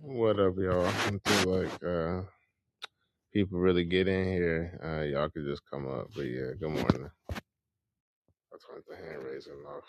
What up, y'all? I feel like uh, people really get in here. Uh, y'all could just come up, but yeah, good morning. I turned the hand raising off.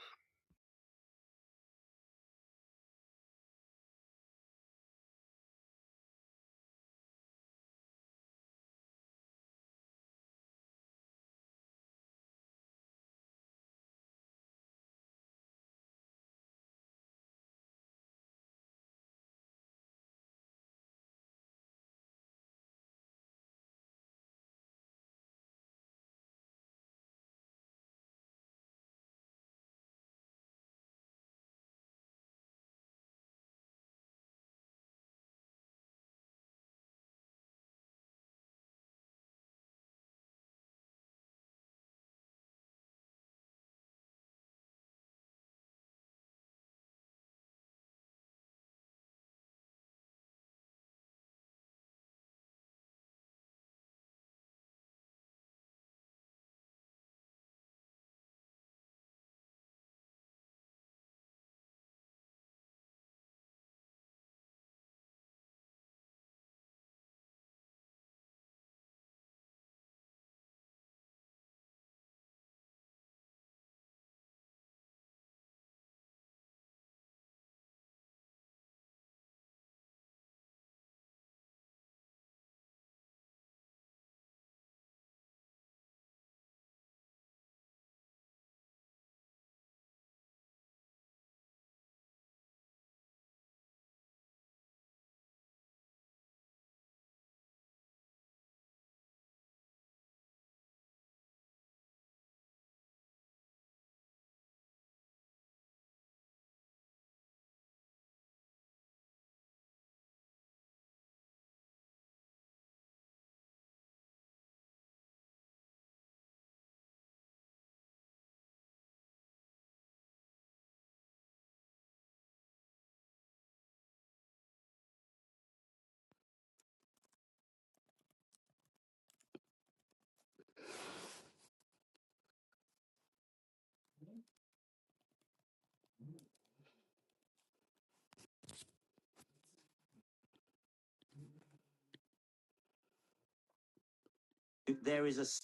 There is a s-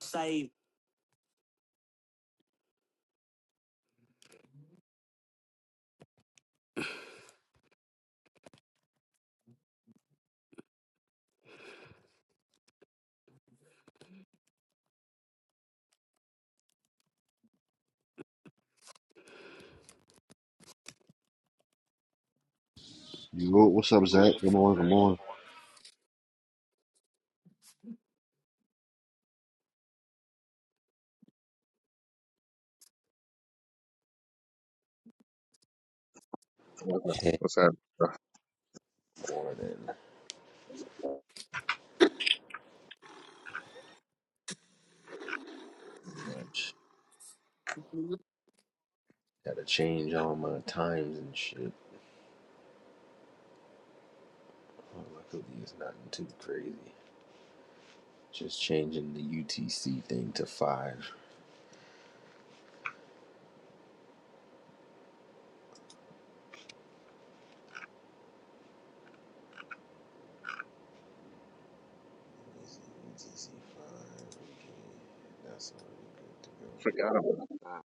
save. Yo, what's up, Zach? Good morning, good morning. What's Ten happening? more than much. Gotta change all my times and shit. Well, luckily, it's nothing too crazy. Just changing the UTC thing to five. Easy. That's already good to go. Forgot about that.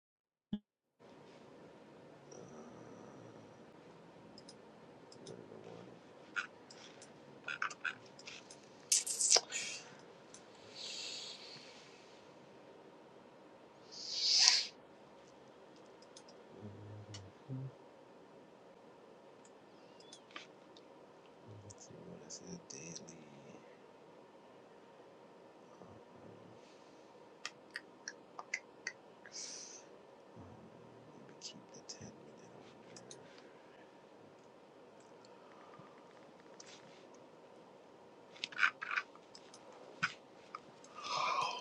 Let's see what is it says. daily. Maybe keep the ten minute. over there. Oh,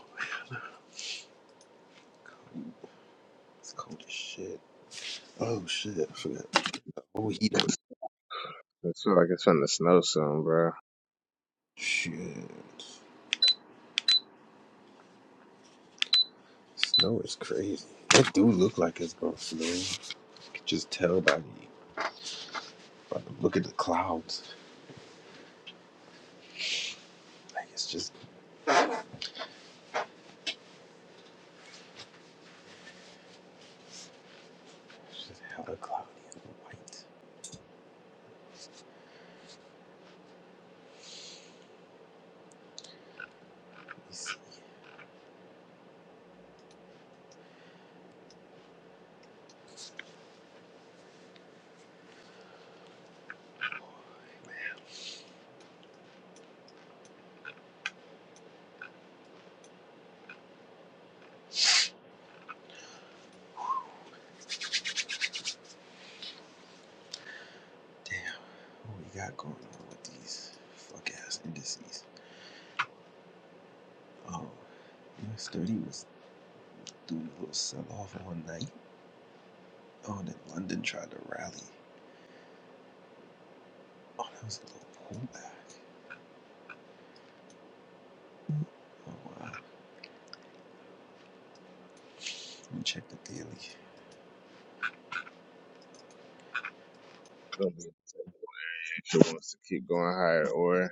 it's cold as shit. Oh shit! I forgot the whole heater. It's feel like it's in the snow soon, bro. Shit. Snow is crazy. That do look like it's gonna snow. You can just tell by the But look at the clouds. Like it's just, it's just hella cloudy and white. Let me see. Damn, what we got going on with these fuck ass indices? Oh, US 30 was doing a little sell off one night. Oh, and then London tried to rally. Oh, that was a little pullback. Oh, wow. Let me check the daily. who wants to keep going higher, or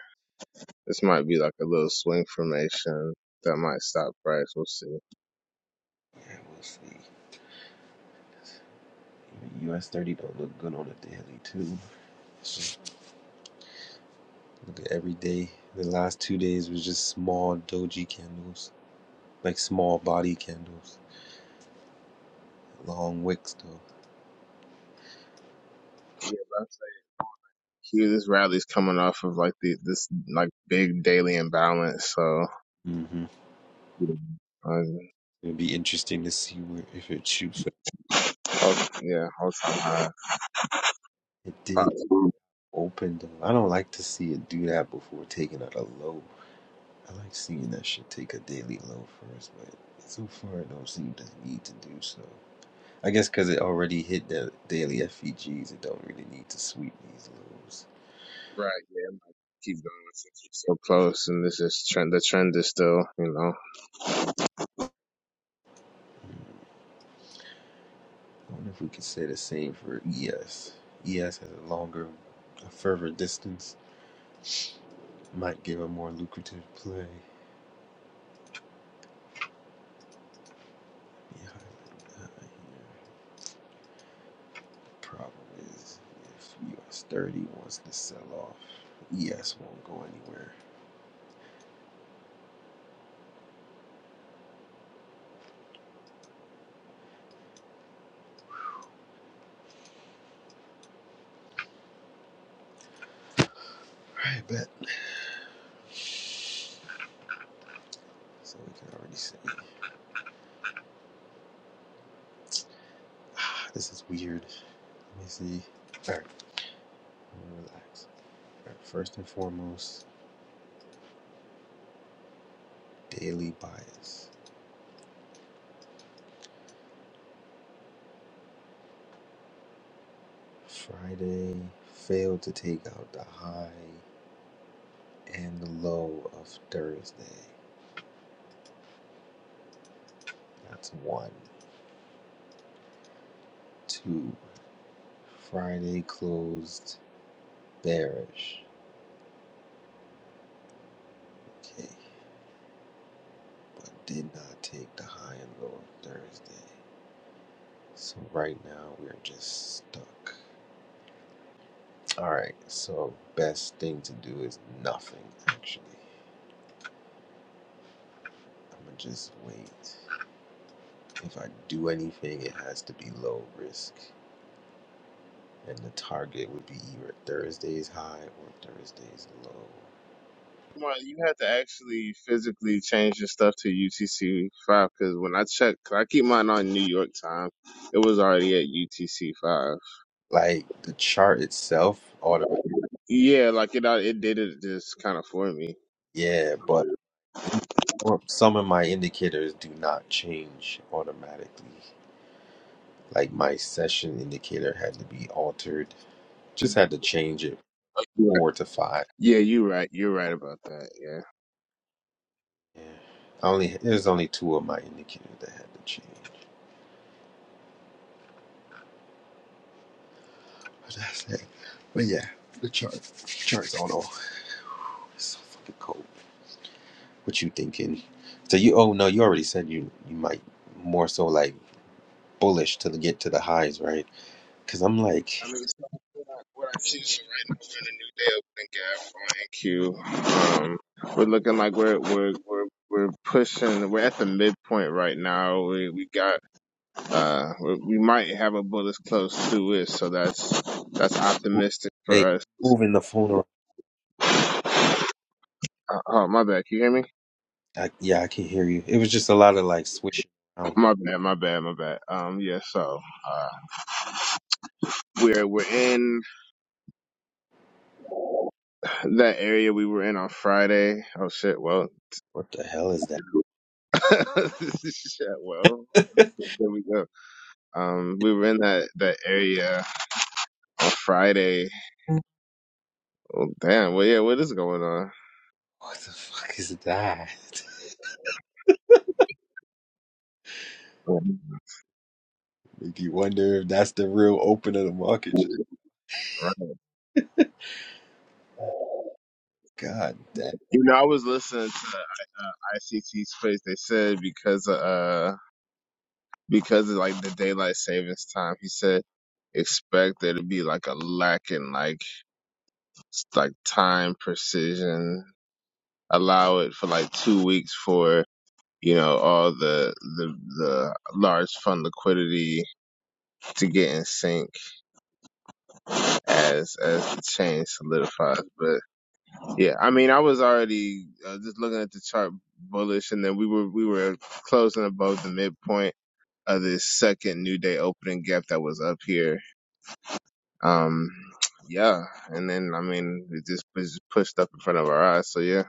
this might be like a little swing formation that might stop price. We'll see. Yeah, we'll see. Even US 30 don't look good on the daily, too. It's look at every day. The last two days was just small doji candles, like small body candles. Long wicks though. Yeah, that's cute. This rally's coming off of like the this like big daily imbalance, so hmm um, It'd be interesting to see where if it shoots. like oh, yeah, all time high. It did Possible. open though. I don't like to see it do that before taking out a low. I like seeing that shit take a daily low first, but so far it don't seem to need to do so. I guess because it already hit the daily FEGs, it don't really need to sweep these lows. Right, yeah, it might keep going since we're so close, and this is trend. The trend is still, you know. I wonder if we could say the same for ES. ES has a longer, a further distance, might give a more lucrative play. Yeah, I, I, Problem is, if US 30 wants to sell off, ES won't go anywhere. I bet. So we can already see. Ah, this is weird. Let me see. alright relax. All right, first and foremost, daily bias. Friday failed to take out the high and the low of Thursday. That's one. Two. Friday closed bearish. Okay. but did not take the high and low Thursday. So right now we're just stuck. All right. So best thing to do is nothing. Actually, I'm gonna just wait. If I do anything, it has to be low risk, and the target would be either Thursday's high or Thursday's low. Well, you have to actually physically change your stuff to UTC five because when I checked, 'cause I keep mine on New York time, it was already at UTC five. Like the chart itself, automatic. Yeah, like it, al- it did it just kind of for me. Yeah, but in- or some of my indicators do not change automatically. Like my session indicator had to be altered. Just had to change it Right. four to five. Yeah, you're right. You're right about that. Yeah. Yeah. I only there's only two of my indicators that had to change. But that's it. But yeah, the chart chart's on all. It's so fucking cold. What you thinking? So you oh no, you already said you you might more so like bullish to get to the highs, right? Because I'm like, I mean, so what I, what I choose for right now, we're in a new day opening gap on NQ. Um, we're looking like we're we're we're we're pushing. We're at the midpoint right now. We we got Uh, we we might have a bullet close to it, so that's that's w- optimistic wait, for us. moving the phone around. Uh, oh, my bad. Can you hear me? I, yeah, I can hear you. It was just a lot of like swishing around. My bad. My bad. My bad. Um, yeah. So, uh, we're we're in that area we were in on Friday. Oh shit. Well, What the hell is that? shit. Well, there we go. Um, we were in that that area on Friday. Oh, damn. Well, yeah. What is going on? What the fuck is that? Make you wonder if that's the real open of the market. Just- Right. God damn. You know, I was listening to uh, ICT's face. They said because uh because of like the daylight savings time, he said expect there to be like a lack in like s- like time precision. Allow it for like two weeks for you know all the the the large fund liquidity to get in sync as as the change solidifies. Yeah, I mean, I was already uh, just looking at the chart bullish, and then we were we were closing above the midpoint of this second new day opening gap that was up here. Um, yeah, and then I mean, it just was just pushed up in front of our eyes. So yeah,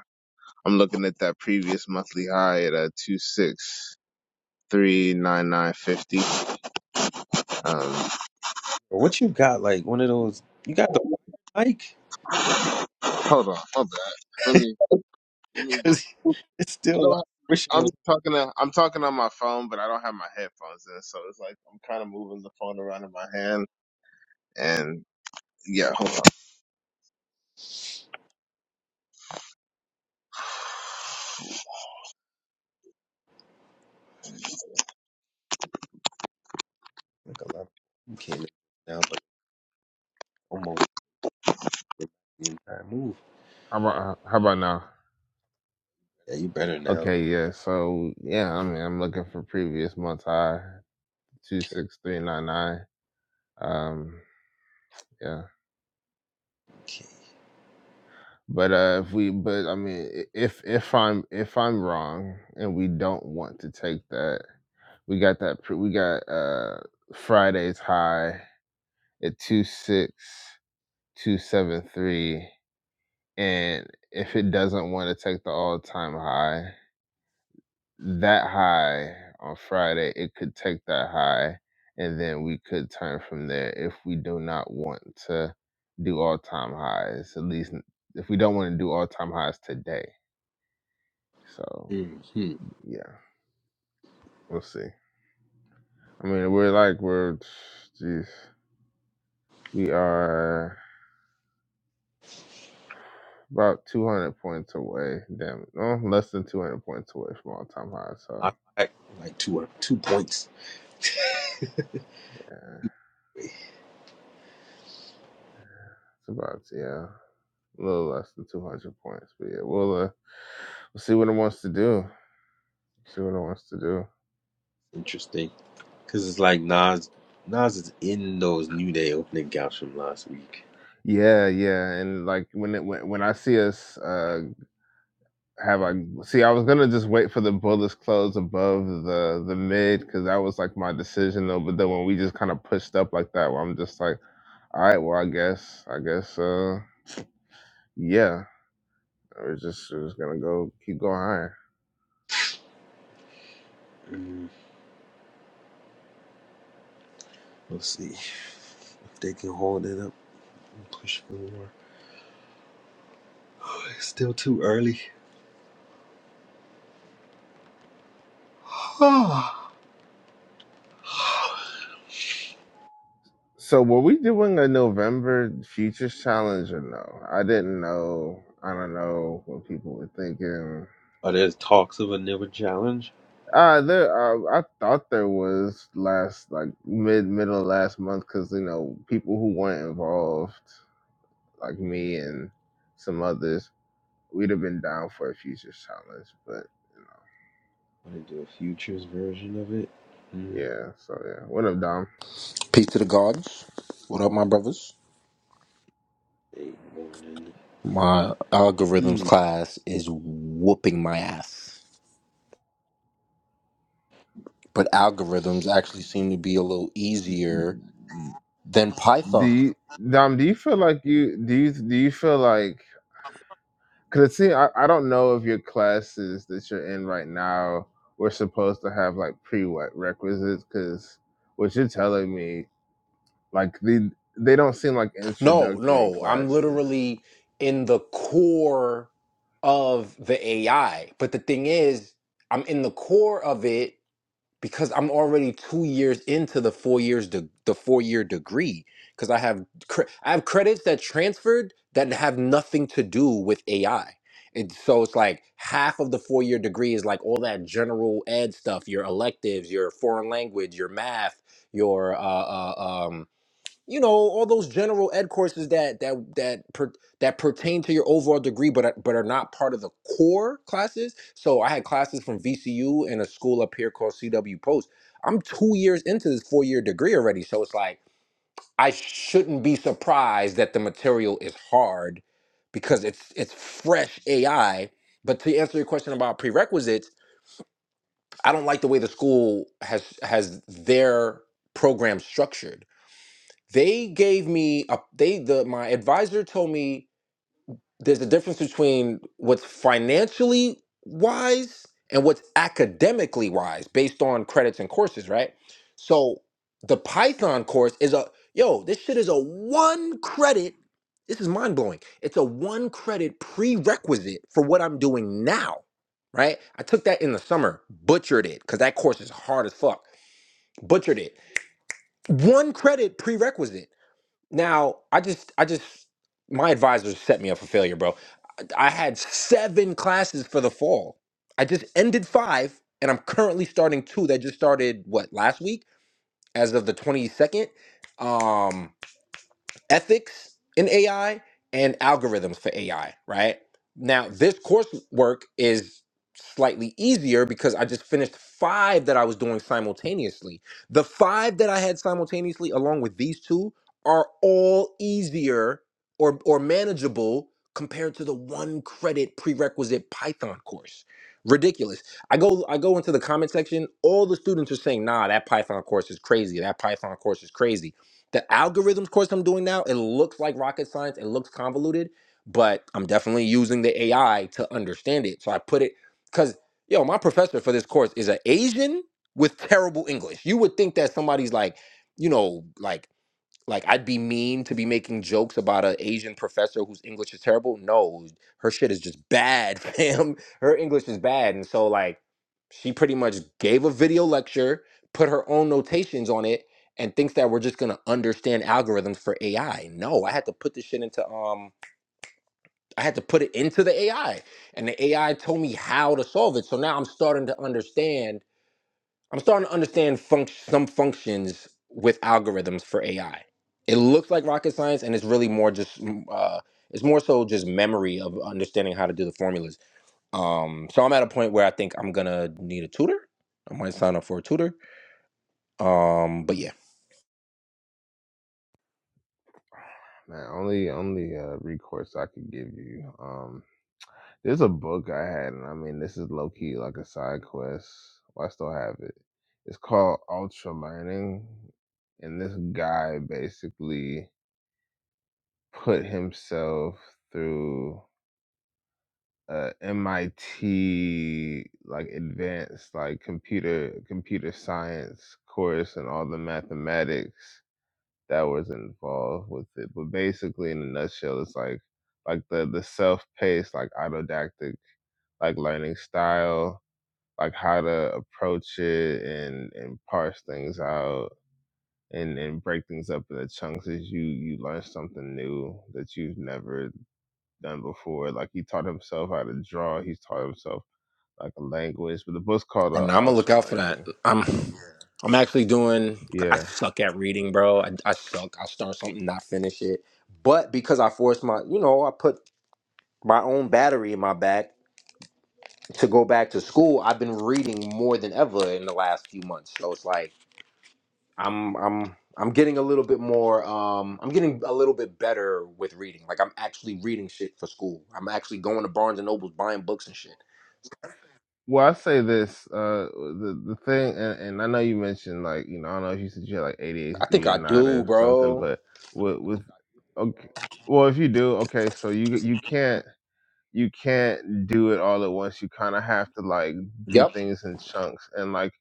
I'm looking at that previous monthly high at uh two six three nine nine fifty. Um, What you got? Like one of those? You got the mic? hold on, hold on. Let me let me get. Cause it's I still like don't swishing I'm around talking to, I'm talking on my phone, but I don't have my headphones in, so it's like I'm kind of moving the phone around in my hand. And yeah, hold on. like a lot. You can't make it now, but almost the entire move. How about how about now? Yeah, you better now. Okay, yeah. So yeah, I mean, I'm looking for previous month high two Okay. six three nine nine. Um, yeah. But uh, if we, but I mean, i- if if I'm if I'm wrong and we don't want to take that, we got that pre- we got uh Friday's high at two six. 273 and if it doesn't want to take the all-time high that high on friday it could take that high and then we could turn from there if we do not want to do all-time highs at least n- if we don't want to do all-time highs today so okay. Hmm. yeah we'll see i mean we're like we're geez we are about 200 points away damn it no less than 200 points away from all-time highs I so back like two two points. yeah It's about yeah, a little less than two hundred points. But yeah, we'll uh, we'll see what it wants to do. See what it wants to do. Interesting. Cause it's like Nas. Nas is in those New Day opening gaps from last week. Yeah, yeah, and like when it when, when I see us uh have I see I was gonna just wait for the bullets close above the the mid because that was like my decision though. But then when we just kind of pushed up like that, where I'm just like, all right, well I guess I guess uh yeah, we're just we're just gonna go keep going higher. Mm. We'll see if they can hold it up and push for more. Oh, It's still too early. Are So were we doing a November Futures Challenge or no? I didn't know. I don't know what people were thinking. there talks of a newer challenge? Uh, there. Uh, I thought there was last like mid middle of last month because you know people who weren't involved like me and some others we'd have been down for a Futures Challenge. But Are they do a futures version of it? Hmm. yeah, so yeah. What up, Dom? Peace to the gods. What up, my brothers? Eight morning. My algorithms Hmm. class is whooping my ass. But algorithms actually seem to be a little easier than Do Python. you, Dom? Do you feel like you do you do you feel like Cause see, I, I don't know if your classes that you're in right now were supposed to have like prerequisites. Cause what you're telling me, like the they don't seem like No, introductory no, I'm classes. literally in the core of the AI. But the thing is, I'm in the core of it because I'm already two years into the four years de- the four year degree because I have cre- I have credits that transferred that have nothing to do with AI. And so it's like half of the four year degree is like all that general ed stuff, your electives, your foreign language, your math, your uh, uh, um, you know all those general ed courses that that that per, that pertain to your overall degree but are, but are not part of the core classes so i had classes from vcu and a school up here called cw post i'm two years into this four year degree already so it's like i shouldn't be surprised that the material is hard because it's it's fresh ai but to answer your question about prerequisites i don't like the way the school has has their program structured they gave me a they the my advisor told me there's a difference between what's financially wise and what's academically wise based on credits and courses right so the python course is a yo this shit is a one credit this is mind blowing it's a one credit prerequisite for what i'm doing now right i took that in the summer butchered it cuz that course is hard as fuck butchered it one credit prerequisite now, I just, I just, my advisor set me up for failure, bro. I had seven classes for the fall. I just ended five, and I'm currently starting two that just started what last week, as of the 22nd. Um, ethics in AI and algorithms for AI, right? Now, this coursework is slightly easier because I just finished five that I was doing simultaneously. The five that I had simultaneously, along with these two, are all easier or, or manageable compared to the one credit prerequisite Python course. Ridiculous. I go I go into the comment section, all the students are saying, "Nah, that Python course is crazy. That Python course is crazy." The algorithms course I'm doing now, it looks like rocket science, it looks convoluted, but I'm definitely using the AI to understand it. So I put it because yo, my professor for this course is an Asian with terrible English. You would think that somebody's like, you know, like like I'd be mean to be making jokes about an Asian professor whose English is terrible. No, her shit is just bad, fam. Her English is bad, and so like she pretty much gave a video lecture, put her own notations on it, and thinks that we're just gonna understand algorithms for AI. No, I had to put this shit into um, I had to put it into the AI, and the AI told me how to solve it. So now I'm starting to understand I'm starting to understand func- some functions with algorithms for AI. It looks like rocket science, and it's really more just mm, uh, it's more so just memory of understanding how to do the formulas. Um, so I'm at a point where I think I'm gonna need a tutor. I might sign up for a tutor. Um, but yeah, Man, only only uh, recourse I could give you. Um, there's a book I had, and I mean this is low key like a side quest. Well, I still have it. It's called Ultra Learning, and this guy basically put himself through. uh, MIT like advanced like computer computer science course and all the mathematics that was involved with it. But basically, in a nutshell, it's like like the the self paced like autodactic like learning style, like how to approach it and and parse things out. And, and break things up into chunks as you you learn something new that you've never done before. Like he taught himself how to draw. He's taught himself like a language, but the book's called I'm uh, gonna look out for that. Ultralining. I'm Um, I'm actually doing. I yeah. suck at reading, bro. I, I suck. I'll start something, not finish it. But because I forced my, you know, I put my own battery in my back to go back to school, I've been reading more than ever in the last few months. So it's like I'm I'm I'm getting a little bit more um I'm getting a little bit better with reading. Like I'm actually reading shit for school. I'm actually going to Barnes and Nobles buying books and shit. Well, I say this. Uh, the the thing, and, and I know you mentioned like you know I don't know if you said you had like I ADHD think or I not do, or something, bro. but with with okay, well if you do okay, so you you can't you can't do it all at once. You kind of have to like do Yep. things in chunks. And like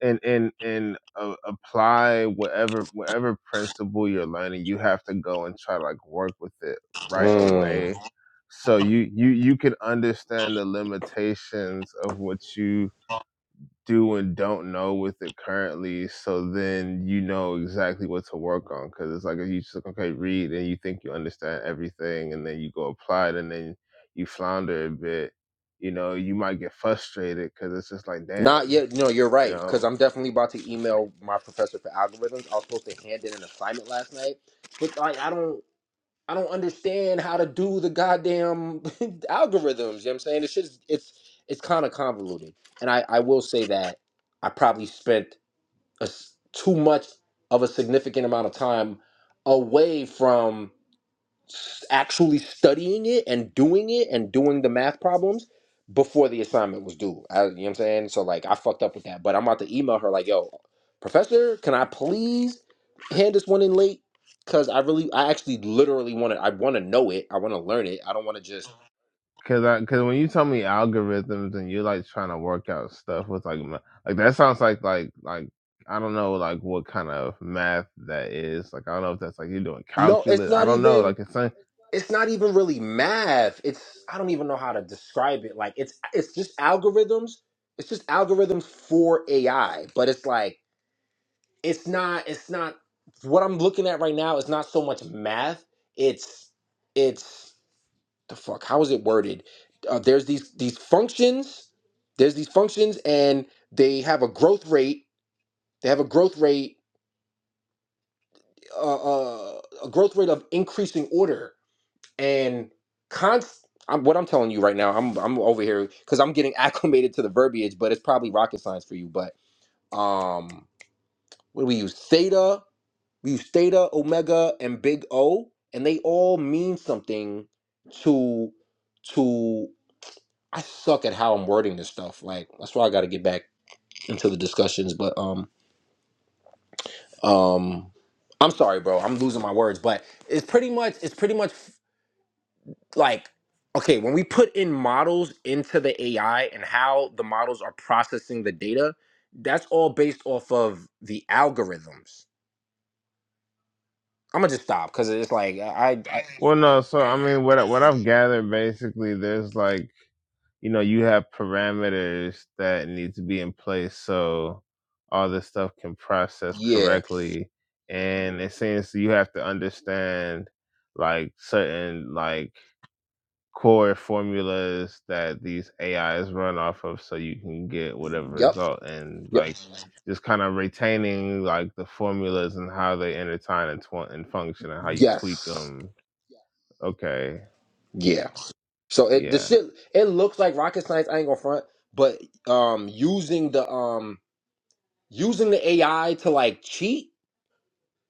and and and uh, apply whatever whatever principle you're learning you have to go and try to like work with it right Mm. away so you you you can understand the limitations of what you do and don't know with it currently so then you know exactly what to work on because it's like if you just like, okay read and you think you understand everything and then you go apply it and then you flounder a bit you know you might get frustrated because it's just like Not damn yet. No, you're you right. Because know I'm definitely about to email my professor for algorithms. I was supposed to hand in an assignment last night, but I, I don't. I don't understand how to do the goddamn algorithms. You know what I'm saying? It's just it's it's kind of convoluted. And I I will say that I probably spent a s too much of a significant amount of time away from s- actually studying it and doing it and doing the math problems before the assignment was due. I, you know what I'm saying? So like I fucked up with that, but I'm about to email her like, "Yo, professor, can I please hand this one in late cuz I really I actually literally want to I want to know it. I want to learn it. I don't want to just Cause, I, cause when you tell me algorithms and you're like trying to work out stuff with like, ma- like that sounds like like like I don't know like what kind of math that is. Like I don't know if that's like you're doing No, it's calculus. I not don't know. even Like it's like it's not even really math. It's I don't even know how to describe it. Like it's it's just algorithms. It's just algorithms for AI, but it's like it's not it's not what I'm looking at right now is not so much math. It's it's the fuck. How is it worded? Uh, there's these these functions. There's these functions, and they have a growth rate. They have a growth rate. Uh, uh, a growth rate of increasing order and const. I'm, what I'm telling you right now, I'm I'm over here because I'm getting acclimated to the verbiage, but it's probably rocket science for you. But um, what do we use? Theta We use theta, omega, and big O, and they all mean something to to I suck at how I'm wording this stuff. Like that's why I gotta get back into the discussions. But um um I'm sorry, bro. I'm losing my words, but it's pretty much it's pretty much like okay, when we put in models into the AI and how the models are processing the data, that's all based off of the algorithms. I'm gonna just stop because it's like I, I well, no. So I mean, what I- what I've gathered basically, there's like you know you have parameters that need to be in place so all this stuff can process yeah. correctly, and it seems you have to understand like certain like core formulas that these AIs run off of so you can get whatever Yep. result and Yep. like just kind of retaining like the formulas and how they intertwine and, tw- and function and how you tweak Yes. them. Okay. Yeah. So it the Yeah. shit it looks like rocket science. I ain't gonna front, but um, using the um using the AI to like cheat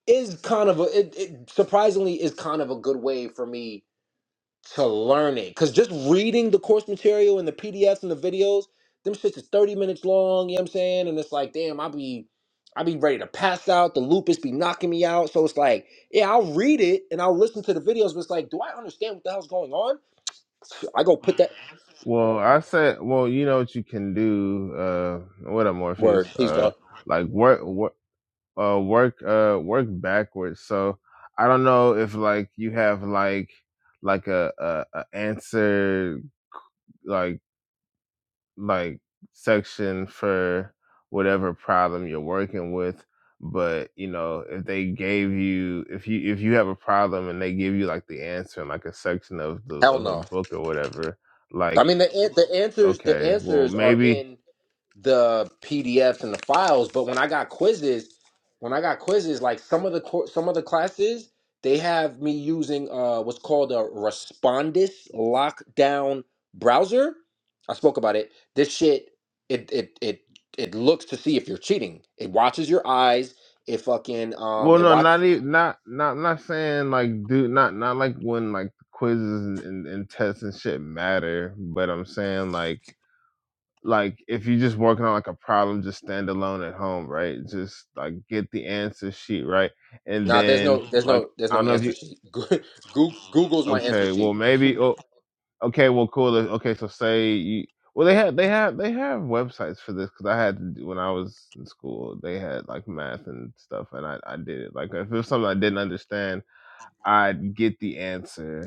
is kind of a it, it surprisingly is kind of a good way for me to learn it. Cause just reading the course material and the PDFs and the videos, them shits is 30 minutes long, you know what I'm saying? And it's like, damn, I be I be ready to pass out. The lupus be knocking me out. So it's like, yeah, I'll read it and I'll listen to the videos, but it's like, do I understand what the hell's going on? I go put that Well, I said, well, you know what you can do, uh, what up word, Morpheus, please uh, God. like work, work, uh, work, uh, work backwards. So I don't know if like you have like, like a, a, a answer, like like section for whatever problem you're working with but you know if they gave you if you if you have a problem and they give you like the answer in like a section of the Hell of a no. book or whatever I like mean the an- the answers the okay well answers are maybe in the PDFs and the files. But when I got quizzes, when I got quizzes, like some of the cour- some of the classes, they have me using uh what's called a Respondus lockdown browser. I spoke about it. This shit, it it it it looks to see if you're cheating. It watches your eyes. It fucking um well it no watch. not even not not not saying like do not not like when like quizzes and, and, and tests and shit matter but i'm saying like like if you're just working on like a problem, just stand alone at home, right? Just like get the answer sheet, right? And Nah, there's then no there's like no there's I no don't know if answer you sheet. Goo- Google's my answer okay, sheet. well maybe oh okay, well cool. uh, Okay, so say you well they have they have they have websites for this because I had to do, when I was in school they had like math and stuff and I I did it like if it was something I didn't understand I'd get the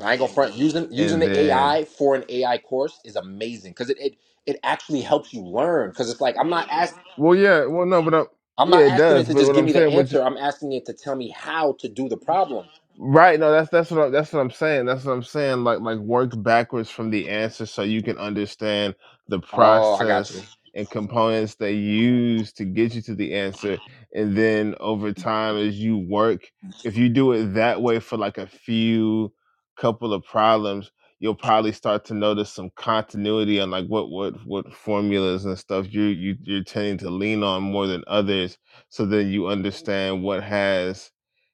I ain't gonna front. Using using and the then AI for an AI course is amazing because it, it it actually helps you learn. Because it's like I'm not asking well yeah well no but i I'm yeah not it asking it does to but just what give I'm me the saying what answer. I'm asking it to tell me how to do the problem. Right. No, that's that's what I, that's what I'm saying. That's what I'm saying. Like like work backwards from the answer so you can understand the Oh, I got you. process and components they use to get you to the answer. And then over time, as you work, if you do it that way for like a few couple of problems, you'll probably start to notice some continuity on like what what what formulas and stuff you you you're tending to lean on more than others. So then you understand what has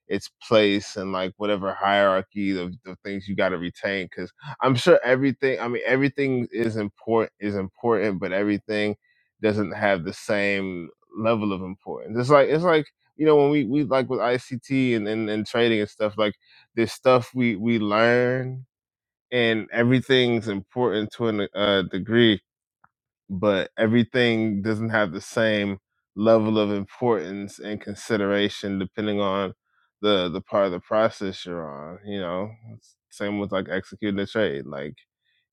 its place and like whatever hierarchy of the things you got to retain because i'm sure everything i mean everything is important is important but everything doesn't have the same level of importance it's like it's like you know when we we like with ict and and, and trading and stuff like there's stuff we we learn and everything's important to a uh, degree but everything doesn't have the same level of importance and consideration depending on the the part of the process you're on you know It's same with like executing a trade like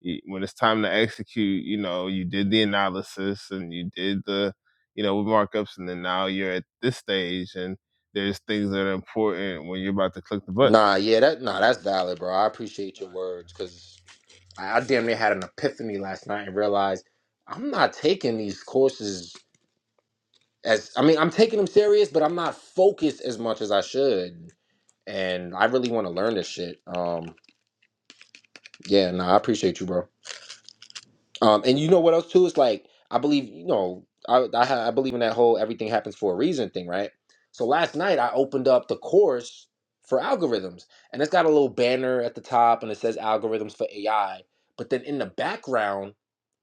y- when it's time to execute you know you did the analysis and you did the you know markups and then now you're at this stage and there's things that are important when you're about to click the button Nah, yeah, that nah, that's valid, bro. I appreciate your words because I, I damn near had an epiphany last night and realized I'm not taking these courses as I mean I'm taking them serious, but I'm not focused as much as I should. And I really want to learn this shit. Um, yeah, nah, I appreciate you, bro. Um, and you know what else too? It's like I believe you know I I, ha- I believe in that whole everything happens for a reason thing, right? So last night I opened up the course for algorithms, and it's got a little banner at the top, and it says algorithms for AI. But then in the background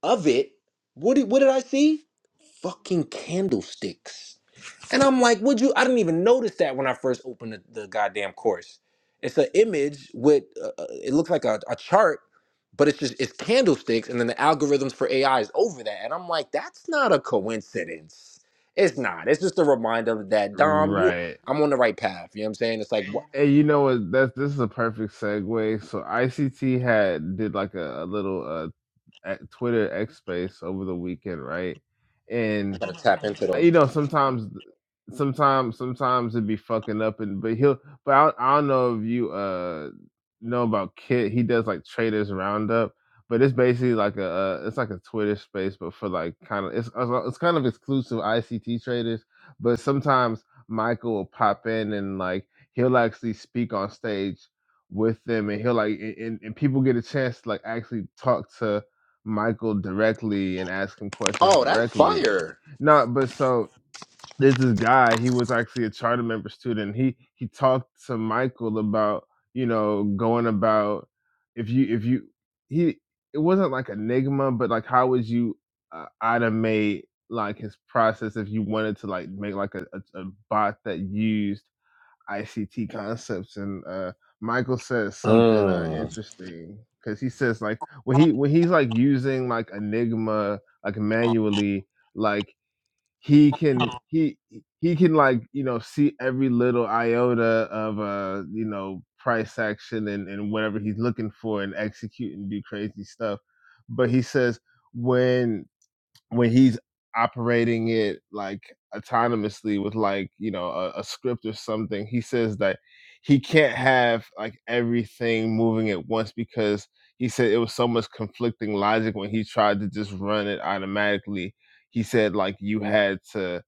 of it, what did what did I see? Fucking candlesticks and I'm like, would you? I didn't even notice that when I first opened the, the goddamn course. It's an image with uh, uh, it looks like a, a chart, but it's just it's candlesticks, and then the algorithms for AI is over that. And I'm like, that's not a coincidence. It's not. It's just a reminder that Dom, you, right I'm on the right path. You know what I'm saying? It's like what And you know what? That's this is a perfect segue. So ICT had did like a, a little uh, at Twitter X space over the weekend, right? And. I gotta tap into I- you those. know, sometimes, sometimes, sometimes it'd be fucking up, and but he'll. But I, I don't know if you uh know about Kit. He does like Traders Roundup, but it's basically like a uh, it's like a Twitter space, but for like kind of it's it's uh, it's kind of exclusive ICT traders. But sometimes Michael will pop in and like he'll actually speak on stage with them, and he'll like and, and and people get a chance to like actually talk to Michael directly and ask him questions Oh, that's directly. fire. No, but so there's this guy he was actually a charter member student he he talked to michael about you know going about if you if you he it wasn't like enigma but like how would you uh, automate like his process if you wanted to like make like a, a, a bot that used ict concepts and uh michael says something uh Mm, interesting because he says like when he when he's like using like enigma like manually like he can he he can like you know see every little iota of uh you know price action and and whatever he's looking for and execute and do crazy stuff but he says when when he's operating it like autonomously with like you know a, a script or something he says that he can't have like everything moving at once because he said it was so much conflicting logic when he tried to just run it automatically he said like you had to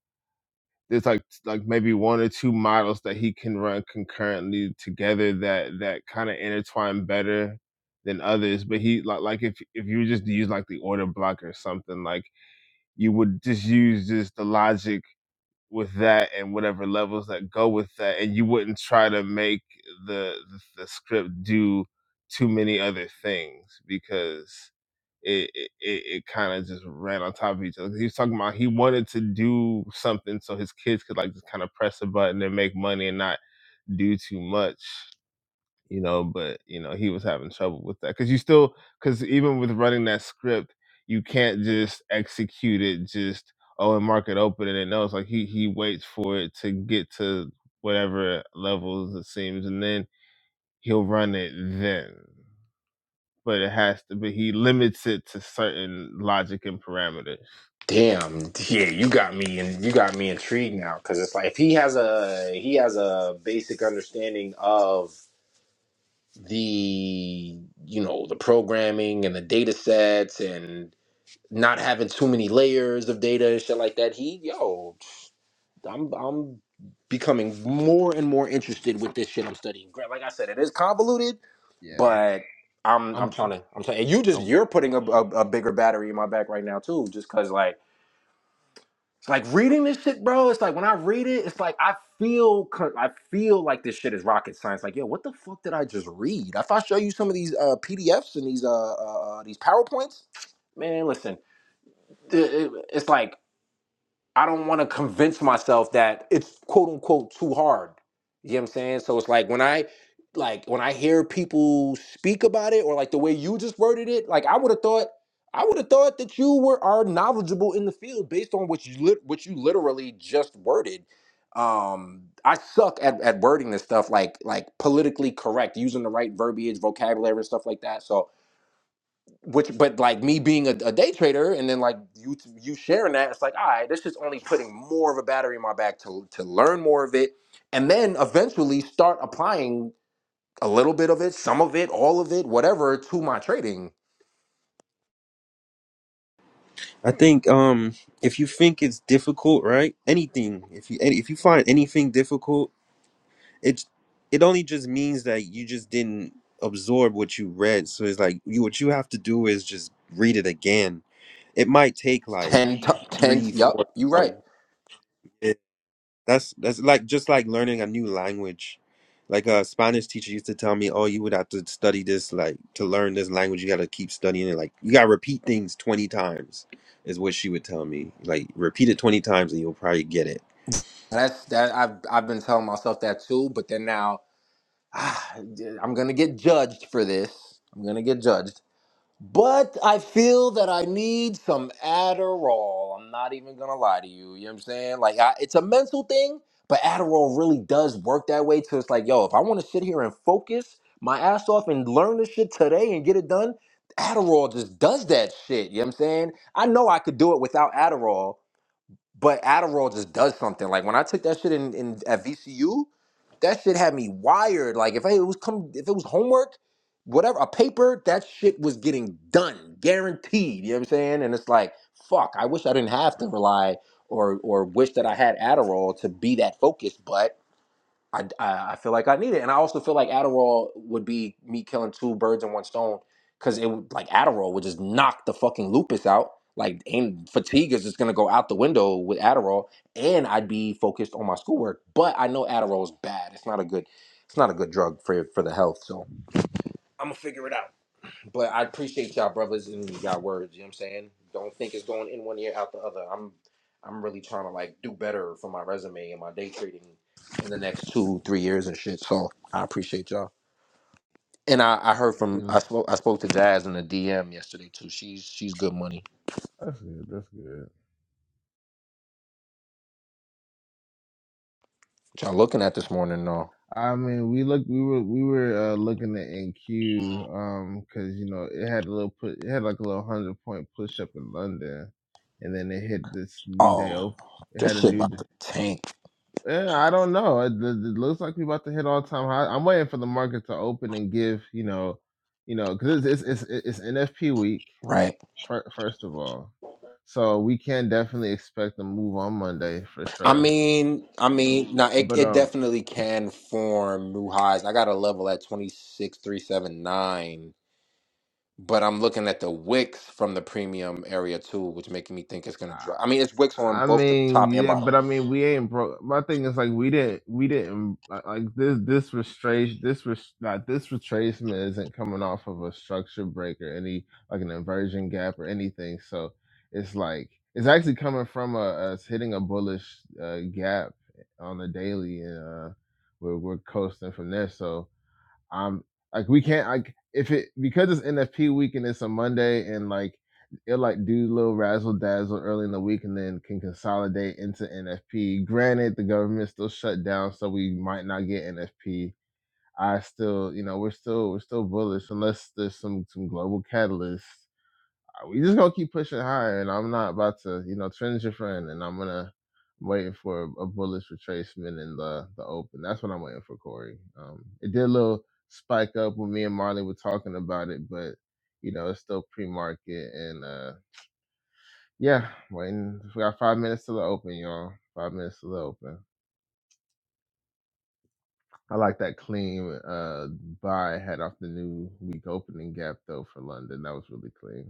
there's like like maybe one or two models that he can run concurrently together that that kind of intertwine better than others but he like like if if you just use like the order block or something like you would just use just the logic with that and whatever levels that go with that and you wouldn't try to make the the, the script do too many other things because it it, it, it kind of just ran on top of each other he was talking about he wanted to do something so his kids could like just kind of press a button and make money and not do too much you know, but you know, he was having trouble with that because you still because even with running that script, you can't just execute it just oh and mark it open and it knows like he he waits for it to get to whatever levels it seems and then he'll run it then. But it has to be he limits it to certain logic and parameters. damn. Yeah, you got me and you got me intrigued now because it's like if he has a he has a basic understanding of the you know the programming and the data sets and not having too many layers of data and shit like that he yo i'm i'm becoming more and more interested with this shit i'm studying Gra- like i said it is convoluted Yeah. but i'm i'm I'm trying to i'm trying and you just I'm you're putting a, a, a bigger battery in my back right now too just because like. It's Like reading this shit, bro. It's like when I read it, it's like I feel, co- I feel like this shit is rocket science. Like, yo, what the fuck did I just read? If I show you some of these uh, PDFs and these uh, uh uh, these powerpoints, man, listen, it- it- it's like I don't want to convince myself that it's quote unquote too hard. You know what I'm saying? So it's like when I like when I hear people speak about it or like the way you just worded it, like I would have thought I would have thought that you were are knowledgeable in the field based on what you lit what you literally just worded. Um I suck at, at wording this stuff like like politically correct, using the right verbiage, vocabulary and stuff like that. So which but like me being a, a day trader and then like you you sharing that it's like all right this is only putting more of a battery in my back to to learn more of it and then eventually start applying a little bit of it some of it all of it whatever to my trading I think um if you think it's difficult, right? Anything. If you any, if you find anything difficult, it's it only just means that you just didn't absorb what you read. So it's like you what you have to do is just read it again. It might take like 10 t- 10 three, yep four you right times. That's that's like just like learning a new language. Like a Spanish teacher used to tell me, "Oh, you would have to study this like to learn this language. You got to keep studying it. Like you got to repeat things 20 times." Is what she would tell me. Like repeat it 20 times and you'll probably get it. that's that I've I've been telling myself that too but then now ah, I'm going to get judged for this I'm going to get judged But I feel that I need some Adderall. I'm not even gonna lie to you. You know what I'm saying? Like, I, it's a mental thing, but Adderall really does work that way. So it's like, yo, if I want to sit here and focus my ass off and learn this shit today and get it done, Adderall just does that shit. You know what I'm saying? I know I could do it without Adderall, but Adderall just does something. Like when I took that shit in, in at VCU, that shit had me wired. Like if I, it was come, if it was homework, whatever, a paper, that shit was getting done, guaranteed. You know what I'm saying? And it's like, fuck, I wish I didn't have to rely or or wish that I had Adderall to be that focused. but. I, I I feel like I need it, and I also feel like Adderall would be me killing two birds in one stone, because it would like Adderall would just knock the fucking lupus out. Like, and fatigue is just gonna go out the window with Adderall, and I'd be focused on my schoolwork. But I know Adderall is bad. It's not a good, it's not a good drug for for the health. So I'm gonna figure it out. But I appreciate y'all brothers and y'all words, you know what I'm saying? Don't think it's going in one ear out the other. I'm I'm really trying to like do better for my resume and my day trading in the next two, three years and shit. So I appreciate y'all. And I, I heard you from I know spoke I spoke to Jazz in the DM yesterday too. She's she's good money. that's good. That's good. Which I'm looking at this morning though. I mean, we look, we were, we were uh, looking at NQ, um, because you know it had a little put, it had like a little hundred point push up in London, and then it hit this new day Oh, open. It this had a shit new, d- about to tank, yeah, I don't know. It, it it looks like we are about to hit all time high. I'm waiting for the market to open and give, you know, you know, because it's it's it's, it's NFP week right? fir- first of all, so we can definitely expect a move on Monday for I sure. mean, I mean, now it, But it um. definitely can form new highs. I got a level at twenty six three seven nine but I'm looking at the wicks from the premium area too, which making me think it's gonna drop. I mean, it's wicks on I both the mean, top and yeah, but bottom. I mean, we ain't broke. My thing is like we didn't, we didn't like like, this. This restraint, this res, not this retracement isn't coming off of a structure break or any like an inversion gap or anything. So it's like it's actually coming from a, us hitting a bullish uh, gap on the daily, and uh, we're we're coasting from there. So um, like we can't like if it because it's NFP week and it's a Monday and like it'll like do a little razzle dazzle early in the week and then can consolidate into NFP. Granted, the government's still shut down, so we might not get NFP. I still, you know, we're still we're still bullish unless there's some some global catalysts we just gonna keep pushing higher, and I'm not about to, you know, trend your friend, and I'm gonna I'm waiting for a, a bullish retracement in the the open. That's what I'm waiting for, Corey. Um, it did a little spike up when me and Marley were talking about it, but you know, it's still pre market, and uh, yeah, waiting. We got five minutes to the open, y'all. Five minutes to the open. I like that clean uh buy head off the new week opening gap though for London. That was really clean.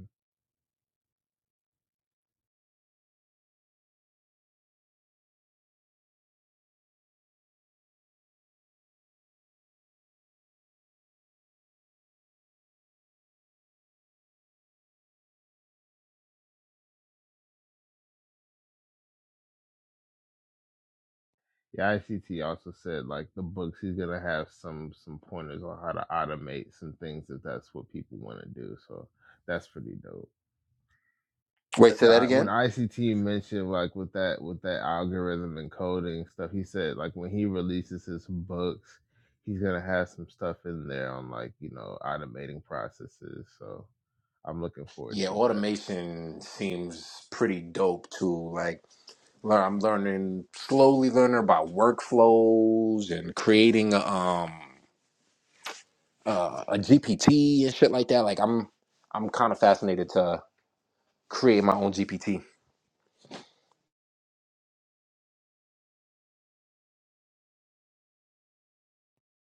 The ICT also said like the books he's gonna have some some pointers on how to automate some things if that's what people want to do. So that's pretty dope. Wait, That's say how that I, when again. ICT mentioned like with that with that algorithm and coding stuff. He said like when he releases his books, he's gonna have some stuff in there on like you know automating processes. So I'm looking forward Yeah, to that. automation seems pretty dope too. Like learn, I'm learning slowly, learning about workflows and creating a, um uh, a GPT and shit like that. Like I'm I'm kind of fascinated to create my own GPT.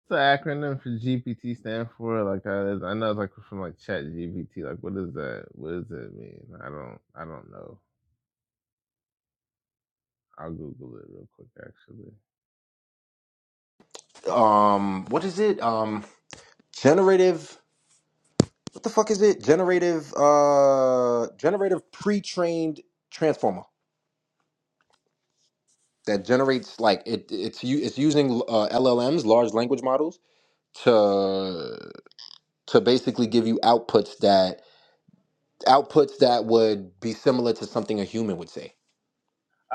the acronym for GPT stand for? Like that is, I know it's like from like Chat GPT. Like what does that? What does it mean? I don't. I don't know. I'll Google it real quick. Actually. Um, what is it? Um, generative. what the fuck is it? Generative uh generative pre-trained transformer that generates like it it's u- it's using uh, LLMs, large language models to to basically give you outputs that outputs that would be similar to something a human would say.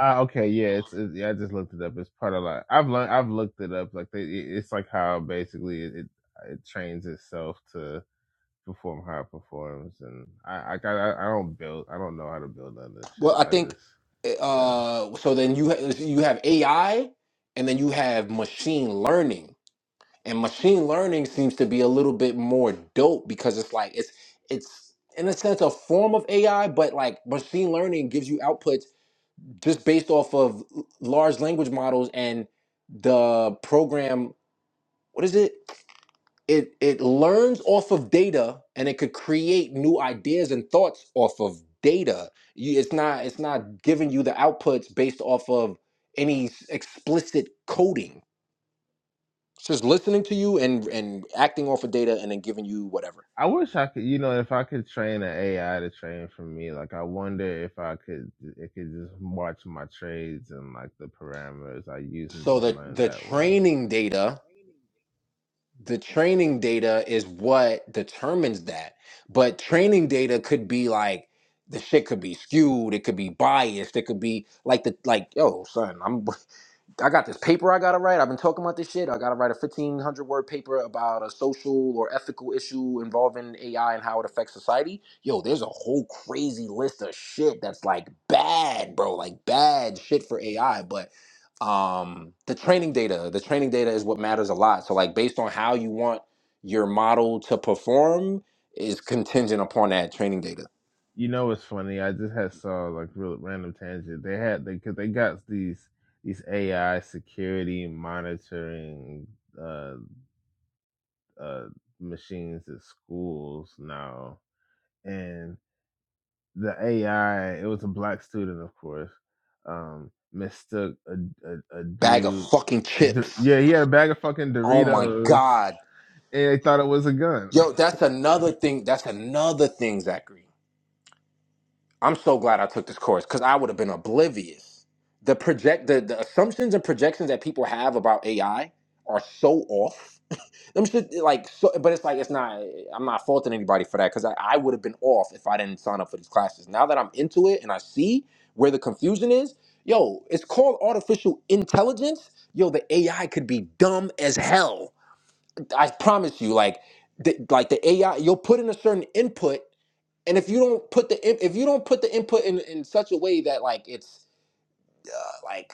Uh, okay. Yeah. It's, it's. Yeah. I just looked it up. It's part of like I've learned. I've looked it up. Like they. It's like how basically it it, it trains itself to perform how it performs. And I. I. I, I don't build. I don't know how to build on this Well, shit. I I think just. Yeah. uh so then you ha- you have AI and then you have machine learning and machine learning seems to be a little bit more dope because it's like it's it's in a sense a form of AI, but like machine learning gives you outputs just based off of l- large language models and the program. What is it? It it learns off of data and it could create new ideas and thoughts off of data. You, it's not it's not giving you the outputs based off of any s- explicit coding it's just listening to you and and acting off of data and then giving you whatever. I wish I could, you know, if I could train an AI to train for me, like I wonder if I could, it could just watch my trades and like the parameters I use and So just the learn the that way. training data, the training data is what determines that. But training data could be like the shit could be skewed, it could be biased, it could be like the like yo son, I'm I got this paper I gotta write. I've been talking about this shit. I gotta write a fifteen hundred word paper about a social or ethical issue involving AI and how it affects society. Yo, there's a whole crazy list of shit that's like bad, bro. Like bad shit for AI. But um the training data, the training data is what matters a lot. So like based on how you want your model to perform is contingent upon that training data. You know, it's funny. I just had saw like real random tangent. They had they because they they got these these AI security monitoring uh uh machines at schools now, and. the AI, it was a black student, of course, um, mistook a, a, a Bag of dude. fucking d- chips. yeah, he had a bag of fucking Oh my Doritos, god. and they thought it was a gun. Yo, that's another thing. That's another thing, Zachary. I'm so glad I took this course because I would have been oblivious. The project, the, the assumptions and projections that people have about AI are so off. Them shit, like, so, but it's like it's not. I'm not faulting anybody for that because I, I would have been off if I didn't sign up for these classes. Now that I'm into it and I see where the confusion is, yo, it's called artificial intelligence. Yo, the AI could be dumb as hell I promise you, like, the, like the AI, you'll put in a certain input, and if you don't put the in- if you don't put the input in in such a way that like it's uh, like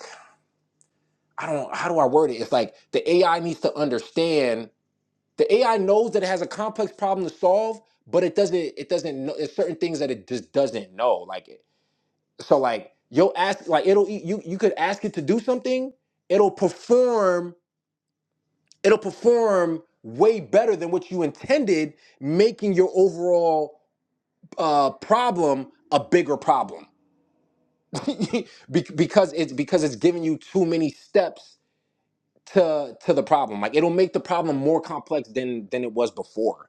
I don't how do I word it? It's like the AI needs to understand. The AI knows that it has a complex problem to solve, but it doesn't. It doesn't know. There's certain things that it just doesn't know. Like it. So like you'll ask like it'll you you could ask it to do something. It'll perform. It'll perform way better than what you intended making your overall uh, problem a bigger problem Be- because it's because it's giving you too many steps to to the problem. Like it'll make the problem more complex than than it was before.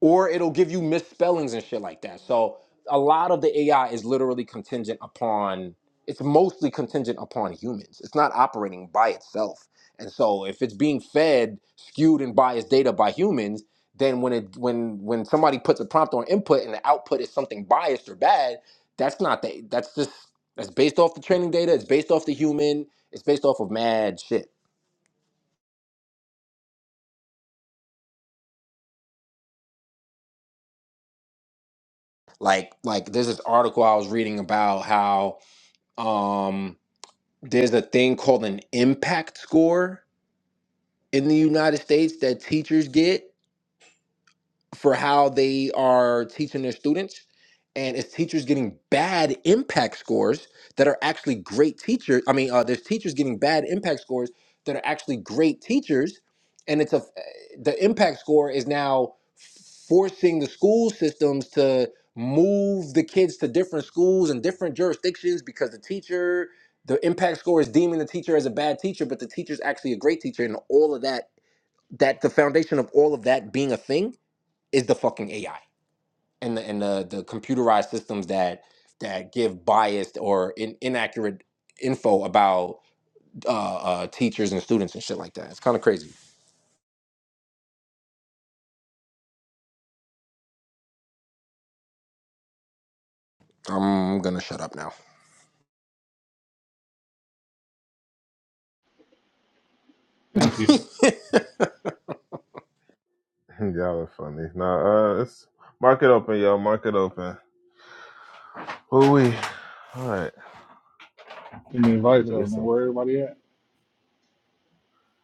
or it'll give you misspellings and shit like that. So a lot of the AI is literally contingent upon it's mostly contingent upon humans. It's not operating by itself. And so if it's being fed skewed and biased data by humans, then when it when when somebody puts a prompt on input and the output is something biased or bad, that's not the that's just that's based off the training data, it's based off the human, it's based off of mad shit. Like like there's this article I was reading about how um there's a thing called an impact score in the United States that teachers get for how they are teaching their students and it's teachers getting bad impact scores that are actually great teachers i mean uh, there's teachers getting bad impact scores that are actually great teachers and it's a the impact score is now forcing the school systems to move the kids to different schools and different jurisdictions because the teacher the impact score is deeming the teacher as a bad teacher but the teacher's actually a great teacher and all of that that the foundation of all of that being a thing is the fucking AI and the and the, the computerized systems that that give biased or in, inaccurate info about uh, uh, teachers and students and shit like that. It's kind of crazy. I'm gonna shut up now. Thank you. Y'all are funny. Nah, uh, it's mark it open, yo. Mark it open. Who we? All right. Give me Let advice me though, get man. some. Where everybody at?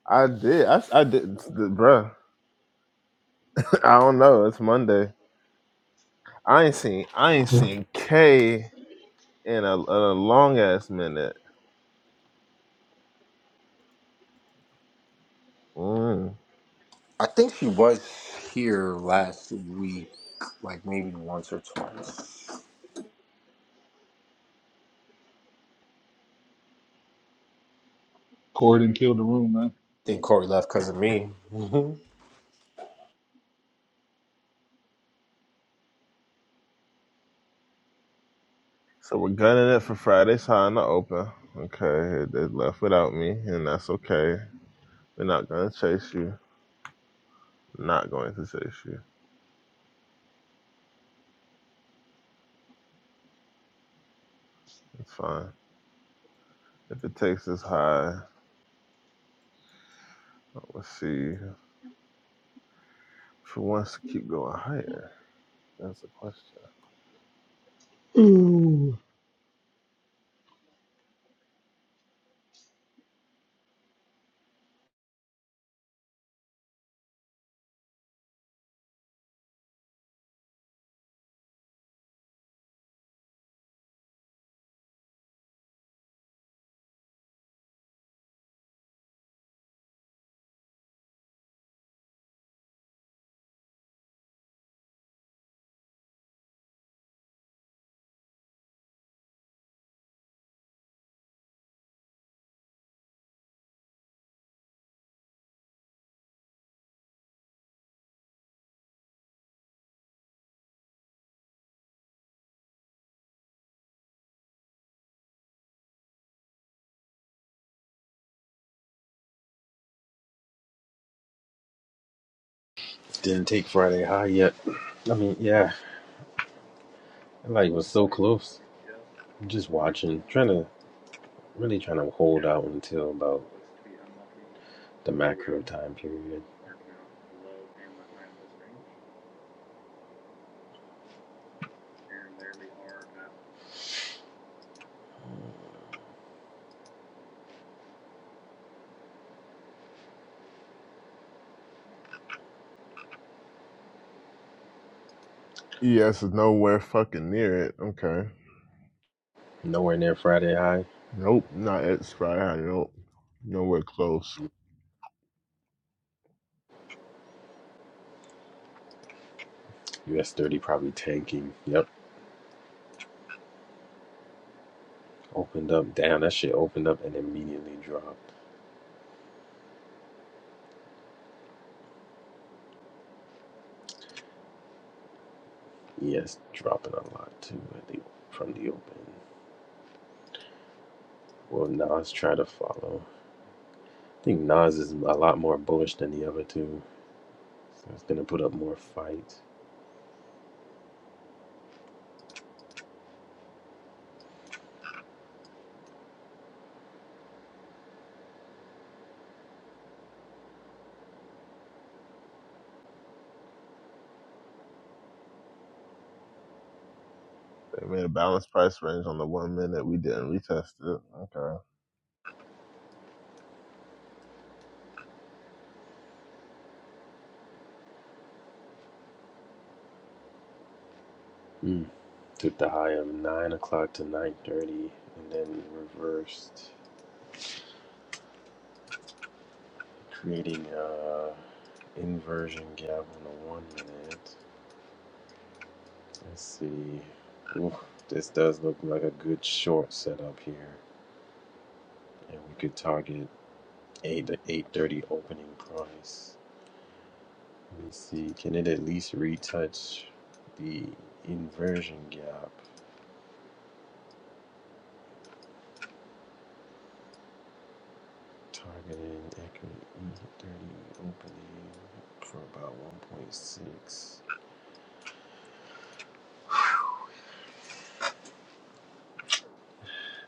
I did. I, I did, the, bruh. I don't know. It's Monday. I ain't seen. I ain't seen K in a, in a long ass minute. Mm. I think she was here last week, like maybe once or twice. Corden killed the room, man. think Corey left because of me. Mhm. So we're gunning it for Friday's high in the open. Okay, they left without me, and that's okay. They're not gonna chase you. Not going to chase you. That's fine. If it takes this high, let's see. If it wants to keep going higher, that's the question. Ooh. Didn't take Friday high yet. I mean, yeah, I, like was so close. I'm just watching, trying to really trying to hold out until about the macro time period. Yes, is nowhere fucking near it. Okay. Nowhere near Friday high. Nope, not at Friday. high. Nope, nowhere close. US thirty probably tanking. Yep. Opened up, damn, that shit opened up and immediately dropped. Yes, dropping a lot too at the, from the open. Well, Nas try to follow. I think Nas is a lot more bullish than the other two. So it's gonna put up more fights. They made a balanced price range on the one minute we didn't retest it. Okay. Mm. Took the high of nine o'clock to nine thirty, and then reversed, creating a inversion gap on the one minute. Let's see. Oof, this does look like a good short setup here, and we could target. Eight the eight thirty opening price. Let me see. Can it at least retouch the inversion gap? Targeting accurate eight thirty opening for about one point six.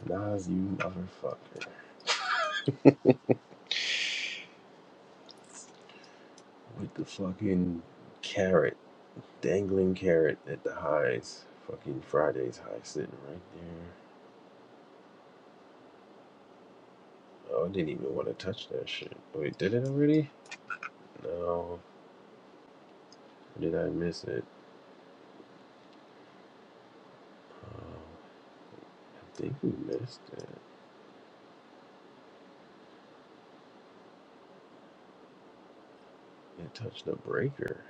Nas, you motherfucker, with the fucking carrot dangling carrot at the highs. Fucking Friday's high sitting right there. Oh, I didn't even want to touch that shit. Wait, did it already? No. Did I miss it? Um, I think we missed it. It touched the breaker.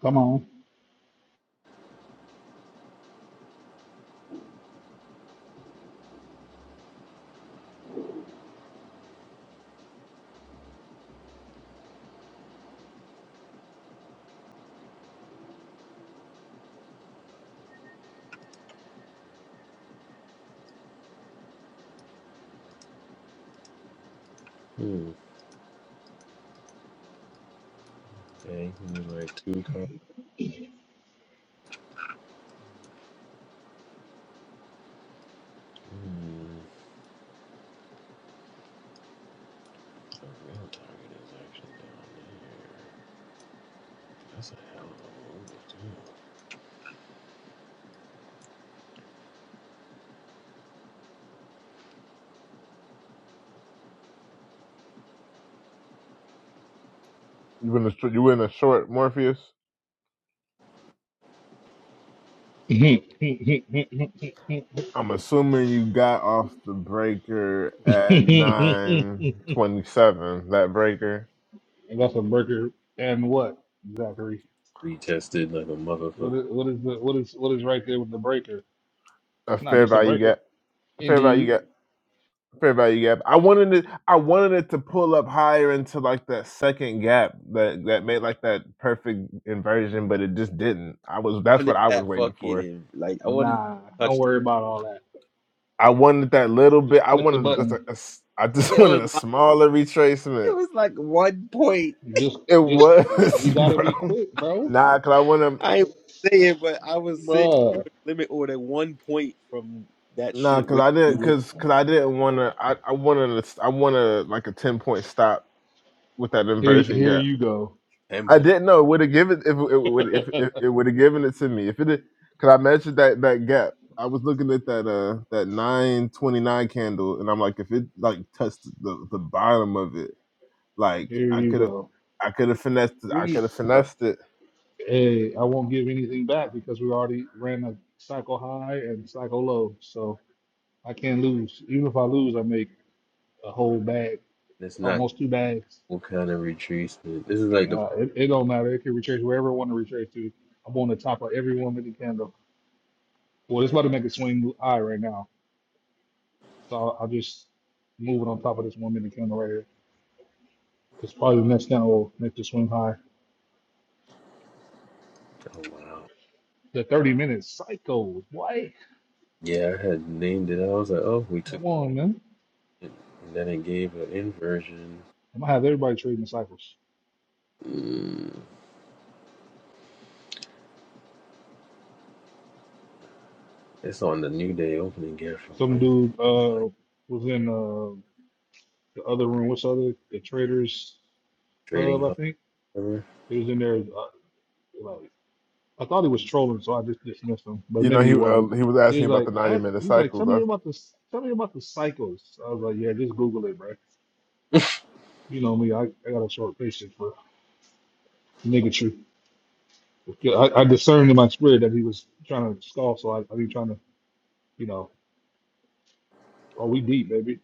Come on. Hmm. Dang, we were like two cars. Hmm. The real target is actually down there. That's a hell of a move, You in the you in the short Morpheus? I'm assuming you got off the breaker at and nine twenty seven. That breaker, that's a breaker. And what, Zachary? too. Retested like a What motherfucker. is what is the what is what is right there with the breaker? a It's not fair just a value breaker. gap, a fair value Indeed. gap, a fair value gap. I wanted it. I wanted it to pull up higher into like that second gap that that made like that perfect inversion, but it just didn't. I was I that's what wanted I was that waiting for. fucking like I wanted to Nah, don't touch the, worry about all that. I wanted that little bit. Just I click the wanted just a, button. a s- I just it wanted was a like smaller it retracement. was like one point. Just It just was, you gotta be bro. quick, bro. Nah, cause I want to. I ain't Like, say it, but I was sitting bruh. limit order one point from that Nah, shit. cause Which I we didn't, were cause, cause I didn't want to. I, I wanted, a s I wanted like a ten point stop with that Here inversion here gap. you go. Ten I points? didn't know it would have given if it would if, here if it would have given it to me if it. did- Cause I measured that that gap. I was looking at that uh that nine twenty nine candle, and I'm like, if it like touched the the bottom of it, like I you could have, go. I Good could have finessed, it, I grief. could have Uh, finessed it. Hey, I won't give anything back because we already ran a cycle high and cycle low. So I can't lose. Even if I lose, I make a whole bag, It's not almost two bags. what kind of retreatment. This is like the Uh, it, it don't matter. It can retrace wherever I want to retrace to. I'm on the top of every one minute candle. Well, it's about to make a swing high right now. So I'll, I'll just move it on top of this one minute candle right here. Because probably the next candle will make the swing high. Oh wow. The 30 minute cycles. What? Yeah, I had named it. I was like, oh, we took Come on, man. it, and then it gave an inversion. I might have everybody trading the cycles. Mm, it's on the new day opening gift from Some Wednesday. dude Never mind. uh was in uh the other room. What's the other? The Traders Trading Hub, I hub. think. whatever. He was in there. Uh, like I thought he was trolling, so I just dismissed him. But You know, maybe he he wasn't. uh, he was asking He me was about like, the ninety ask, minute he's like, tell me cycles. about the Tell me about the cycles. I was like, yeah, just Google it, bro. You know me. I, I got a short patience for niggatry. I, I discerned in my spirit that he was trying to scoff, so I, I be trying to, you know, oh, we deep, baby.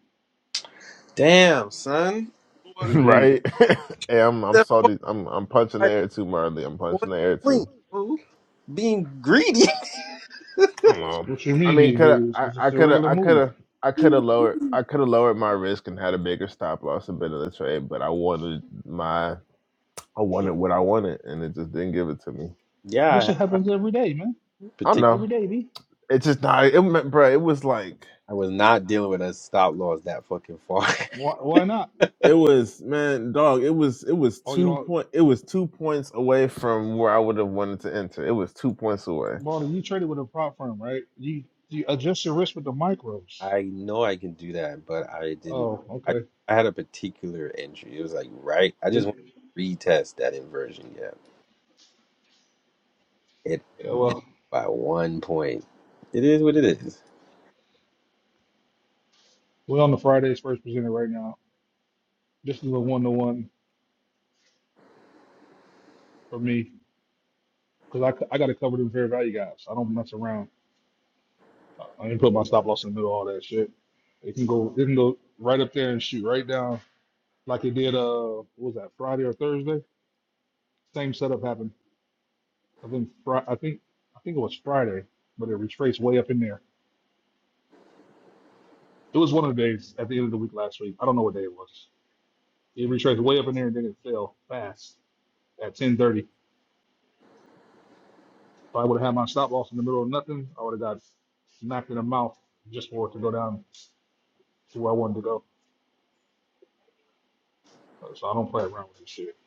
Damn, son. What? We deep. right? hey, I'm I'm That fuck salty. I'm I'm punching the like air too, Marley. I'm one punching the air too. link, fool. Being greedy. I don't know. What you I mean mean, being could greedy? I? It's I just a could have. regular I could move. have. I could have lowered. I could have lowered my risk and had a bigger stop loss and been in the trade. But I wanted my. I Sure. wanted what I wanted, and it just didn't give it to me. Yeah, This I shit had happens every day, man. I don't particular. know. Every day, B. It's just not. It, ma- bruh, It was like. I was not dealing with a stop loss that fucking far. Why, why not? It was man, dog. It was it was Oh, you two don't, point. It was two points away from where I would have wanted to enter. It was two points away. Baldy, you traded with a prop firm, right? You, you adjust your risk with the micros. I know I can do that, but I didn't. Oh, I okay. I had a particular entry. It was like right. I just want It- to retest that inversion. gap. It yeah, well, by one point. It is what it is. we're on the Fridays first presenter right now. This is a one to one for me because I, c- I got to cover them fair value guys. I don't mess around. I didn't put my stop loss in the middle of all that shit. It can go, it can go right up there and shoot right down like it did. Uh, what was that Friday or Thursday? Same setup happened. I think Fri I think I think it was Friday, but it retraced way up in there. It was one of the days at the end of the week last week. I don't know what day it was. It retraced way up in there and then it fell fast at 10:30. If I would have had my stop loss in the middle of nothing, I would have got knocked in the mouth just for it to go down to where I wanted to go. So I don't play around with this shit.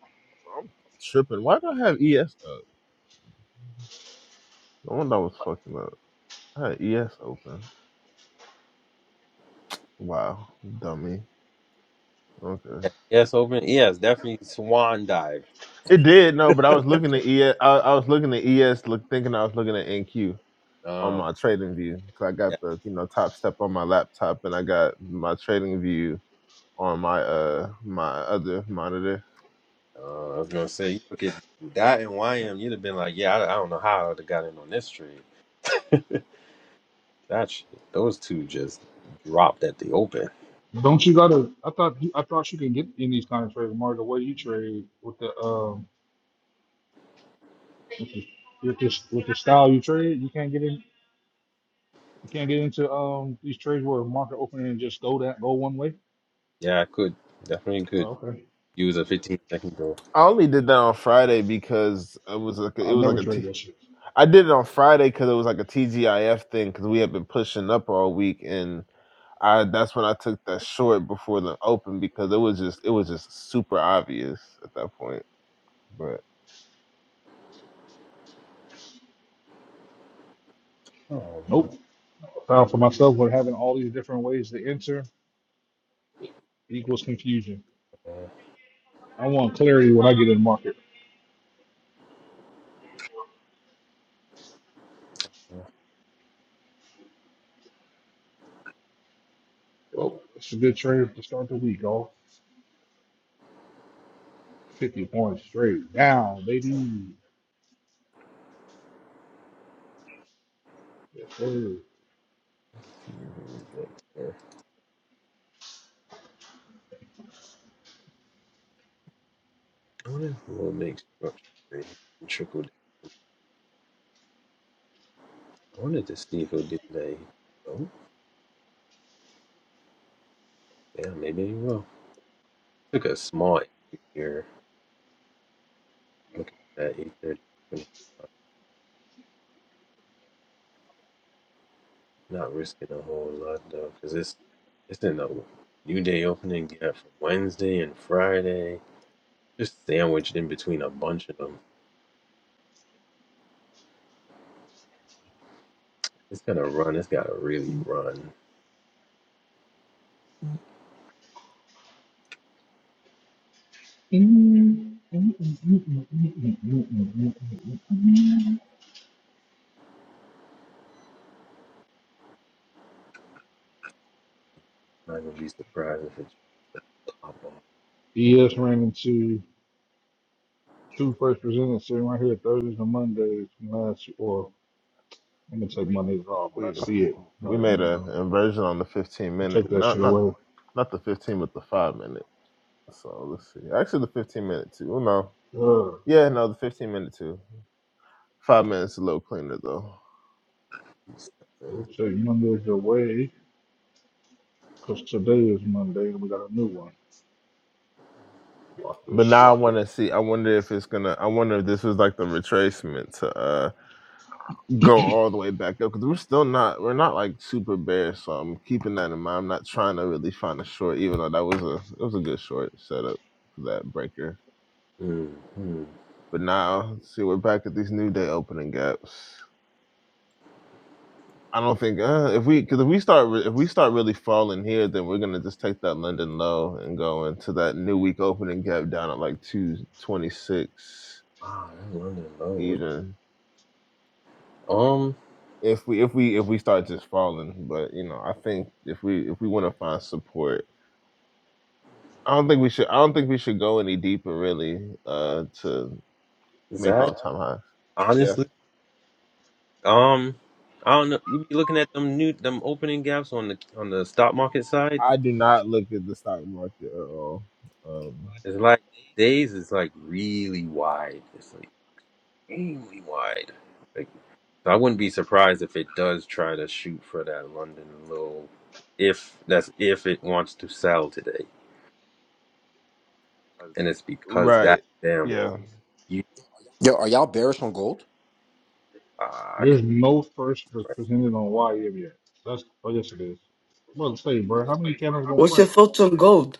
I'm tripping. Why do I have ES? The one that was fucking up. I had ES open. Wow, dummy. Okay. Yes, open. Yes, definitely swan dive. It did no, but I was looking at ES. I, I was looking at ES, look, thinking I was looking at NQ on Um, my trading view. Cause I got yeah. the you know top step on my laptop, and I got my trading view on my uh my other monitor. Uh, I was gonna say, you look at that and YM, you'd have been like, yeah, I, I don't know how I would have got in on this trade. That shit, those two just dropped at the open. Don't you gotta? I thought you, I thought you can get in these kind of trades, Mark. The way you trade with the um with the with the, with the style you trade, you can't get in. You can't get into um these trades where market opening and just go that go one way. Yeah, I could definitely could Oh, okay. use a 15 second goal. I only did that on Friday because it was like a, it I'll was like never a trade T. that shit. I did it on Friday because it was like a TGIF thing because we had been pushing up all week and I that's when I took that short before the open because it was just it was just super obvious at that point. But Oh, Nope. Found for myself with having all these different ways to enter equals confusion. man. I want clarity when I get in the market. Let's Well, it's a good trade to start the week, all 50 points straight down, baby. Yes, sir. see who we got here. I wonder if we'll make structure and trickle. down. I wanted to see if he'll get today. Oh, yeah, maybe he will. Took a small entry here. Looking at 8:30. Not risking a whole lot though, because it's it's in a new day opening gap for Wednesday and Friday. Just sandwiched in between a bunch of them. It's gonna run. It's gotta really run. ES Not gonna be surprised if it's pop off. ran into two first presenters sitting right here Thursdays and Mondays from last or I'm gonna take my niggas off, but We I see it we right made an now. inversion on the 15 minute, Take that not shit not away. not the 15, but the five minute. So let's see. Actually, the 15 minute too. Oh no, Uh, yeah, no, the 15 minute too. Five minutes a little cleaner though. they'll take Mondays away because today is Monday and we got a new one. Lock But this, now I lock want it. to see. I wonder if it's gonna. I wonder if this is like the retracement to uh go all the way back up because we're still not. We're not like super bare, so I'm keeping that in mind. I'm not trying to really find a short, even though that was a it was a good short setup for that breaker. Mm-hmm. But now, see, we're back at these new day opening gaps. I don't think uh, if we because if we start re- if we start really falling here, then we're gonna just take that London low and go into that new week opening gap down at like two twenty six Wow, that London low. even. Um, if we if we if we start just falling but you know i think if we if we want to find support i don't think we should i don't think we should go any deeper really uh to make Zach, all time highs yeah honestly, um, I don't know. You be looking at them new them opening gaps on the on the stock market side. i do not look at the stock market at all um It's like days is like really wide. It's like really wide. Like so I wouldn't be surprised if it does try to shoot for that London low if that's if it wants to sell today. And it's because that right damn yeah you Yo, are y'all bearish on gold? ah, I There's can't no first pre- Right. presented on YM yet. That's oh yes it is. I'm about to say, bro, how many candles gonna your print? thoughts on gold?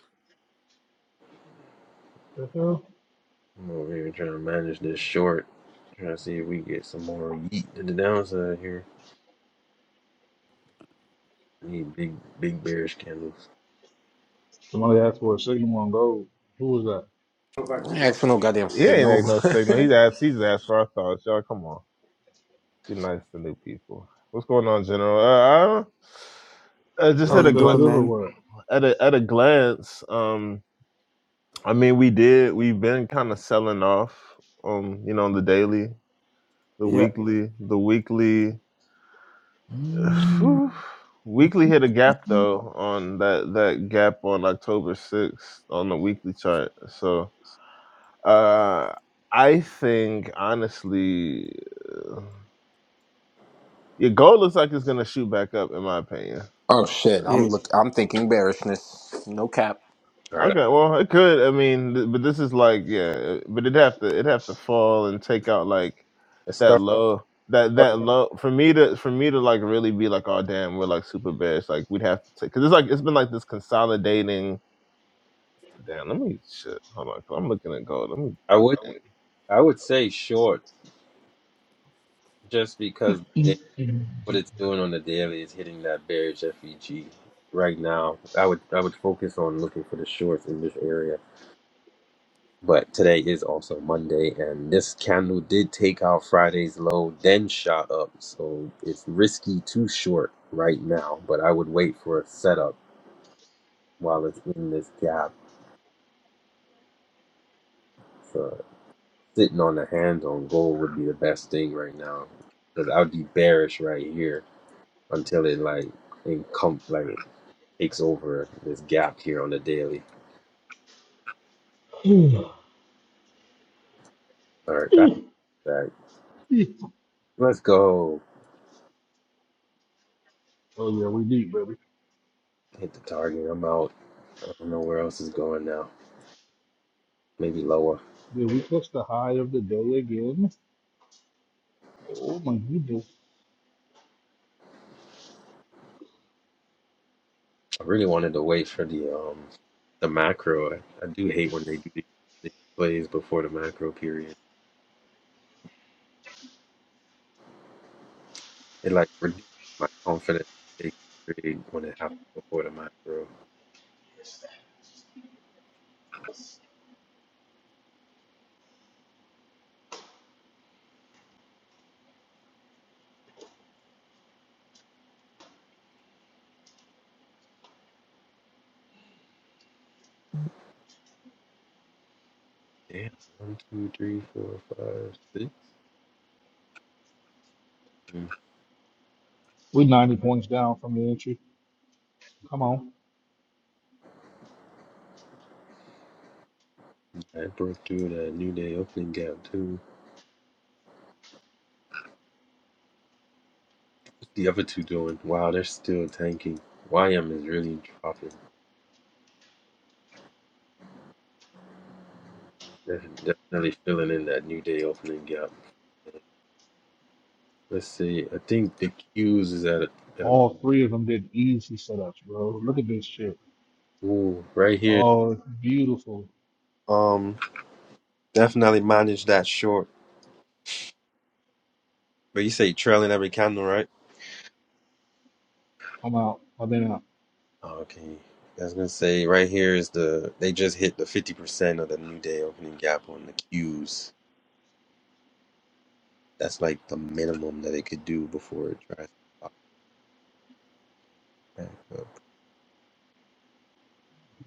The hell? I'm over here trying to manage this short. Trying to see if we get some more yeet to the downside here. Need big big bearish candles. Somebody asked for a signal on gold. Who was that? I ain't ask for no goddamn he ain't signal. act no signal he's asked he's asked for our thoughts y'all come on be nice to new people what's going on general uh, I don't- uh just How at Y'all you a switch it glance doing, up or man? what? at a at a glance. Um, I mean, we did. We've been kind of selling off, um, you know, on the daily, the Yeah, weekly, the weekly. whew, weekly hit a gap though on that that gap on October sixth on the weekly chart. So uh, I think honestly, uh, your gold looks like it's gonna shoot back up, in my opinion. oh shit, yeah. I'm look. I'm thinking bearishness. No cap Alright. Okay, well, it could. I mean, th- but this is like, yeah, but it'd have to, it'd have to fall and take out like Let's that start love that that love for me to for me to like really be like oh damn we're like super best like we'd have to take because it's like it's been like this consolidating damn let me shit hold on 'cause I'm looking at gold let me I look would at it. I would say short just because what it's doing on the daily is hitting that bearish FEG right now. I would I would focus on looking for the shorts in this area. But today is also Monday, and this candle did take out Friday's low, then shot up. So it's risky to short right now. But I would wait for a setup while it's in this gap. So sitting on the hands on gold would be the best thing right now because I would be bearish right here until it like encom like takes over this gap here on the daily. All right, back to that. Let's go Oh yeah, we deep, baby. hit the target. I'm out. I don't know where else is going now. Maybe lower. Did we touch the high of the day again? Oh my goodness. I really wanted to wait for the um the macro. I, I do hate when they do these these plays before the macro period. It like reduces my confidence to take a trade when it happens before the macro. Damn. One, two, three, four, five, six. Mm, We 90 points down from the entry. Come on. Yeah, it broke through that new day opening gap too. What's the other two doing? Wow, they're still tanking. YM is really dropping. Def- Definitely filling in that New Day opening gap. Let's see. I think the cues is at a, at a All three of them did easy setups, bro. Look at this shit. ooh, right here. Oh, it's beautiful. Um, definitely manage that short. But you say trailing every candle, right? I'm out. I've been out. Oh, okay. I was gonna say right here is the they just hit the fifty percent of the New Day opening gap on the cues. That's like the minimum that it could do before it tries to pop back up.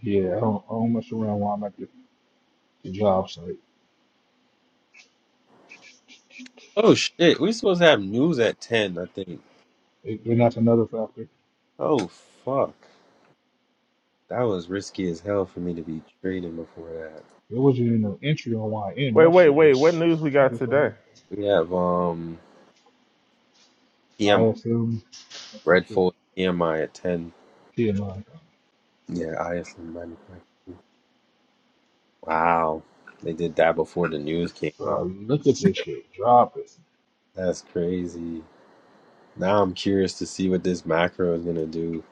Yeah, I don't, I don't mess around while I'm at the, the job site. Oh shit! We supposed to have news at ten, I think. It, and that's another factor. Oh fuck! That was risky as hell for me to be trading before that. There wasn't even no entry on YN. Wait, That wait, shit wait. What was news we got typical. today? We have um PM IFM, that shit. Redfold PMI at ten. TMI. Yeah, ISM manufacturing. Wow, they did that before the news came Bro, out. look at this shit. Drop it. That's crazy. Now I'm curious to see what this macro is gonna do.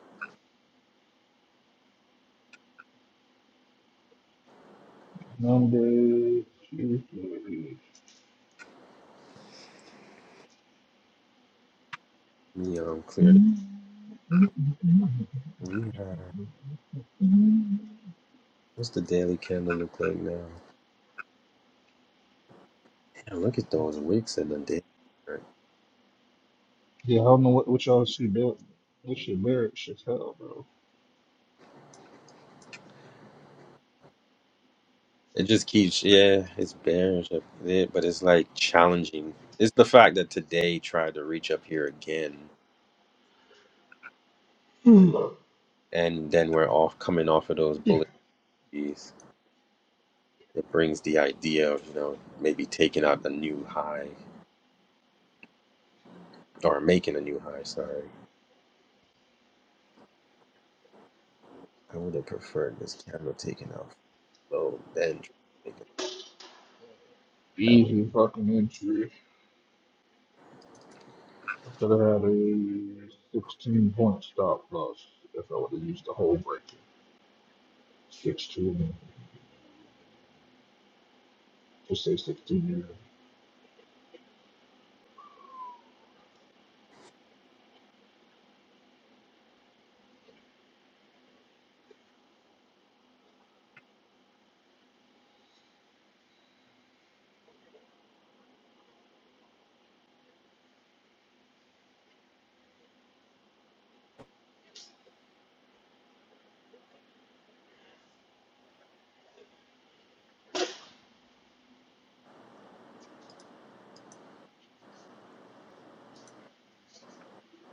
Monday, Tuesday. You know, clear. The- we have- what's the daily candle look like now? Damn, look at those wicks in the day. Yeah, I don't know what, what y'all see, but this shit, Barrett, shit's hell, bro. It just keeps, yeah, it's bearish up there, but it's like challenging. It's the fact that today tried to reach up here again, Hmm. and then we're off coming off of those bullish keys. It brings the idea of, you know, maybe taking out a new high or making a new high. Sorry, I would have preferred this candle taken out low, then trying to make it that Easy fucking entry. I could have had a 16 point stop loss if I would have used the whole break. 16, just say 16.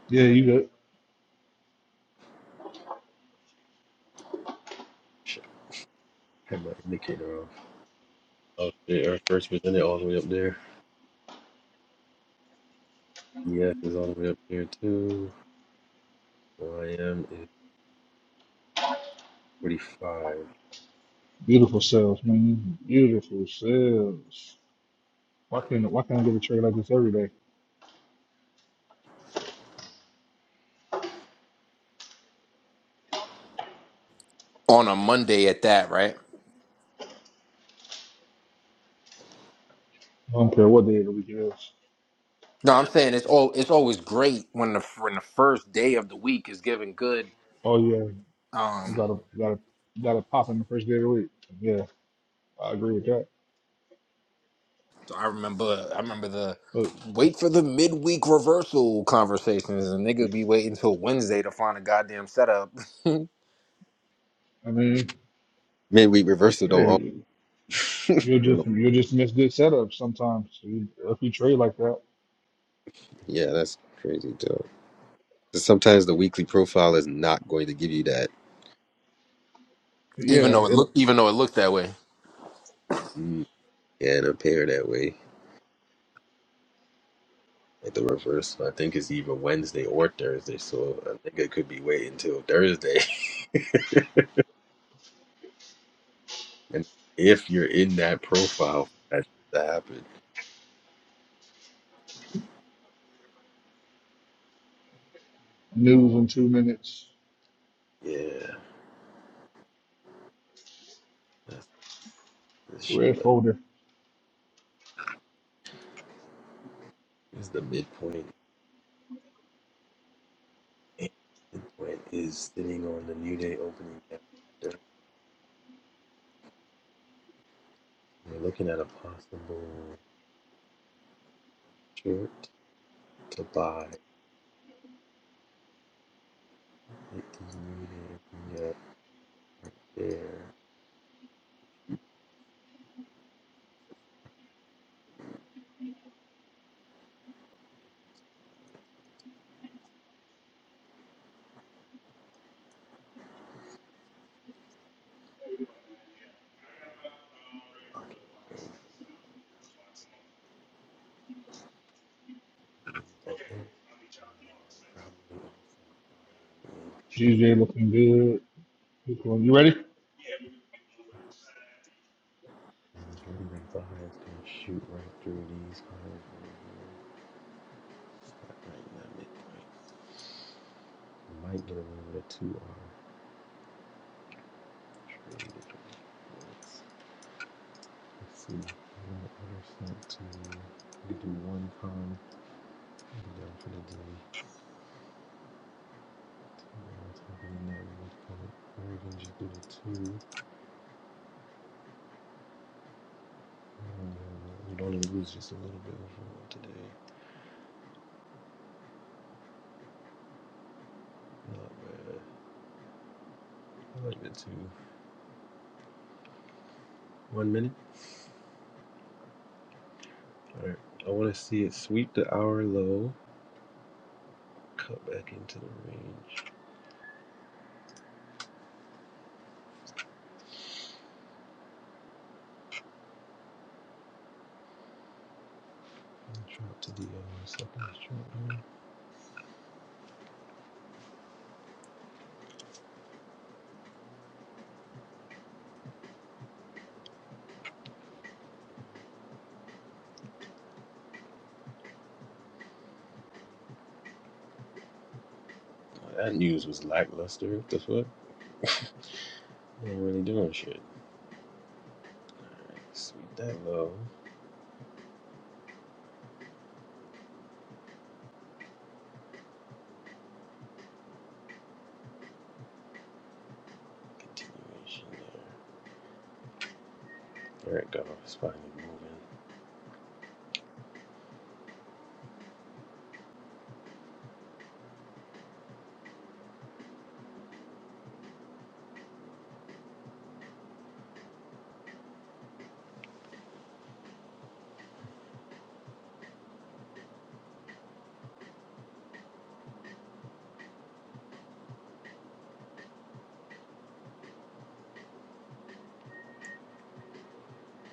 Yeah, Yeah, you got shit. Had my indicator off. Oh, shit, our first presented all the way up there. Yes, is all the way up there too. YM is 45. beautiful sales, man. Beautiful sales. Why can't why can't I get a trade like this every day? on a Monday at that, right? I don't care what day of the week it is. No, I'm saying it's all it's always great when the when the first day of the week is giving good. Oh yeah, you Um, gotta gotta gotta pop in the first day of the week. Yeah, I agree with that. so I remember I remember the But wait for the midweek reversal conversations, and nigga be waiting till Wednesday to find a goddamn setup, I mean, Midweek reversal don't always, hey, you'll you just know. you'll just miss good setups sometimes. You- If you trade like that, Yeah, that's crazy too. 'Cause Sometimes the weekly profile is not going to give you that. even yeah, though it it, looked even though it looked that way. Mm. Yeah, and a pair that way at the reversal. I think it's either Wednesday or Thursday, so I think it could be waiting till Thursday. and if you're in that profile, for that shit to happen. news in two minutes. Yeah, that's this shit. Red But folder. it's the midpoint. Damn, Midpoint is sitting on the new day opening. cap. We're looking at a possible short to buy. It is needed that there that they are probably GJ looking good. Keep going. You ready? offers really like buys shoot right through these cards right here. Stop right in midpoint. Might get away with a two R trade. if Let's see. One order sent to we could do one con be done for the day. Tomorrow's happening in that midpoint. Or we can just do the two. And then we don't even lose just a little bit of room today. Not bad. Appointment to one minute. All right. I want to see it sweep the hour low, cut back into the range, and drop to the uh, second straight Oh, that news was lackluster. What the fuck? They ain't really doing shit. All right. Sweep that low. Continuation there. There it goes. It's finally moving.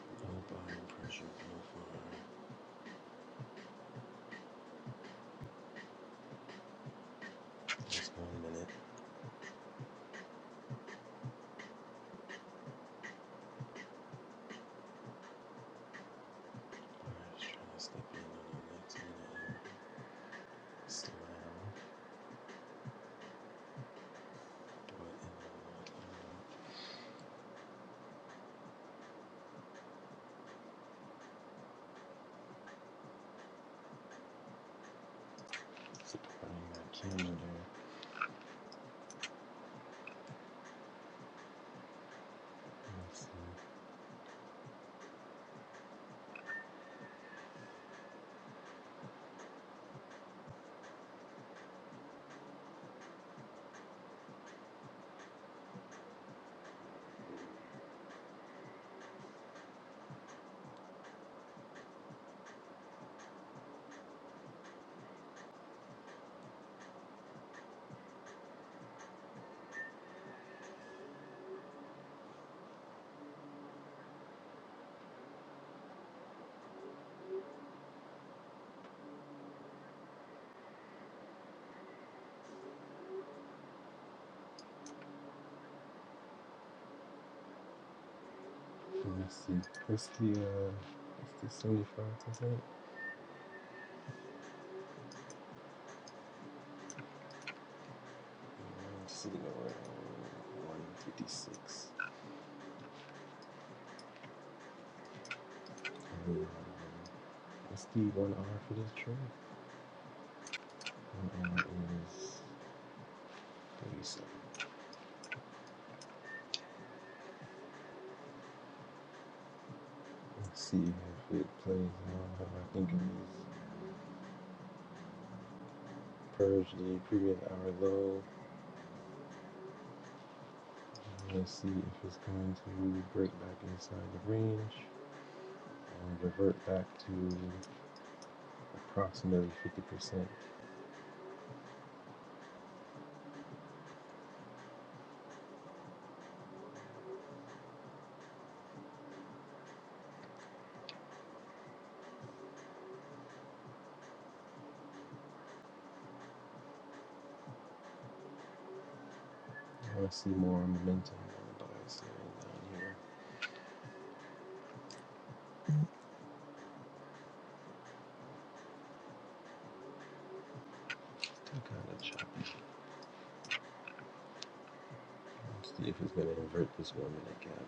No body pressure profile. Just one minute. All right. Just trying to slip in on the next minute. Slam. Do it in the middle. Supplying that camera there. Let's see. Let's see. What's the uh? What's the seventy five percent? Just sitting around one fifty six. Let's do one hour for this trade. One hour is thirty seven. Let's see if it plays out. how I think it is Purged the previous hour low. Let's see if it's going to break back inside the range and revert back to approximately 50% I want to see more momentum on the bias area down here. Still kind of choppy. Let's see if it's going to invert this one minute gap.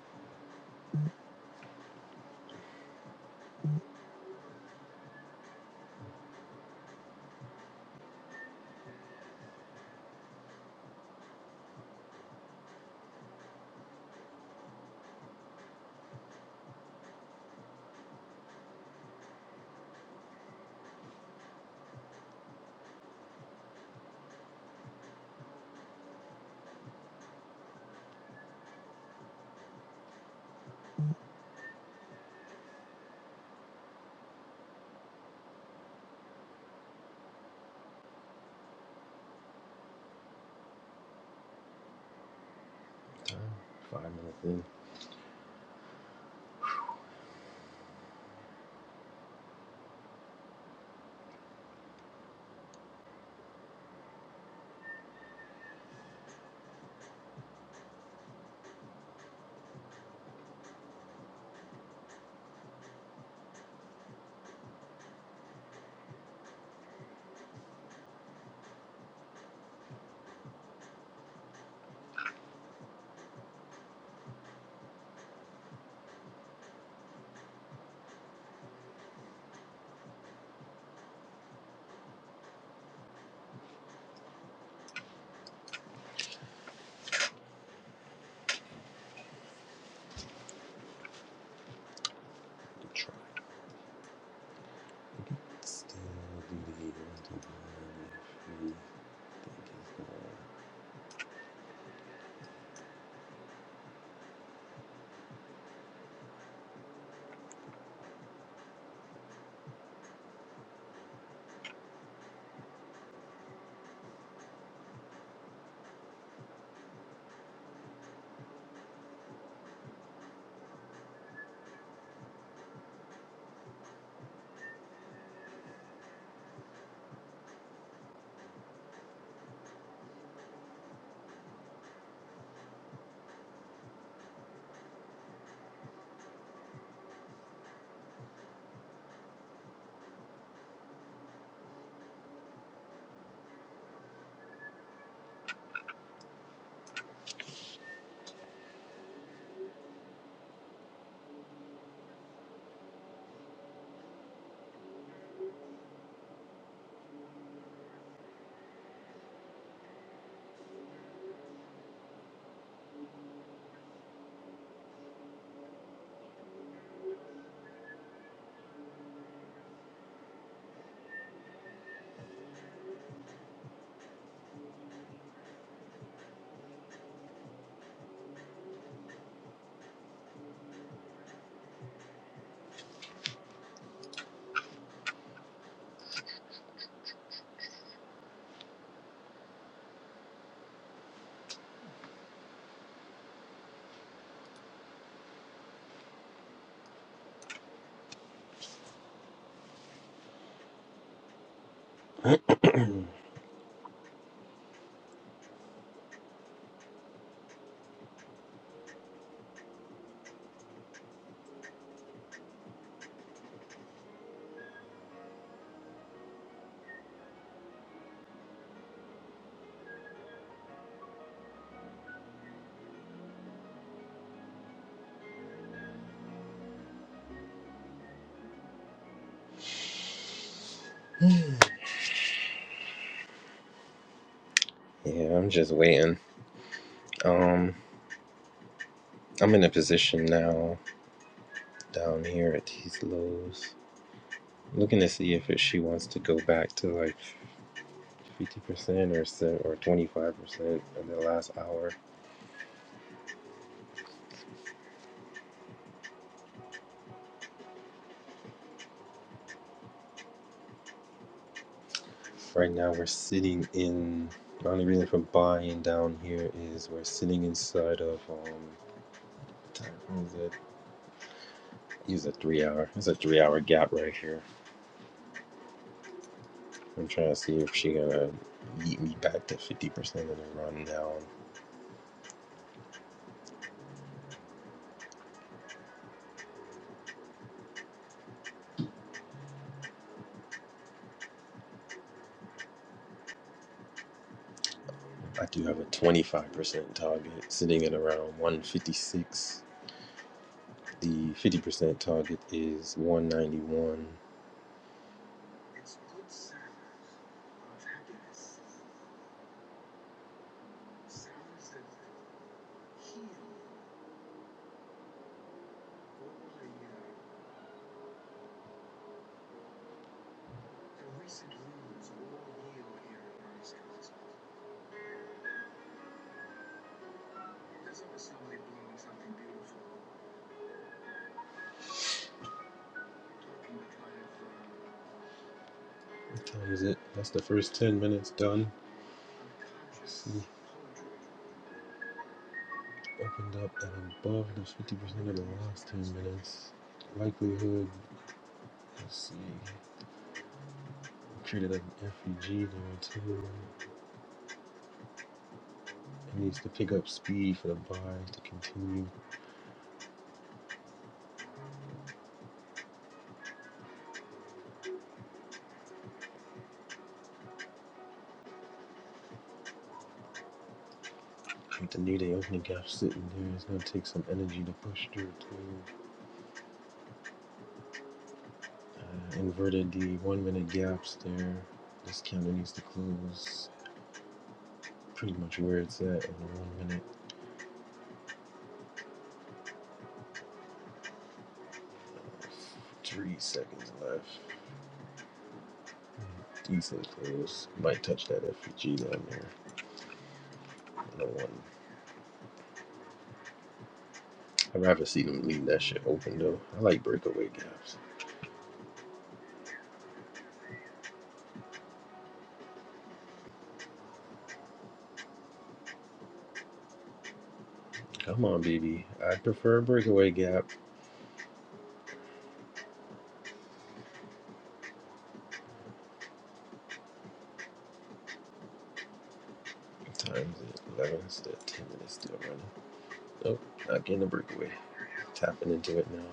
Time. Five minutes in. To try. We could still do the Eagles if we think he's going to. Yeah, I'm just waiting. Um, I'm in a position now down here at these lows. Looking to see if it, she wants to go back to like 50% or or 25% in the last hour Right now we're sitting in. The only reason for buying down here is we're sitting inside of um. What was it? It's a three hour. It's a three hour gap right here. I'm trying to see if she gonna eat me back to fifty percent of the run Now I do have a twenty five percent target sitting at around one fifty six. The fifty percent target is one ninety one. What time is it? That's the first ten minutes done. Let's see opened up at above the 50% of the last 10 minutes. Likelihood, let's see, treated like an FEG there too. It needs to pick up speed for the buys to continue. With the new day opening gap sitting there, it's going to take some energy to push through too. Uh, inverted the one minute gaps there. This candle needs to close pretty much where it's at in the one minute. Uh, Three seconds left. Decent close. Might touch that FEG down there. No one. I'd rather see them leave that shit open though. I like breakaway gaps. Come on, baby. I prefer breakaway gap. What time is it? 11? still 10 minutes still running. Nope, not getting a breakaway. Tapping into it now.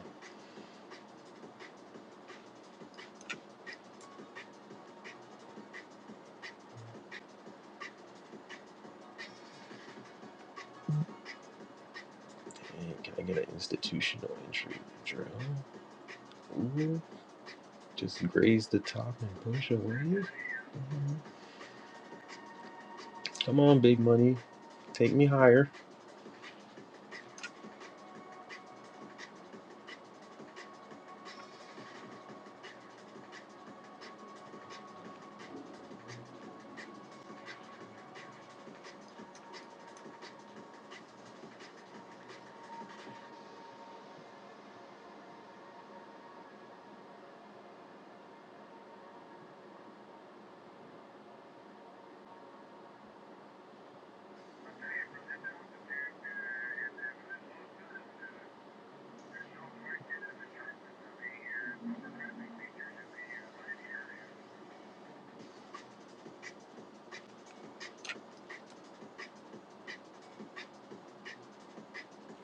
Dang, can I get an institutional entry drill? Ooh, just graze the top and push away. Mhm. Come on, big money. Take me higher.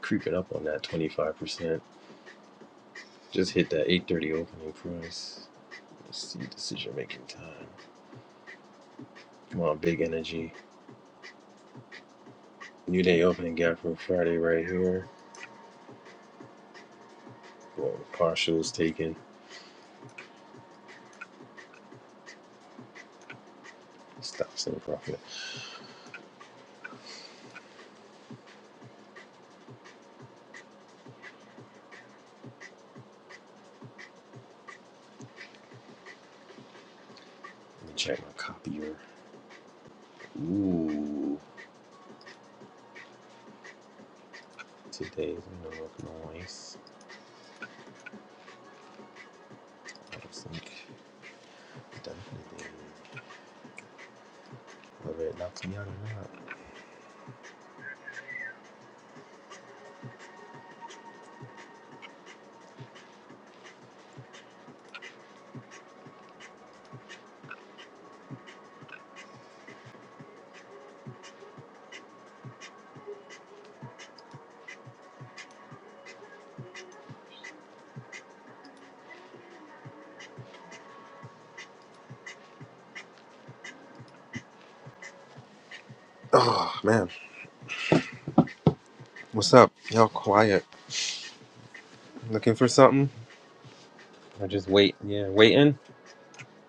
Creeping up on that 25%. Just hit that 830 opening price. Let's see decision making time. Come on, big energy. New day opening gap from Friday right here. Well, the partials taken. Stocks and profit. Let me check my copier. Ooh, today's gonna look nice. I don't think definitely whether it knocks me out or not. Oh man, what's up? Y'all quiet. Looking for something? I just wait. Yeah, waiting,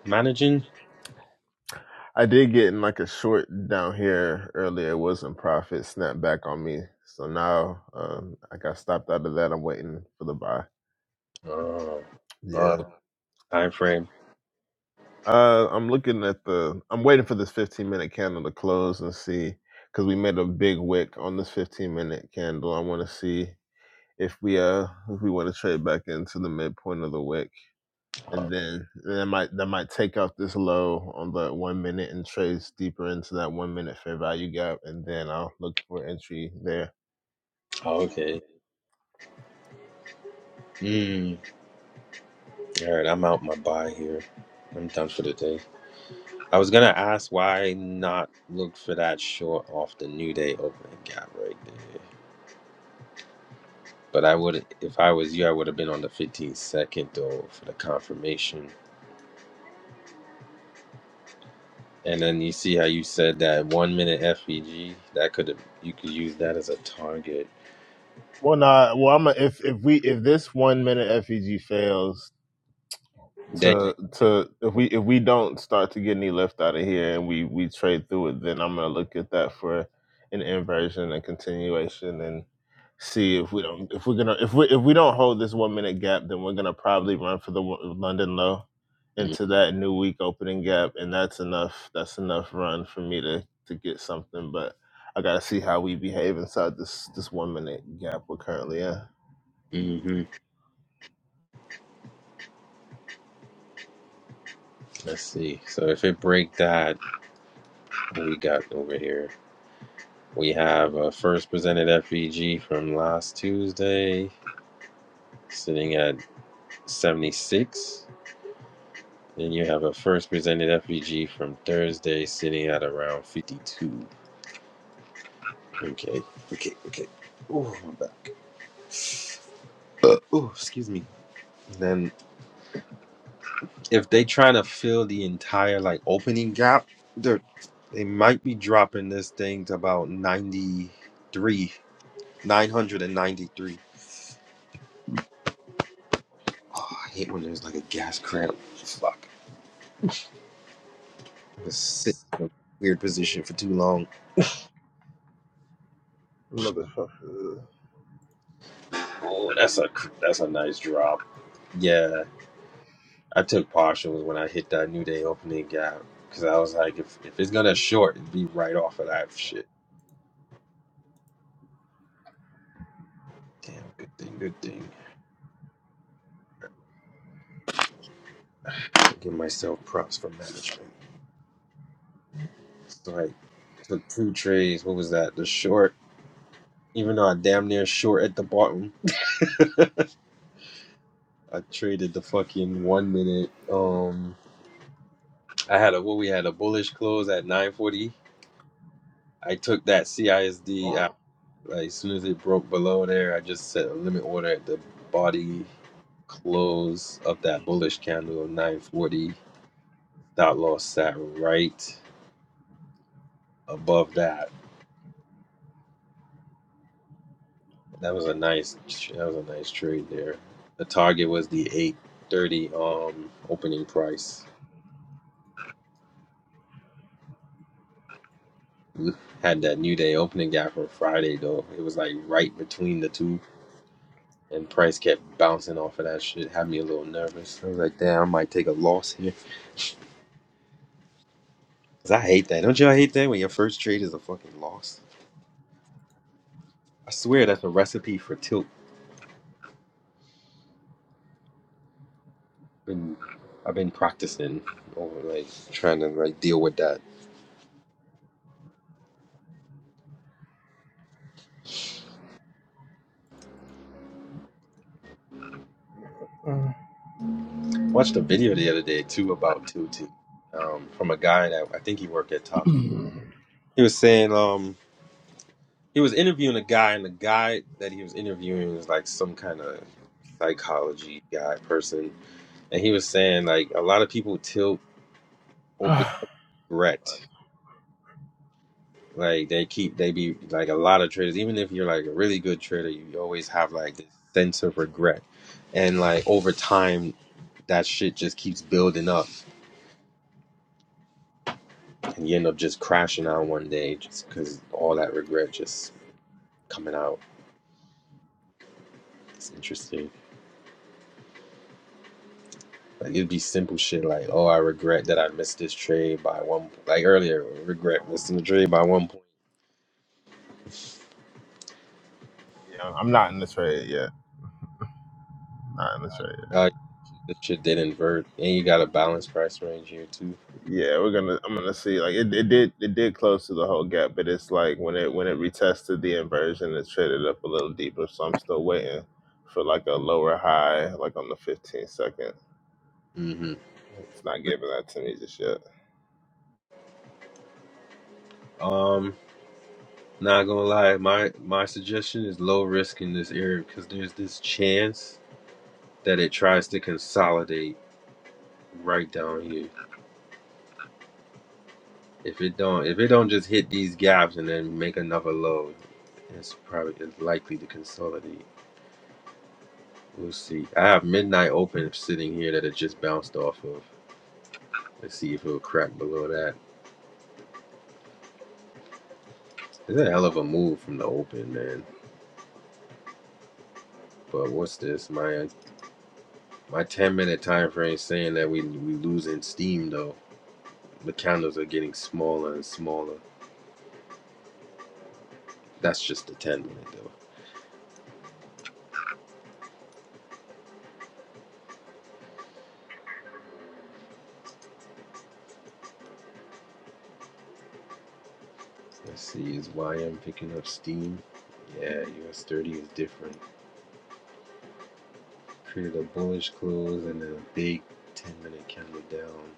managing. I did get in like a short down here earlier it wasn't profit snapped back on me so now um I got stopped out of that I'm waiting for the buy Oh, uh, yeah time frame. Uh, I'm looking at the. I'm waiting for this 15 minute candle to close and see, because we made a big wick on this 15 minute candle. I want to see if we uh if we want to trade back into the midpoint of the wick, and Oh, then and that might that might take out this low on the one minute and trades deeper into that one minute fair value gap, and then I'll look for entry there. okay. Mm. All right, I'm out my buy here. I'm done for the day. I was gonna ask why not look for that short off the New Day opening gap right there. But I would, if I was you, I would have been on the 15 second though for the confirmation. And then you see how you said that one minute FVG that could have you could use that as a target. Well, nah. Well, I'm a, if if we if this one minute FEG fails, Then, to to if we if we don't start to get any lift out of here and we we trade through it, then I'm gonna look at that for an inversion and continuation and see if we don't if we're gonna if we if we don't hold this one minute gap, then we're gonna probably run for the one- London low into that new week opening gap, and that's enough. That's enough run for me to to get something, but. I gotta see how we behave inside this this one minute gap we're currently in. hmm let's see. So if it break that, what we got over here. We have a first presented FVG from last Tuesday sitting at 76. Then you have a first presented FPG from Thursday sitting at around 52. Okay, okay, okay. Oh, my back. Oh, excuse me. Then if they trying to fill the entire like opening gap, they they might be dropping this thing to about 93, 993. I hate when there's like a gas cramp. Fuck. I'm just sitting in a weird position for too long. Motherfucker. Oh, that's a that's a nice drop. Yeah. I took partials when I hit that New Day opening gap because I was like, if if it's gonna short, it'd be right off of that shit. Damn, good thing, good thing. I Give myself props for management. So like, took two trades. What was that? The short, even though I damn near short at the bottom, I traded the fucking one minute. Um, I had a what we had a bullish close at nine forty. I took that CISD Like, as soon as it broke below there, I just set a limit order at the body close of that bullish candle of 940. Stop loss sat right above that. That was a nice that was a nice trade there. The target was the 830 um opening price. We had that new day opening gap from Friday though. It was like right between the two and price kept bouncing off of that shit. Had me a little nervous. I was like, damn, I might take a loss here 'Cause I hate that. Don't y'all hate that when your first trade is a fucking loss? I swear that's a recipe for tilt. And I've been practicing over like trying to like deal with that. Watched a video the other day too about tilting um, from a guy that I think he worked at Top. He was saying um he was interviewing a guy and the guy that he was interviewing was like some kind of psychology guy person and he was saying like a lot of people tilt or yeah, regret Like they keep they be like a lot of traders, even if you're like a really good trader, you always have like this sense of regret. And like over time that shit just keeps building up and you end up just crashing out one day just because all that regret just coming out. It's interesting. Like it'd be simple shit like, oh, I regret that I missed this trade by one. Like earlier, regret missing the trade by one point. I'm not in the trade yet. Not in the trade. Uh, this shit did invert, and you got a balanced price range here too. Yeah, we're gonna. I'm gonna see. Like it, it did. It did close to the whole gap, but it's like when it when it retested the inversion, it traded up a little deeper. So I'm still waiting for like a lower high, like on the 15 second. hmm It's not giving that to me just yet. Um. Not gonna lie, my my suggestion is low risk in this area because there's this chance that it tries to consolidate right down here. If it don't, if it don't just hit these gaps and then make another low, it's probably it's likely to consolidate. We'll see. I have midnight open sitting here that it just bounced off of. Let's see if it'll crack below that. It's a hell of a move from the open, man. But what's this? My my 10 minute time frame saying that we we losing steam though. The candles are getting smaller and smaller. That's just a 10 minute though. Let's see, is YM picking up steam? Yeah, US 30 is different. Created a bullish close and then a big 10 minute candle down.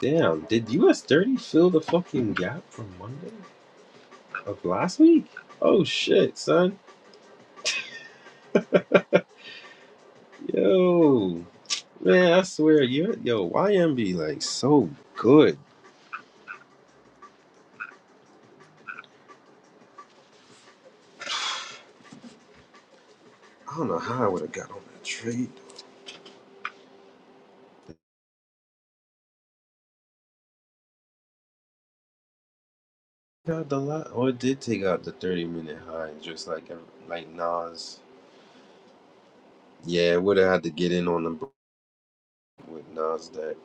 Damn, did US 30 fill the fucking gap from Monday of last week? Oh shit, son. Yo, man, I swear, you yo, YM be like so good. I don't know how I would have got on that trade. out the lot, or it did take out the thirty minute high, just like like Nas. Yeah, it would have had to get in on the break with Nas that.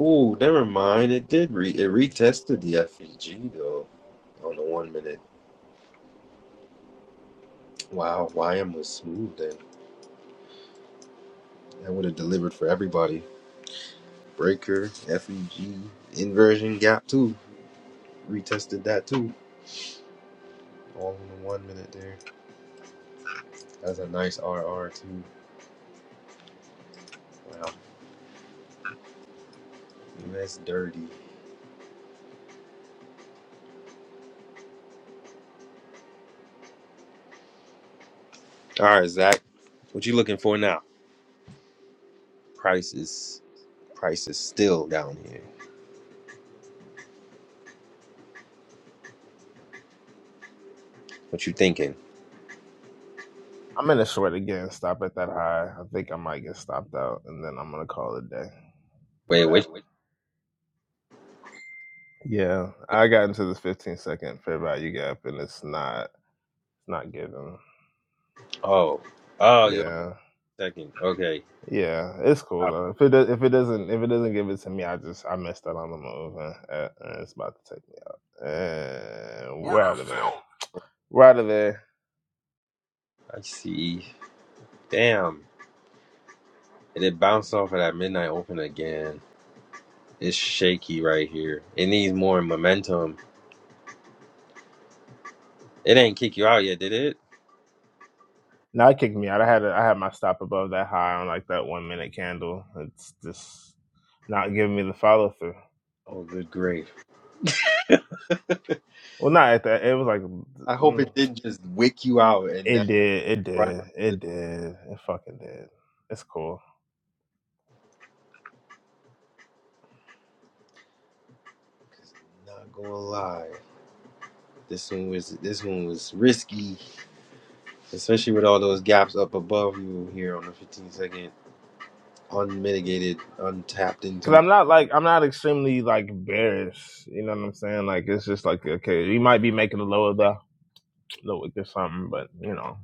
Ooh, never mind. It did re it retested the FEG though on the one minute. Wow, YM was smooth then. That would have delivered for everybody. Breaker, FEG, inversion gap too. Retested that too. All in the one minute there. That's a nice RR too. Wow, that's dirty. All right, Zach, what you looking for now? Prices. Price is still down here. What you thinking? I'm gonna short again. Stop at that high. I think I might get stopped out, and then I'm gonna call it a day. Wait, which? Bad Yeah, I got into this 15 second fair value gap, and it's not it's not giving. Oh, oh, you're on Yeah, second. Okay, yeah, it's cool Oh, though. If it do, if it doesn't if it doesn't give it to me, I just I missed out on the move, and, uh, and it's about to take me out. And we're out of there. We're out of there. I see. Damn, and it bounced off of that midnight open again. It's shaky right here. It needs more momentum. It ain't kick you out yet, did it? Now it kicked me out. I had a, I had my stop above that high on like that one minute candle. It's just not giving me the follow through. Oh, good grief. Well, not at that. It was like I hope it mm, didn't just wick you out and then it did, it run. did, it did, it fucking did. It's cool. Cause I'm not gonna lie, this one was this one was risky, especially with all those gaps up above you here on the 15 second. unmitigated, untapped Cause into. I'm not like I'm not extremely like embarrassed. You know what I'm saying? Like it's just like okay, you might be making a lower the low or something, but you know,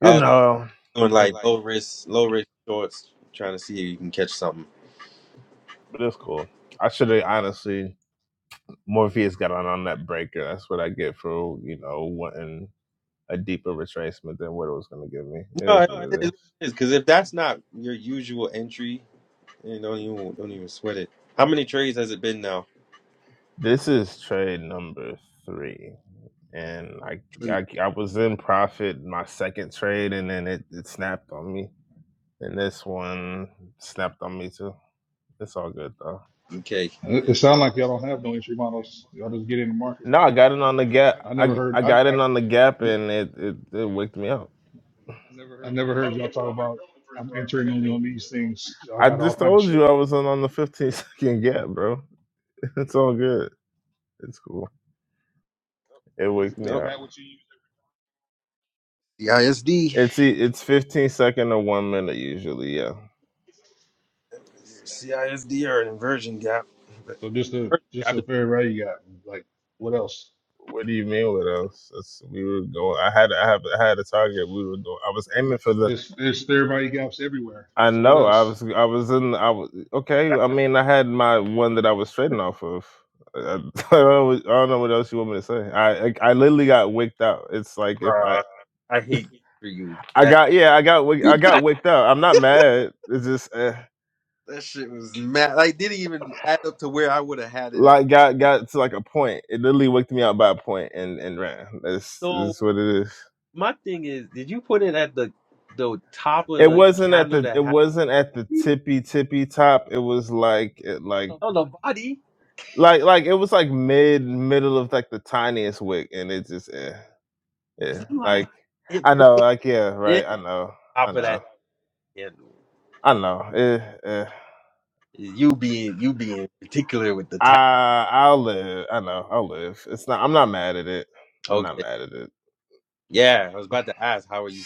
you I was know, doing you know. like Like, low risk, low risk shorts, trying to see if you can catch something. But it's cool. I should have honestly Morpheus got on on that breaker. That's what I get for you know wanting a deeper retracement than what it was gonna give me. It No, is it what is what it is. it is because if that's not your usual entry, then don't even don't even sweat it. How many trades has it been now? This is trade number three, and I Three. I, I was in profit my second trade, and then it, it snapped on me. And this one snapped on me too. It's all good though. Okay, It, it sounds like y'all don't have no entry models. Y'all just get in the market. No, I got it on the gap. I never I heard. I I got it on I, the gap, and it it, it waked me up. I never heard y'all talk about. I'm entering only on these things. Y'all I got all just kind of told shit. you I was on, on the 15 second gap, bro. It's all good. It's cool. It waked me nope. up. CISD, It's e- it's 15 second to one minute usually. Yeah. CISD or an inversion gap, but So just a just a fair value gap. Like what else? What do you mean? What else? It's, we were going. I had I have I had a target. We were going. I was aiming for the. There's there's fair value gaps everywhere. I So what know. I else? was I was in I was okay. I mean, I had my one that I was trading off of. I, I don't know what I don't know what else you want me to say. I, I I literally got wicked out. It's like if I bruh, I hate for you I that. got yeah I got wick- I got wicked out. I'm not mad. It's just eh, That shit was mad. Like, didn't even add up to where I would have had it like at. got got to like a point. It literally wicked me out by a point and and ran. That's that's what it is. my thing is, did you put it at the the top of It the wasn't at candle the it that had wasn't at the tippy tippy top. It was like it like on the body? like like it was like mid middle of like the tiniest wick and it just eh, yeah Cause I'm like like, it i know pulled like yeah in right i know i top of know that candle. i know eh, eh. You being you being particular with the type. i i'll live i know i'll live it's not i'm not mad at it i'm not Okay, mad at it yeah, I was about to ask how are you?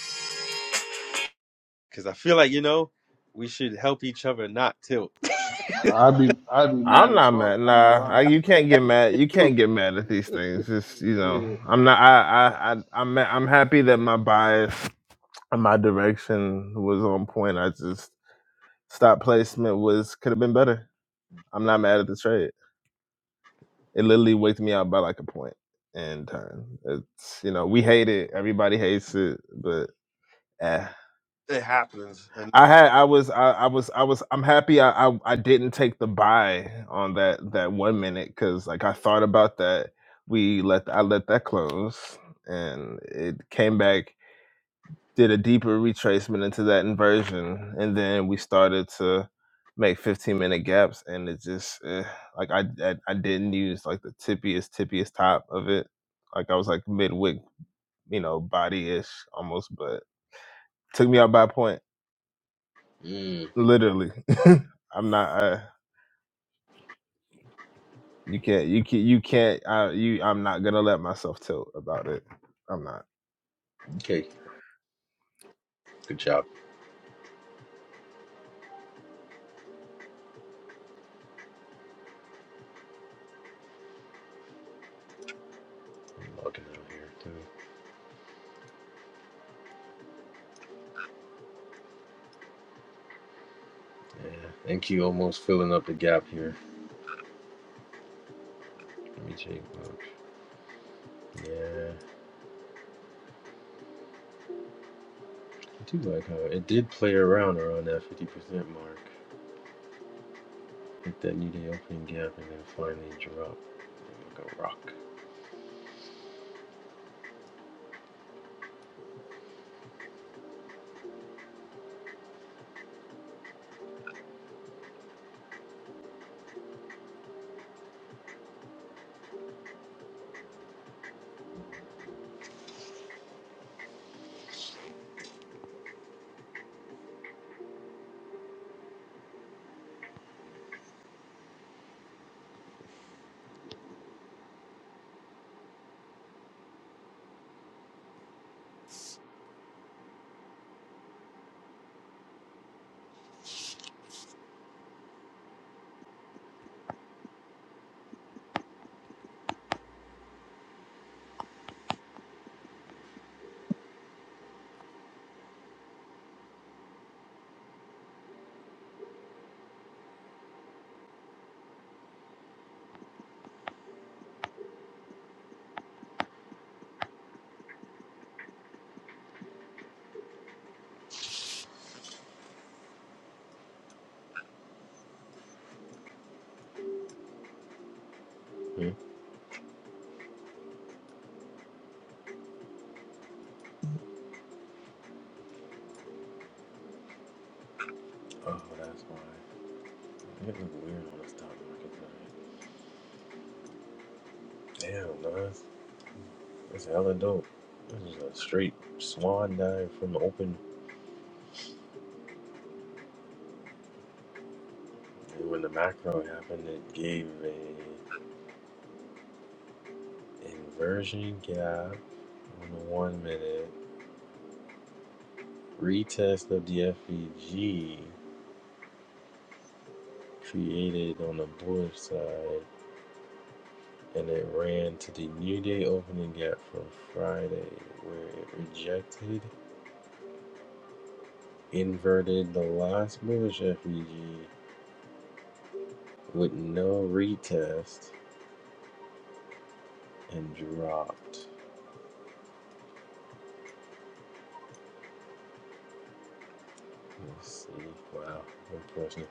Cause I feel like you know we should help each other not tilt. I'd be I'd be mad i'm as not fuck. mad I ain't gonna nah lie. I, you can't get mad you Dude, can't get mad at these things just you know Yeah, i'm not i i, I i'm ma- i'm happy that my bias and my direction was on point i just stop placement was could have been better I'm not mad at the trade. It literally wiped me out by like a point in time. It's you know we hate it. Everybody hates it, but eh. it happens. And I had I was I, I was I was I'm happy I, I I didn't take the buy on that that one minute because like I thought about that. We let I let that close and it came back did a deeper retracement into that inversion and then we started to make 15 minute gaps and it just eh, like I, I i didn't use like the tippiest tippiest top of it like i was like mid wick, you know body-ish almost but took me out by a point mm, literally i'm not uh you can't you can't you can't I. you i'm not gonna let myself tilt about it i'm not okay, good job. I'm looking over here too. Yeah, thank you. Almost filling up the gap here. Let me check. Look. Yeah. I do like how it did play around around that 50% mark. Hit that new day opening gap and then finally drop like a rock. Hmm? Oh, that's why. It look weird on the stock market tonight. Damn, Nas. That's hella dope. This is a straight swan dive from the open. And when the macro happened, it gave a inversion gap on the one minute. Retest of the FVG created on the bullish side. and it ran to the New Day opening gap from Friday, where it rejected, inverted the last bullish FEG with no retest, and dropped. Let's see. Wow, impressive.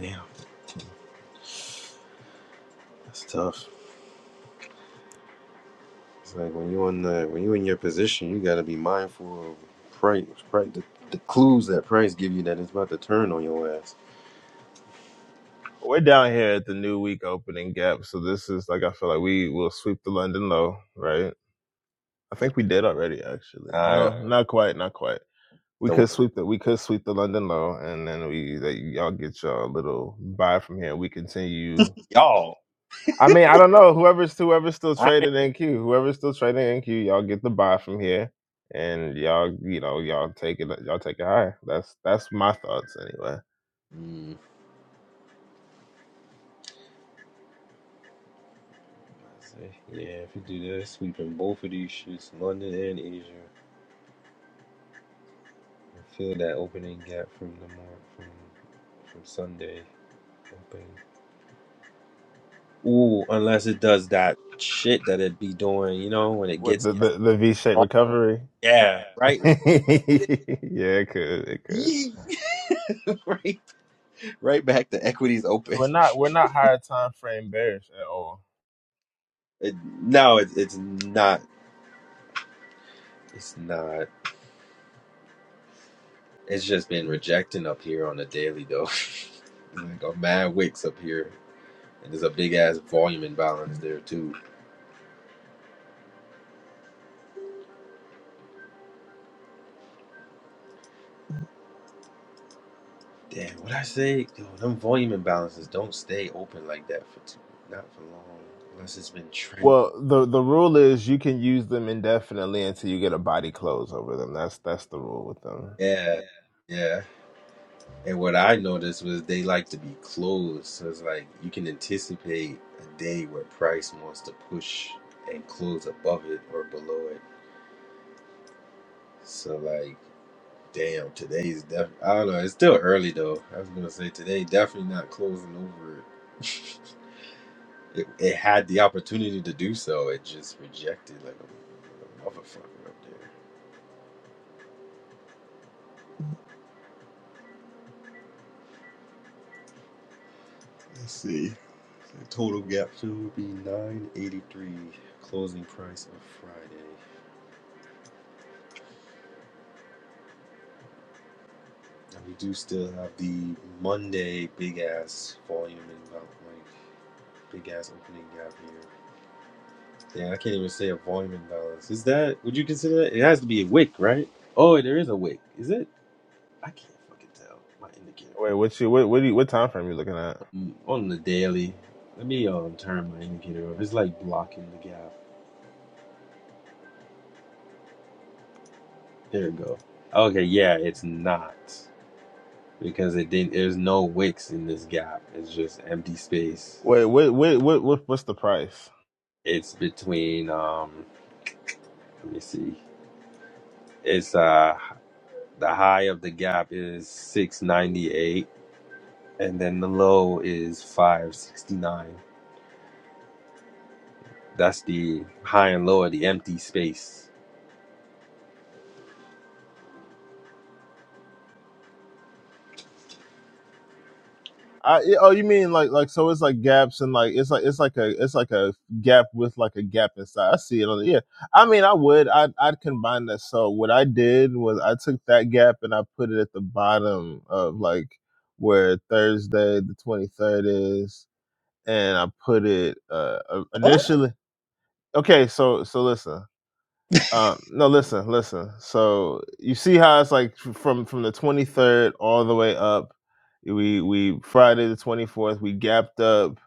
Damn, that's tough. It's like when you in the when you in your position, you got to be mindful of price, price the, the clues that price give you that it's about to turn on your ass. We're down here at the new week opening gap, so this is like I feel like we will sweep the London low, right? I And, think we did already, actually. No, uh, Alright. not quite, not quite. We so could sweep the we could sweep the London low, and then we that y'all get y'all little buy from here. We continue. y'all, I mean, I don't know. Whoever's whoever's still trading NQ, whoever's still trading NQ, y'all get the buy from here, and y'all you know y'all take it y'all take it higher. That's that's my thoughts anyway. right? Yeah, yeah, if you do that, sweeping both of these shits, London and Asia, and fill that opening gap from the more from from Sunday opening. Ooh, unless it does that shit that it be doing, you know, when it With gets the right the, the V shaped off. recovery. Yeah, right, yeah, it could. It could. Yee! right, right back to equities 'Cause open. we're not we're not higher time frame bearish at all. It, no, it, it's not. It's not. It's just been rejecting up here on the daily though. It's like a mad wicks up here, and there's a big ass volume imbalance there too. Damn, what I say? Yo, them volume imbalances don't stay open like that for too, not for long, unless it's been trending. Well, the the rule is you can use them indefinitely until you get a body close over them. That's that's the rule with them. Yeah, yeah. And what I noticed was they like to be closed, so it's like you can anticipate a day where price wants to push and close above it or below it. So like, damn, today's def. I don't know. It's still early though. I was gonna say today definitely not closing over it. It, it had the opportunity to do so. It just rejected like a, like a motherfucker up there. Let's see. The total gap fill would be 983. Closing price of Friday. And we do still have the Monday big ass volume and about like big ass opening gap here. Yeah, I can't even say a volume imbalance. Is that? Would you consider that? It has to be a wick, right? Oh, there is a wick. Is it? I can't fucking tell. My indicator. Wait, what you what what, do you, what time frame are you looking at? Mm, on the daily. Let me um turn my indicator off. It's like blocking the gap. There we go. Okay, yeah, it's not because it didn't. There's no wicks in this gap. It's just empty space. Wait, wait, wait, what what what's the price? It's between um. Let me see. It's uh the high of the gap is six ninety eight, and then the low is five sixty nine. That's the high and low of the empty space. I, yeah, oh, you mean like like so? It's like gaps and like it's like it's like a it's like a gap with like a gap inside. I see it on the yeah. I mean, I would I'd I'd combine that. So what I did was I took that gap and I put it at the bottom of like where Thursday the twenty third is, and I put it uh uh, initially. Okay, so so listen. Um, no, listen, listen. So you see how it's like f- from from the 23rd all the way up. We we Friday the 24th we gapped up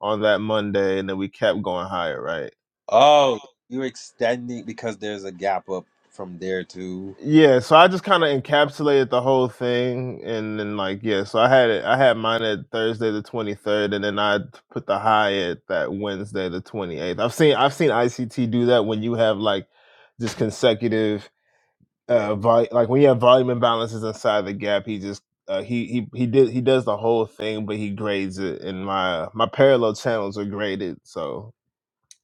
on that Monday, and then we kept going higher, right? Oh, you're extending because there's a gap up from there too. Yeah. So I just kind of encapsulated the whole thing, and then like yeah. So I had it. I had mine at Thursday the 23rd, and then I t- put the high at that Wednesday the 28th. I've seen I've seen ICT do that when you have like just consecutive yeah. uh vol- like when you have volume imbalances inside the gap he just uh, he he he did he does the whole thing but he grades it and my my parallel channels are graded so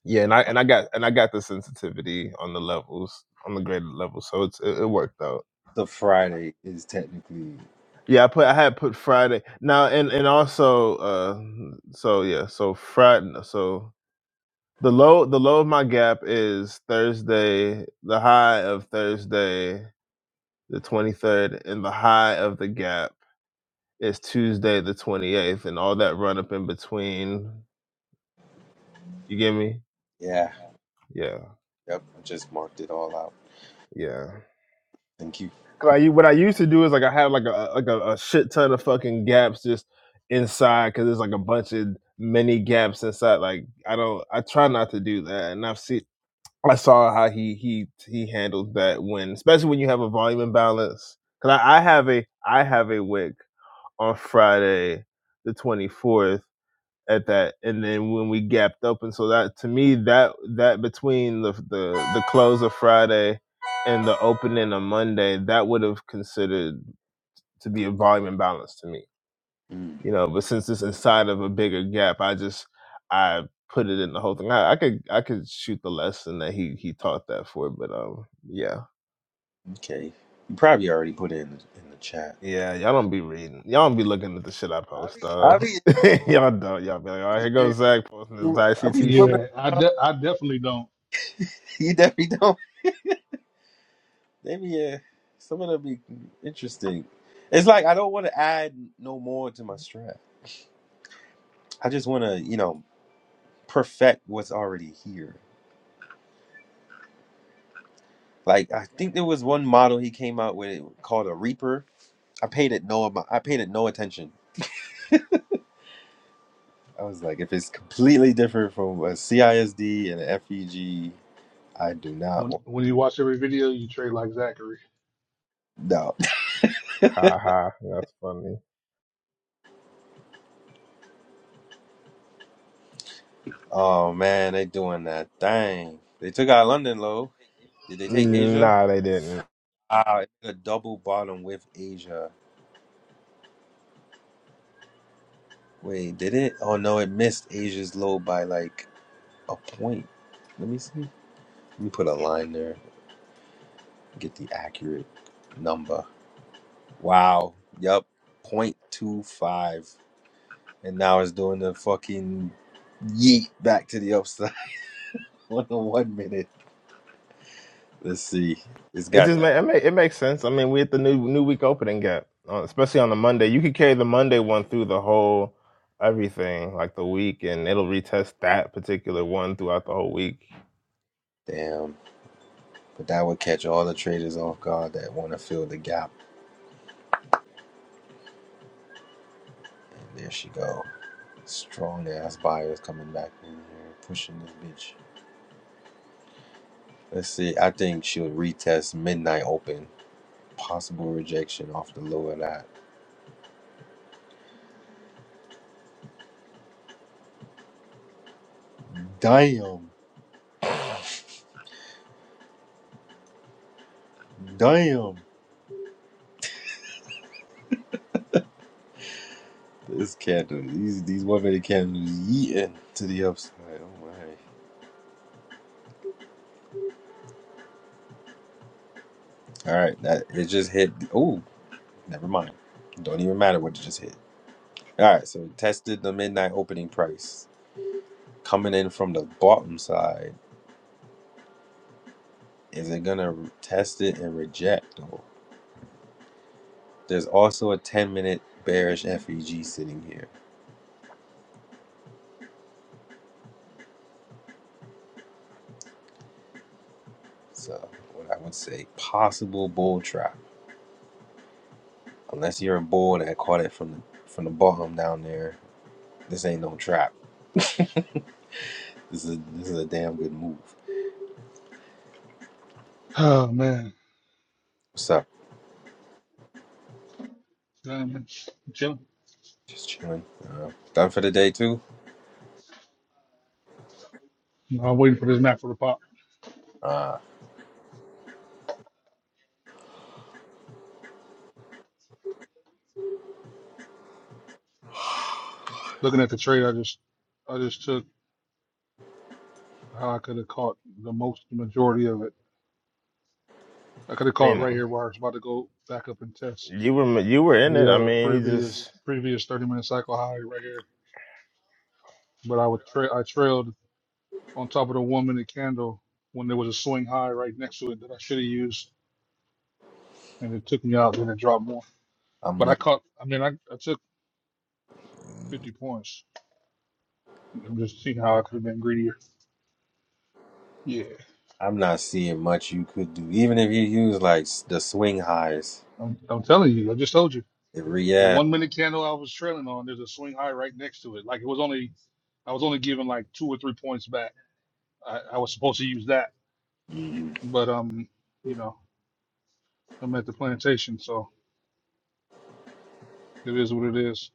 yeah and i and i got and i got the sensitivity on the levels on the graded level so it's it, it worked out So Friday is technically yeah i put i had put friday now and and also uh so yeah so friday so the low the low of my gap is thursday the high of thursday the 23rd and the high of the gap It's Tuesday the 28th, and all that run up in between. You get me? yeah. Yeah, Yep, just marked it all out. yeah. Thank you. 'Cause I u- what I used to do is like I have like a like a, a shit ton of fucking gaps just inside because there's like a bunch of mini gaps inside. Like I don't, I try not to do that, and I've seen. I saw how he he he handled that when, especially when you have a volume imbalance. Cause I, I have a I have a wick on Friday the twenty fourth at that and then when we gapped up and so that to me that that between the the, the close of friday and the opening of monday that would have considered to be a volume imbalance to me Mm, you know but since it's inside of a bigger gap i just i put it in the whole thing i, I could i could shoot the lesson that he he taught that for but um yeah okay, you probably already put it in in the chat. yeah, y'all don't be reading. Y'all don't be looking at the shit I post, I though. be y'all don't. Y'all be like, all right, here goes Zach posting his I be ICT swimming. shit. yeah. I de- I definitely don't. You definitely don't. Maybe yeah. Some of them be interesting. It's like I don't want to add no more to my strap. I just want to you know perfect what's already here. Like I think there was one model he came out with called a Reaper I paid it no amou- I paid it no attention. I was like, if it's completely different from a CISD and a FEG, I do not When want when you watch every video, you trade like Zachary. no. Ha ha. That's funny. Oh man, they doing that thing. They took out London low. Did they take Asia? Nah, they didn't. Ah, it took a double bottom with Asia. Wait, did it? Oh no, it missed Asia's low by like a point. Let me see. Let me put a line there. Get the accurate number. Wow. Yep. Point two five. and now it's doing the fucking yeet back to the upside on the one minute. Let's see. It's It got just ma- it, ma- it makes sense. I mean, we hit the new new week opening gap, uh, especially on the Monday. You could carry the Monday one through the whole everything, like the week, and it'll retest that particular one throughout the whole week. damn, but that would catch all the traders off guard that want to fill the gap. And there she go, strong ass buyers coming back in here, pushing this bitch. Let's see. I think she'll retest midnight open. Possible rejection off the low of that. Damn, damn. This candle, these these one minute candles yeeting to the upside. Oh my. All right, that it just hit. Oh, never mind. Don't even matter what it just hit. All right, so it tested the midnight opening price coming in from the bottom side. Is it gonna re- test it and reject? Or there's also a 10 minute bearish FEG sitting here. So what I would say possible bull trap. Unless you're a bull that caught it from the from the bottom down there, this ain't no trap. This is this is a damn good move. Oh man. What's up? Yeah, man. Chilling. Just chilling. Uh, done for the day too. I'm waiting for this map for the pop. Uh, Looking at the trade, I just, I just took how I could have caught the most majority of it. I could have I caught mean, right here where it's about to go back up and test you were you were in it. I the uh, mean, you just. previous previous 30 minute cycle high right here. But I would tra- I trailed on top of the one minute candle when there was a swing high right next to it that I should have used, and it took me out Then it dropped more. I'm But looking. I caught. I mean, I, I took 50 points. I'm just seeing how I could have been greedier. Yeah, I'm not seeing much you could do. Even if you use like s- the swing highs, I'm, I'm telling you. I just told you. it The react. one minute candle I was trailing on, there's a swing high right next to it. Like it was only I was only given like two or three points back. I, I was supposed to use that, but um, you know, I'm at the plantation, so it is what it is.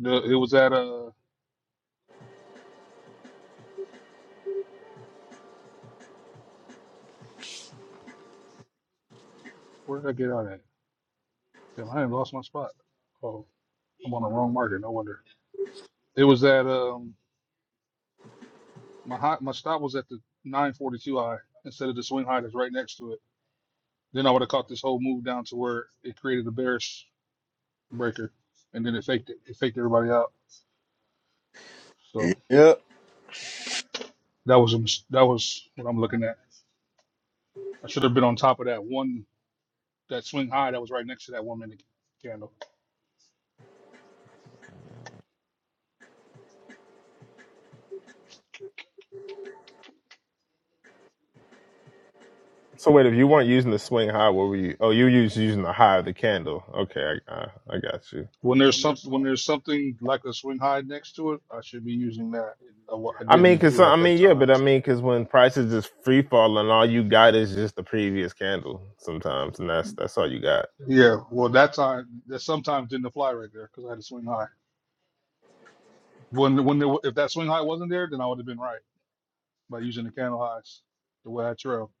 The, it was at uh, where did I get out at? Damn, I done lost my spot. Oh, I'm on the wrong market. No wonder. It was at um, my high, my stop was at the 942 high instead of the swing high that's right next to it. Then I would have caught this whole move down to where it created a bearish breaker, and then it faked it. It faked everybody out. So Yep. Yeah. that was a, mis- that was what I'm looking at. I should have been on top of that one that swing high that was right next to that one minute candle. So wait, if you weren't using the swing high, what were you? Oh, you were just using the high of the candle. Okay, I I, I got you. When there's something when there's something like a swing high next to it, I should be using that. I, wa- I I mean, didn't cause do some, it I at that mean, yeah, time. but I mean, cause when prices just free fall and all you got is just the previous candle sometimes, and that's that's all you got. Yeah, well that time that sometimes didn't apply right there because I had a swing high. When when there, wa- if that swing high wasn't there, then I would have been right by using the candle highs the way I trail.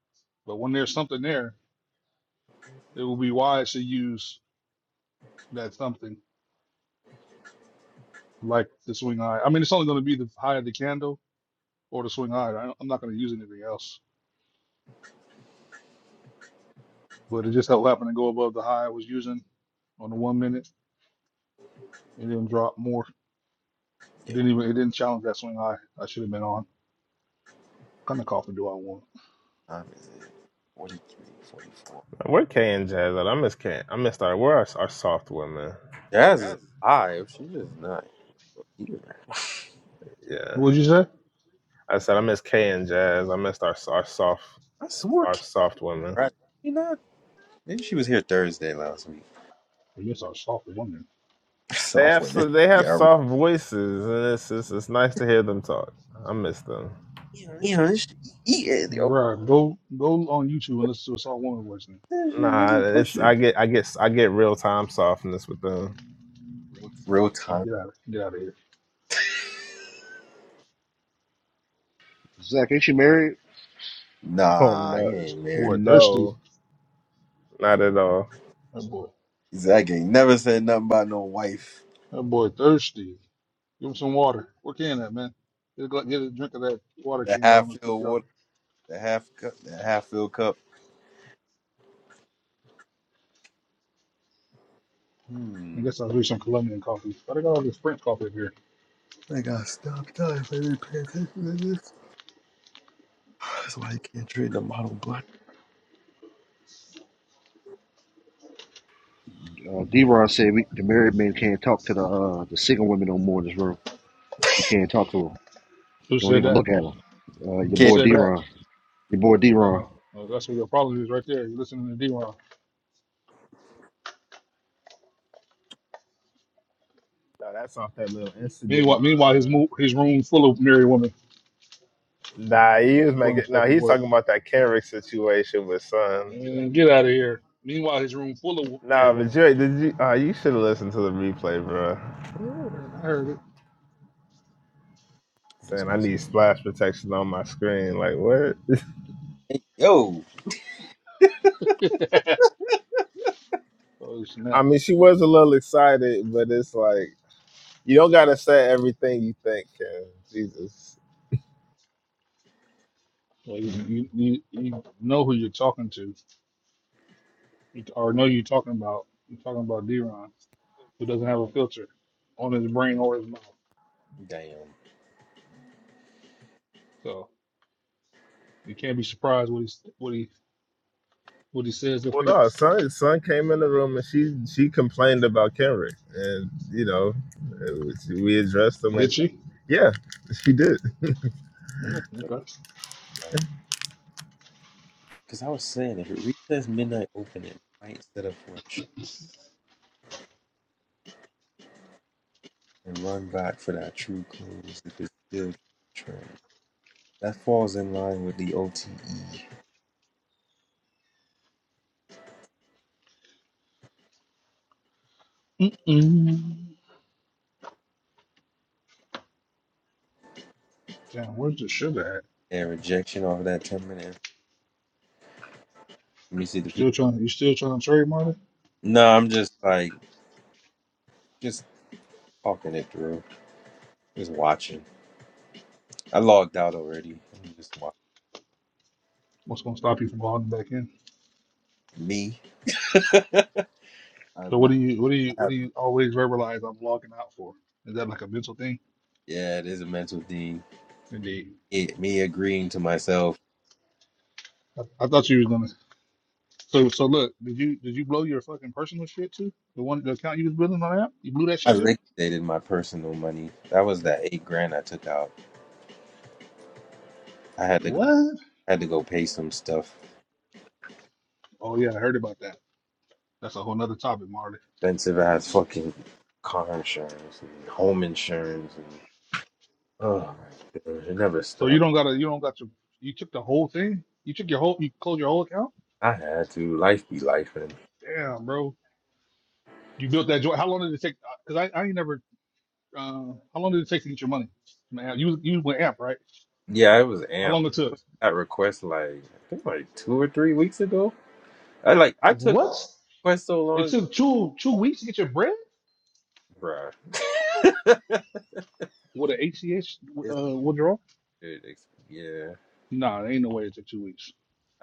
But when there's something there, it will be wise to use that something like the swing high. I mean, it's only going to be the high of the candle or the swing high. I don't, I'm not going to use anything else, but it just happened to go above the high I was using on the one minute and then drop more. It didn't even it didn't challenge that swing high I should have been on. kind of coffee do I want? Time is it? 43, forty-four. Where K and Jazz at? I miss K. I missed our where our, our soft women. Jazz is alive. She just not here. Yeah, What would you say? I said I miss K and Jazz. I missed our our soft I swore, our Kim, soft women. right? She not. Maybe she was here Thursday last week. I guess I was soft woman. They Soft have women. so they have Yeah. soft voices, and it's it's, it's nice to hear them talk. I miss them. Yeah. She eating. Yo. Right. go go on YouTube and listen to a soft woman voice and Yeah, She Nah, really it's pushing. I get I get I get real time softness with them. Real and time. get out of get out of here. Zach, ain't you married? Oh Nah, no, he ain't married. Boy thirsty. no, not at all. That boy. Exactly. He Never said nothing about no wife. That boy thirsty. Give him some water. What can that man? Get a, gla- get a drink of that water The can you got on half the filled PTR. water. The half cup. The half filled cup. I guess I'll do some Colombian coffee. But I got all this French coffee up here. Uh, D-Ron said we, the married men can't talk to the uh, the single women no more in this room. We can't talk to them. Who Don't said even that? look at them. Uh, your Who Kid boy said that? D-Ron. Your boy Uh, D-Ron. uh, that's where your problem is right there. You're listening to D-Ron. No, that's off that little incident Meanwhile, on. meanwhile, his Uh, mo- his room full of married women. nah, he was Funny making. No, fucking he's work. talking about that Kendrick situation with Son. And get out of here. Meanwhile, his room full of married No, but women. Jerry, did you? Uh, you should have listened to the replay, bro. Yeah, I heard Saying I need splash protection on my screen. Like what? Yo, it. oh, it's I not. mean, she was a little excited, but it's like you don't gotta say everything you think, Ken. Jesus. Well, you, you, you, you know who you're talking to, You- or know you're talking about. You're talking about D-Ron, who doesn't have a filter on his brain or his mouth. damn. So you can't be surprised what he what he what he says or Well, no, thinks. son, son came in the room and she she complained about Kendrick, and you know, it was, we addressed him, and Did she? yeah, she did. I know Mm, that's okay. right. Because I was saying, if it resets midnight opening, I ain't set up for a sh- and run back for that true close if it's still trend. That falls in line with the OTE Mm-mm. Damn, where's the sugar at? and rejection of that 10 minute. Let me see You the video. still trying? You still trying to trademark it? No, I'm just like, just talking it through, just watching. I logged out already. I'm just watching. What's gonna stop you from logging back in? Me, So I've what not, do you, what do you, I what do have, you always verbalize I'm logging out for? Is that like a mental thing? yeah, it is a mental thing. Indeed. It, me agreeing to myself. I, I thought you was gonna. So so look, did you did you blow your fucking personal shit too? The one the account you was building on the app, you blew that I shit too. liquidated my personal money. That was that eight grand I took out. I had to go. What? I had to go pay some stuff. Oh yeah, I heard about that. That's a whole nother topic, Marty. Expensive ass fucking car insurance and home insurance and oh my god, it never So you stopped. don't gotta, you don't got to. You took the whole thing. You took your whole, you closed your whole account. I had to. Life be life and Damn, bro. You built that joint. How long did it take? Because I, I ain't never Uh, how long did it take to get your money? Man, you you went amp right? yeah, it was How amped. long it took? That request like I think like two or three weeks ago. I like I took What? request so It long, took two two weeks to get your bread bruh. with an ACH It's uh, withdrawal. it, it's- yeah. Nah, there ain't no way it took two weeks.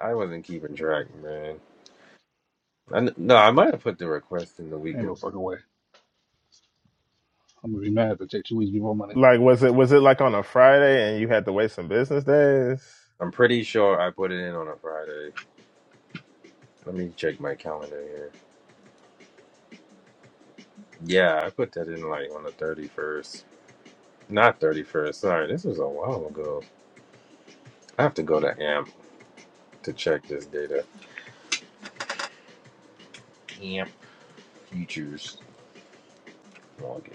I wasn't keeping track, man. I, kn- no, I might have put the request in the week. Ain't no fucking way. I'm gonna be mad if it take two weeks to get my money. Like was it was it like on a Friday and you had to wait some business days? I'm pretty sure I put it in on a Friday. Let me check my calendar here. Yeah, I put that in like on the 31st. Not 31st. Sorry, this was a while ago. I have to go to AMP to check this data. Futures login.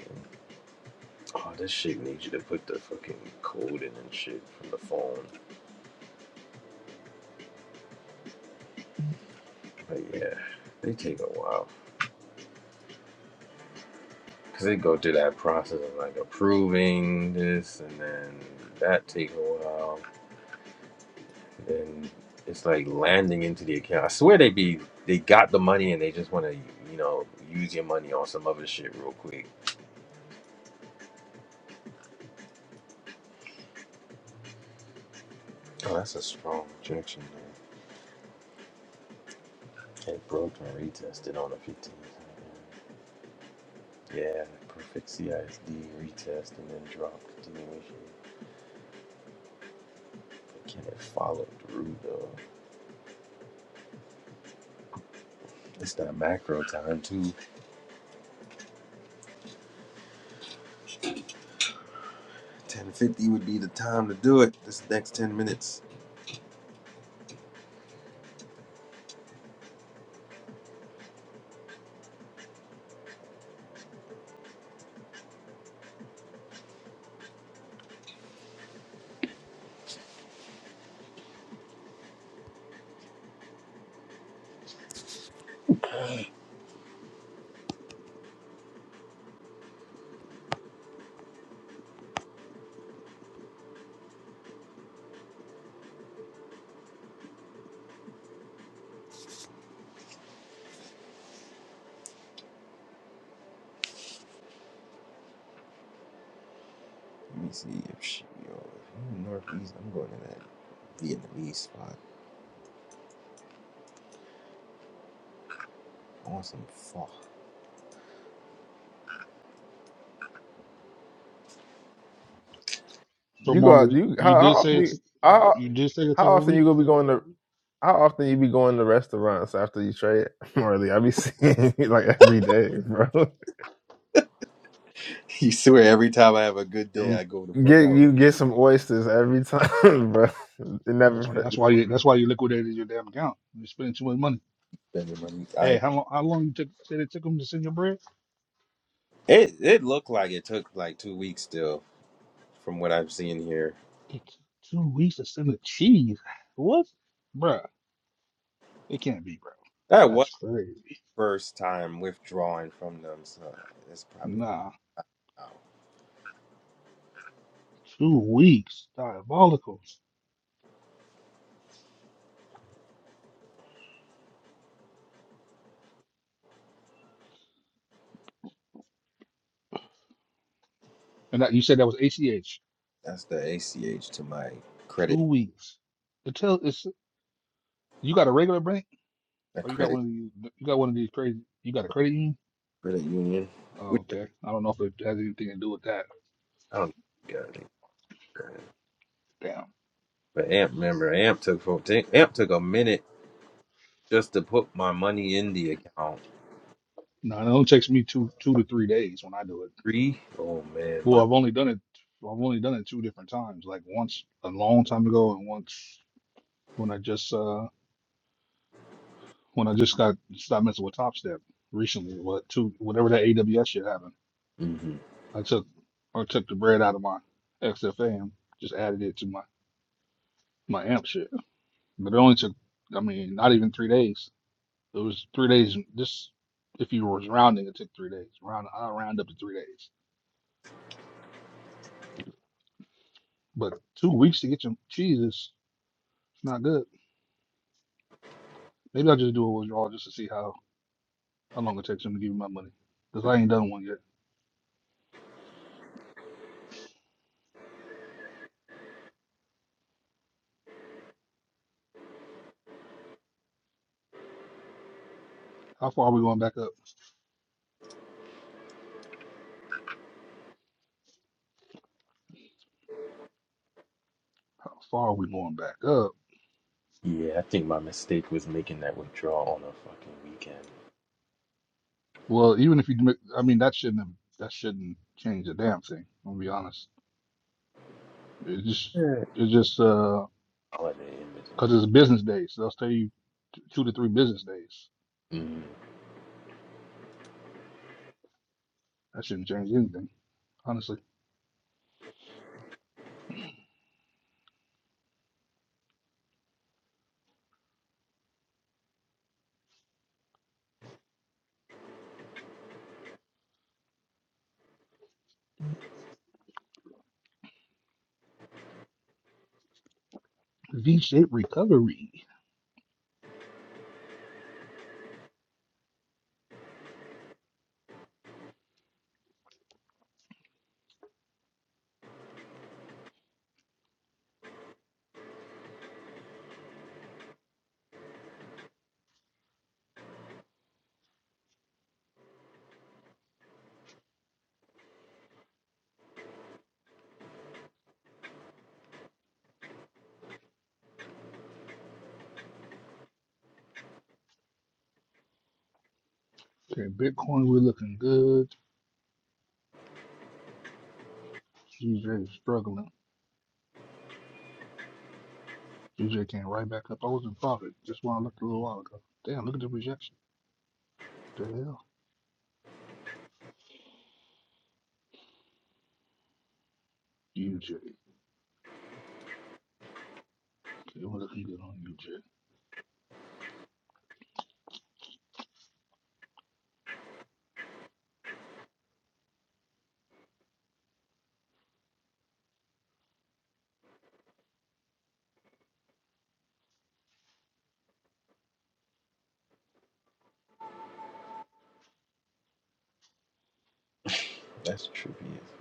Oh, this shit needs you to put the fucking code in and shit from the phone. But yeah, they take a while. Because they go through that process of like approving this and then that takes a while. and it's like landing into the account. I swear they be they got the money and they just want to you know use your money on some other shit real quick. Oh, that's a strong rejection. Man. It broke and retested on the 15th. Yeah, perfect CISD retest and then drop continuation. Can it follow through though? It's not macro time too. 10:50 would be the time to do it. This next 10 minutes. Let me see if she. Yo, if you northeast, I'm going to that Vietnamese spot. I some fuck. So You go out. Marley, You how, you how did often? say it. You, took- how You did say it how took a often you week. gonna be going to? How often you be going to restaurants after you trade, Marley? I be seeing you like every day, bro. You swear every time I have a good day, I go the fuck Get out. you get some oysters every time, bro. It That's, never. that's why That's you. That's why you liquidated your damn account. You spending too much money. Spending money. Hey, I how long? How long you took? Said it took them to send your bread? it it looked like it took like two weeks still, from what I've seen here. It took two weeks to send the cheese. What, Bruh. It can't be, bro. That was That's crazy. first time withdrawing from them, so that's probably Nah, two weeks. Diabolical. And that, you said that was ACH. that's the ACH to my credit, Two weeks. The tell is you got a regular bank a or you got credit one of these you got one of these crazy you got a credit union? credit union. Oh, Which okay. I don't know if it has anything to do with that. I don't got any credit. Damn. But AMP, remember AMP took fourteen. AMP took a minute just to put my money in the account. No, it only takes me two two to three days when I do it. Three. Oh man, Well, my. I've only done it I've only done it two different times, like once a long time ago and once when I just uh when I just got stopped messing with Top Step recently. What two whatever that AWS shit happened. mhm. I took I took the bread out of my XFM, just added it to my my amp shit. But it only took I mean not even three days. It was three days. Just if you was rounding, it took three days. Round I round up to three days. But two weeks to get your cheese is it's not good. Maybe I'll just do a withdrawal just to see how how long it takes them to give me my money. Cause I ain't done one yet. How far are we going back up? How far are we going back up? Yeah, I think my mistake was making that withdrawal on a fucking weekend. Well, even if you, do I mean, that shouldn't have, that shouldn't change a damn thing. i will be honest. It just, Yeah. it's just uh, Holiday in between. cause it's business days. They'll tell you t- two to three business days. Mm, That shouldn't change anything, honestly. V-shaped recovery. Okay, Bitcoin, we're looking good. CJ is struggling. CJ came right back up. I was in profit. Just when I looked a little while ago. Damn, look at the rejection. The hell, UJ. Okay, we're looking good on UJ. that's trippy. as-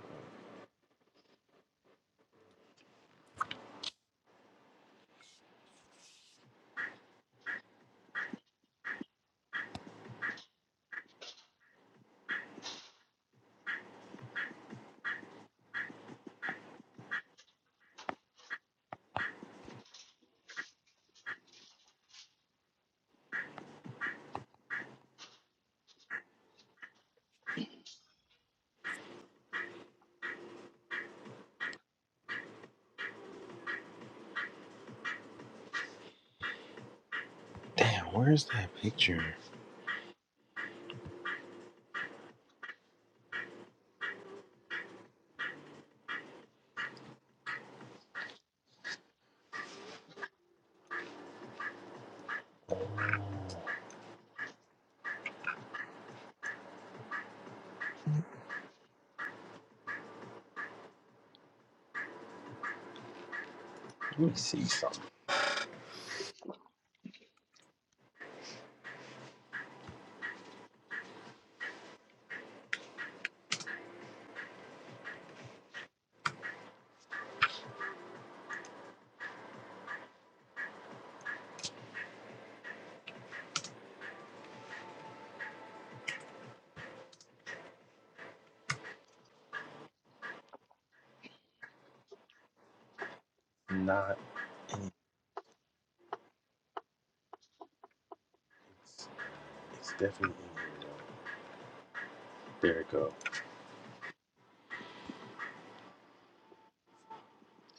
Damn, where's that picture? Let me see something. Not in It's it's definitely in here though. There it go.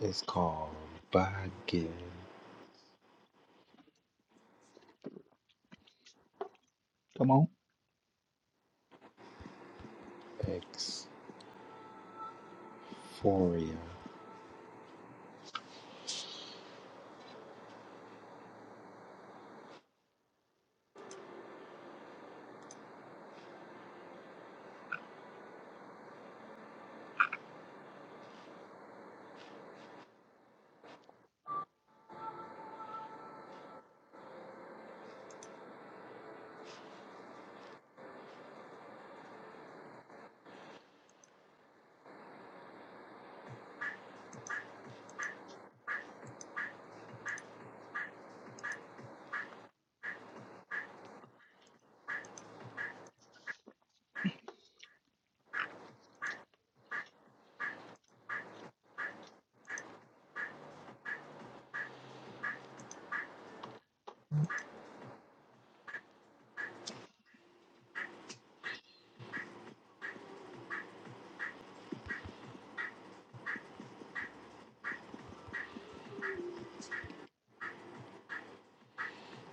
It's called Baggin Come on. Exforia."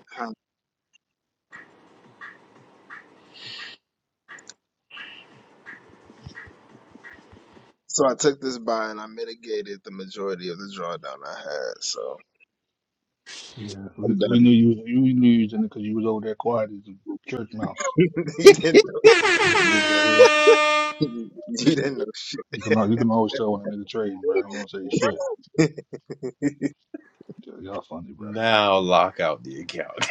why Yeah, we, we knew you was you we knew you was in it because you was over there quiet as a church mouse. you didn't know. This dude right here, You didn't know shit. you can al- you can always tell when a nigga trading, bro. He don't say shit. Yeah, y'all funny, bro. now lock out the account.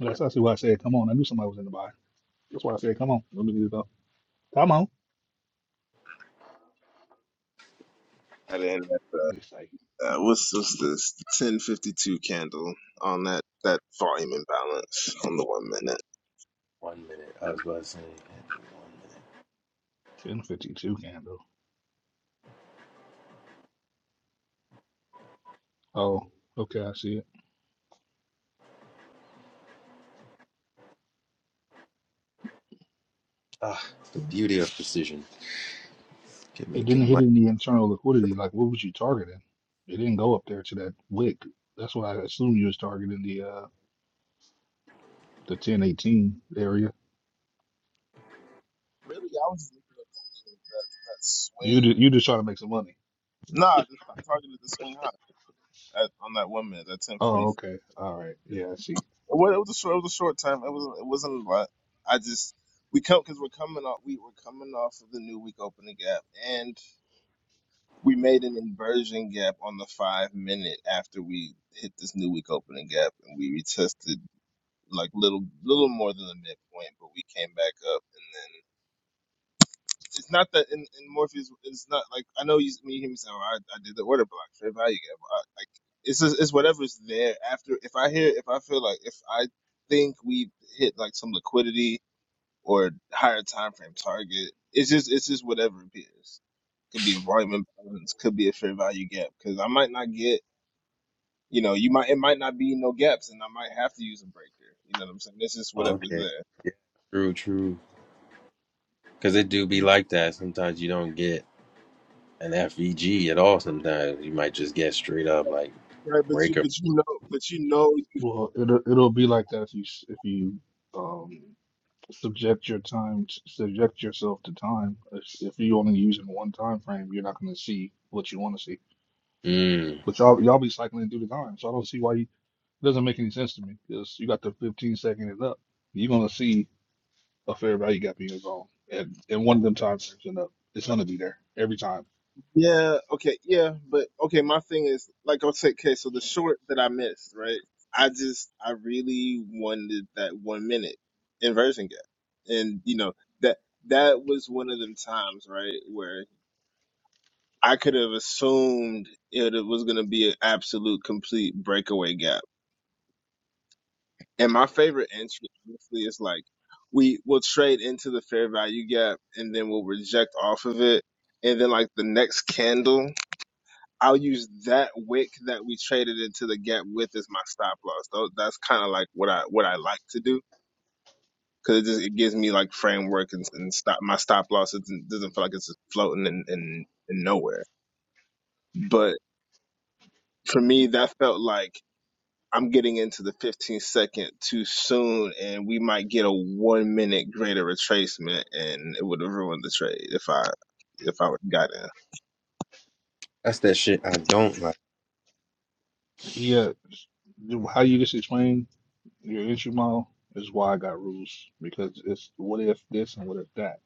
That's actually why I said, come on. I knew somebody was in the body. That's why I said, come on. Let me get it up. Come on. I didn't. It's like Uh, we had once. One minute. I was about to say, ten fifty two candle. Oh, okay, I see it. ah, the beauty of precision. Can It make it didn't hit money. any internal liquidity. Like, what was you targeting? It didn't go up there to that wick. That's why I assume you was targeting the uh the ten eighteen area. You ju- you just trying to make some money. Oh, okay. All right. Yeah, I see. Well, it was a short. It was a short time. It wasn't. It wasn't a lot. I just we come because we're coming off. We were coming off of the new week opening gap, and we made an inversion gap on the five minute after we hit this new week opening gap, and we retested like little, little more than the midpoint, but we came back up, it's not that in, in Morpheus, it's not like I know you me him saying, well, I, I did the order block, fair value gap. I, like it's just, it's whatever's there after. If I hear, if I feel like if I think we hit like some liquidity or higher time frame target, it's just it's just whatever appears. Could be a volume imbalance, could be a fair value gap, because I might not get. You know, you might it might not be no gaps, and I might have to use a breaker. You know what I'm saying? It's just whatever's Okay. there. Yeah. True, true. Because it do be like that. Sometimes you don't get an FVG at all. Sometimes you might just get straight up like Right, but you breaker. but you know but you know Well, it'll it'll be like that if you s- if you um subject your time t- subject yourself to time. If, if you only using one time frame, you're not going to see what you want to see. Mm. But y'all y'all be cycling through the time, so I don't see why you, it doesn't make any sense to me. Because you got the 15 second and up, you're gonna see a fair value gap in your zone, and and one of them time frames and up, it's gonna be there every time. Yeah, okay, yeah, but okay, my thing is like I'll say okay, so the short that I missed, right? I just I really wanted that one minute inversion gap. And you know, that that was one of them times, right, where I could have assumed it was gonna be an absolute complete breakaway gap. And my favorite entry honestly is like we will trade into the fair value gap and then we'll reject off of it. And then like the next candle I'll use that wick that we traded into the gap with as my stop loss. Tho- That's kind of like what I what I like to do because it just it gives me like framework and, and stop my stop loss doesn't, doesn't feel like it's just floating in, in in nowhere. But for me, that felt like I'm getting into the 15 second too soon, and we might get a one minute greater retracement, and it would have ruined the trade if I if I would have got in. That's that shit I don't like. Yeah, s- how you just explained. Your issue, model is why I got rules because it's what if this and what if that.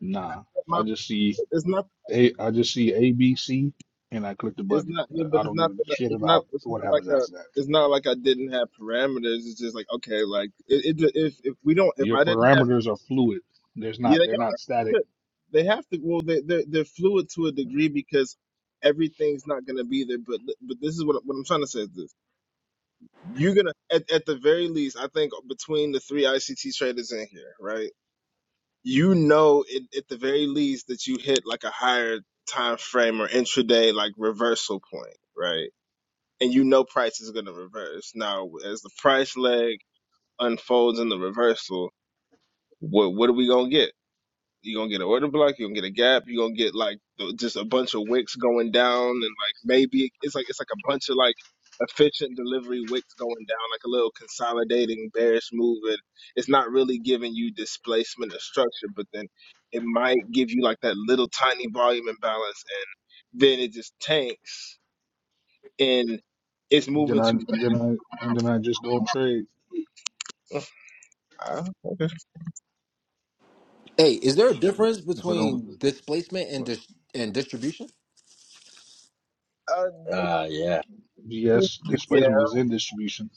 Nah, It's I my- just see it's not a I just see A B C and I click the It's button. not, Uh, yeah, but I it's don't give not, a shit it's not, about it's what not like happens a, after that. it's not like I didn't have parameters. It's just like, okay, like it, it if if we don't, if Your I didn't have, parameters are fluid. There's yeah, not they're not yeah, static. they have to. Well, they they're, they're fluid to a degree because everything's not gonna be there. But but this is what what I'm trying to say is this: you're gonna at at the very least, I think between the three ICT traders in here, right? You know, it, at the very least that you hit like a higher time frame or intraday like reversal point, right? and you know price is going to reverse. Now, as the price leg unfolds in the reversal, what what are we going to get? You're going to get an order block, you're going to get a gap, you're going to get like th- just a bunch of wicks going down and like maybe it's like it's like a bunch of like efficient delivery wicks going down like a little consolidating bearish move and it's not really giving you displacement or structure but then it might give you like that little tiny volume imbalance and then it just tanks and it's Then moving I to. then I and then I just don't trade Uh, okay. Hey, is there a difference if I don't. between displacement and dis- and distribution? Uh, Ah, yeah. Yes, yeah. displacement is in distribution.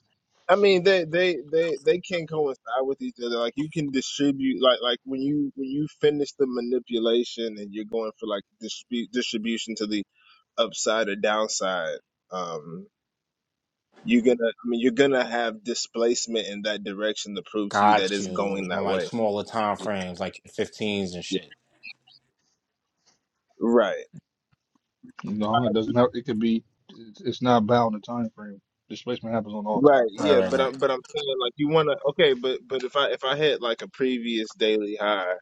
I mean, they, they, they, they can coincide with each other. Like you can distribute, like, like when you, when you finish the manipulation and you're going for like distribute distribution to the upside or downside, um, you're gonna, I mean, you're gonna have displacement in that direction to prove to you that Got it's you going on that like way. smaller time frames, like 15s and Yeah. shit. Right. No, it doesn't have. It could be. It's it's not bound to time frame. Displacement happens on all Right. time Right, Yeah. frames. right, But right. I'm, but I'm saying like you wanna, okay, but, but if I, if I hit like a previous daily high.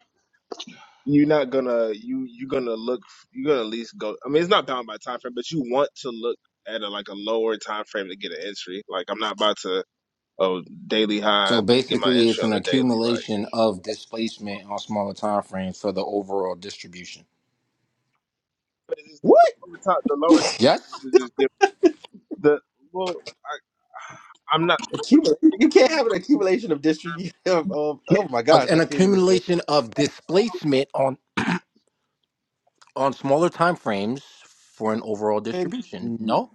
you're not gonna you you're gonna look you're gonna at least go i mean it's not bound by time frame but you want to look at a, like a lower time frame to get an entry like i'm not about to oh daily high So let me get my basically, it's entry on an the daily like accumulation of displacement on smaller time frames for the overall distribution. but it's just the, What? the lower time the lower time Yes, frame to just give the well I, i'm not sure what Accumul- you think you can't when you have an accumulation of distribution. Of, of, oh my A- gosh, an I can't even say. accumulation of displacement on on smaller time frames for an overall And, distribution. mm, No.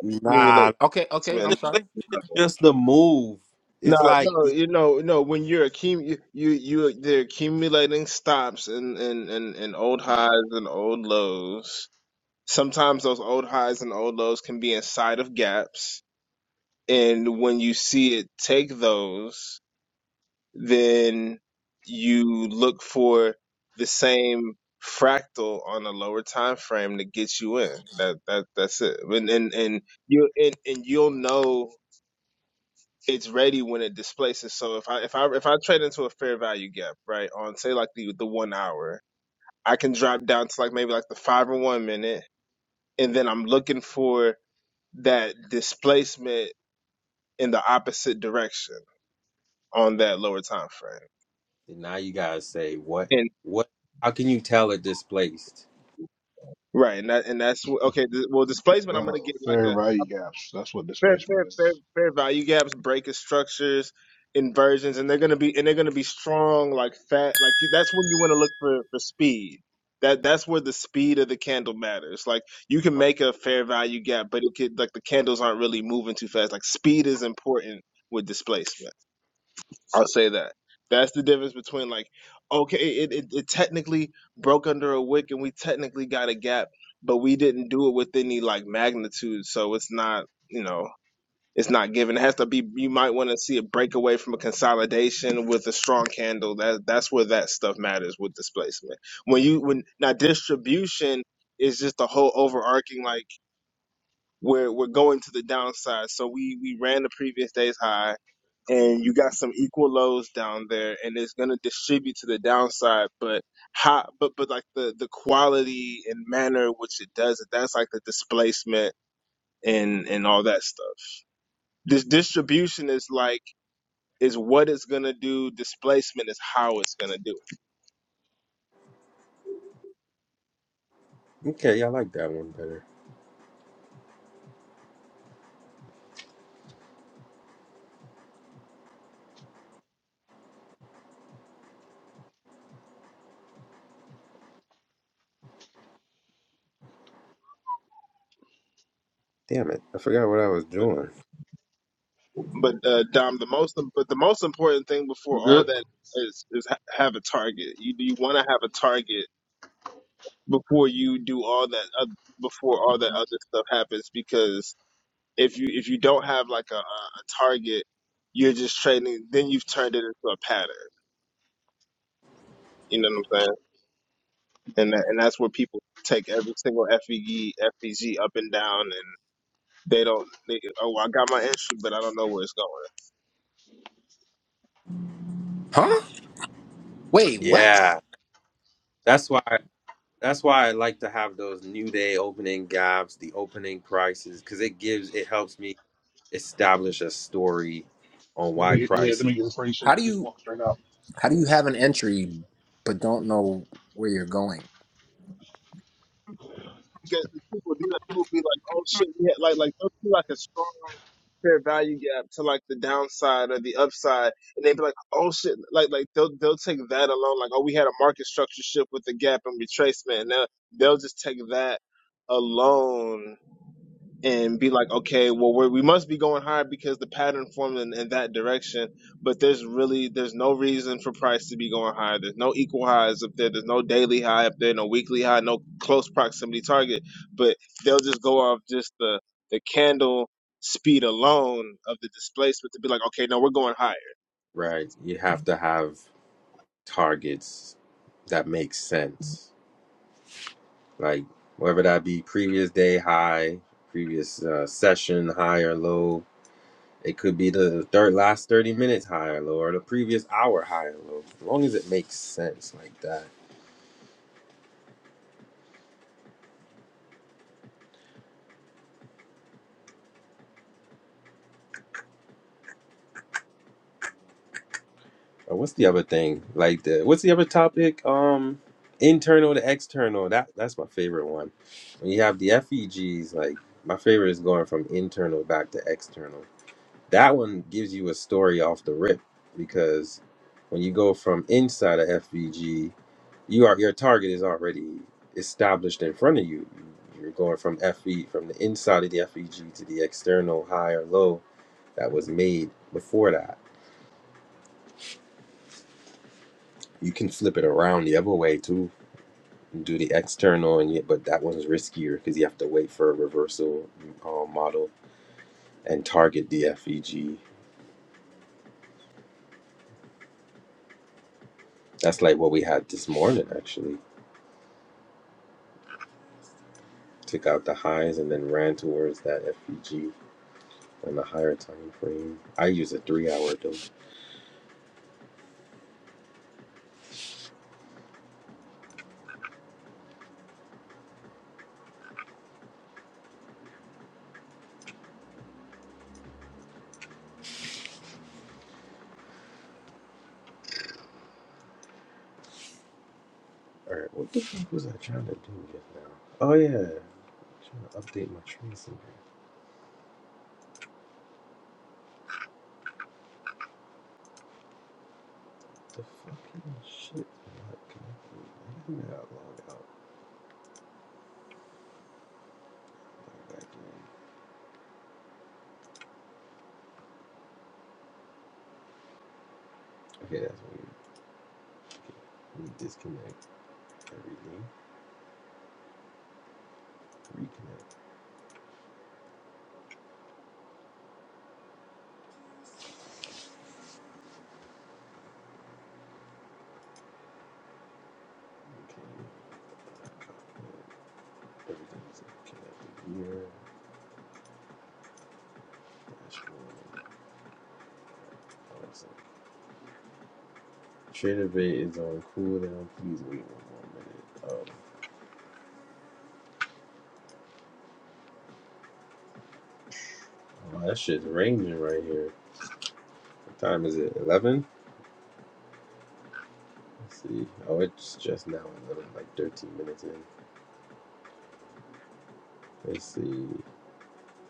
nah. accumulate Okay. this, Okay. I'm man sorry. Displacement is just the move. no, It's like. no, you know, no. When you're accum, you, you, you, they're accumulating stops and and and and old highs and old lows, Sometimes those old highs and old lows can be inside of gaps. And when you see it take those, then you look for the same fractal on a lower time frame to get you in. That that that's it. And and, and you and, and you'll know it's ready when it displaces. So if I if I if I trade into a fair value gap, right, on say like the the one hour, I can drop down to like maybe like the five or one minute, and then I'm looking for that displacement in the opposite direction on that lower time frame. Now you gotta say, what? And What? How can you tell it displaced? right, and that, and that's wh- okay. Th- well, displacement, I'm gonna Oh, get like a, fair a value gaps. That's what this fair, basement fair, fair, is. fair value gaps, break of structures, inversions, and they're gonna be and they're gonna be strong like fat. Like you, that's when you want to look for for speed. That that's where the speed of the candle matters. Like you can make a fair value gap, but it could like the candles aren't really moving too fast. Like speed is important with displacement. I'll say that. That's the difference between like, okay, it, it, it technically broke under a wick and we technically got a gap, but we didn't do it with any like magnitude, so it's not, you know, it's not given. It has to be. You might want to see a breakaway from a consolidation with a strong candle. That that's where that stuff matters with displacement. When you when now distribution is just the whole overarching like we're we're going to the downside. So we we ran the previous day's high and you got some equal lows down there and it's going to distribute to the downside but how but but like the the quality and manner in which it does it that's like the displacement and and all that stuff this distribution is like is what it's going to do displacement is how it's going to do it Okay, I like that one better. Damn it. I forgot what. but but uh dom the most but the most important thing before You all good? that is is ha- have a target you you want to have a target before you do all that other before all that other stuff happens because if you if you don't have like a, a a target, you're just trading. Then you've turned it into a pattern. You know what I'm saying? And that, and that's where people take every single FEG FEG up and down, and they don't. They, oh, I got my entry, but I don't know where it's going. Huh? Wait. What? Yeah. That's why. That's why I like to have those new day opening gaps, the opening prices, because it gives it helps me establish a story on Let me why get yeah, let prices me get a free so you How do can just you walk straight out. how do you have an entry but don't know where you're going? because if people do that, people be like, "Oh shit, we had like like there'll be like a strong fair value gap to like the downside or the upside," and they would be like, "Oh shit," like like they'll they'll take that alone, like, "Oh, we had a market structure shift with the gap and retracement," and they'll they'll just take that alone and be like, okay, well, we're, we must be going higher because the pattern formed in, in that direction. But there's really there's no reason for price to be going higher. There's no equal highs up there. There's no daily high up there. No weekly high. No close proximity target. But they'll just go off just the the candle speed alone of the displacement to be like, okay, no, we're going higher right. You have to have targets that make sense, like whether that be previous day high, previous uh, session high or low. It could be the third last thirty minutes high or low, or the previous hour high or low. As long as it makes sense like that. Uh, what's the other thing? Like the what's the other topic? Um, internal to external. That that's my favorite one. When you have the FEGs, like my favorite is going from internal back to external. That one gives you a story off the rip because when you go from inside a FVG, you are your target is already established in front of you. You're going from FV from the inside of the FEG to the external high or low that was made before that You can flip it around the other way too, and do the external, and yet, but that one's riskier because you have to wait for a reversal um, model and target the FEG. That's like what we had this morning actually. Took out the highs and then ran towards that FEG on the higher time frame. I use a three hour though. All right, what the fuck was I trying to do just now? Oh yeah, I'm trying to update my trade center. The fucking shit. Okay, that's weird. Okay, Let me disconnect everything. Reconnect. Okay. Everything's connected here. Dashboard. Awesome. Trader Bay is on cooldown. Please wait one more minute. Oh, oh that shit's raining right here. What time is it? 11? Let's see. Oh, it's just now 11, like 13 minutes in. Let's see.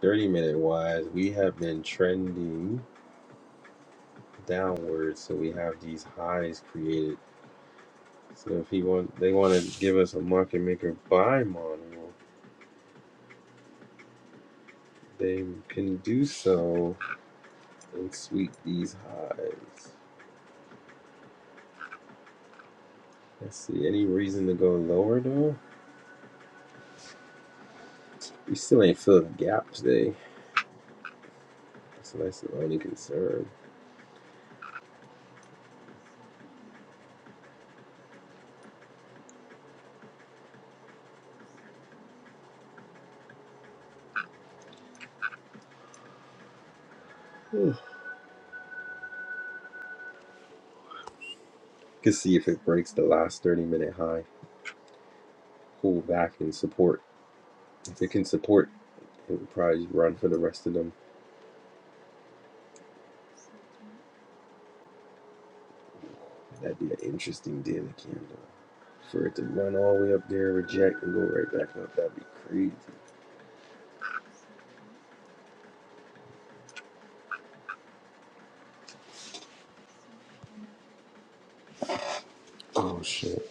30 minute wise, we have been trending downwards. So we have these highs created So if he want, they want to give us a market maker buy model, they can do so and sweep these highs. Let's see, any reason to go lower though? We still ain't fill the gap today. So that's the only concern. You can see if it breaks the last 30 minute high, pull back and support. If it can support, it would probably run for the rest of them. That'd be an interesting daily candle. For it to run all the way up there, reject, and go right back up, that'd be crazy. Oh shit.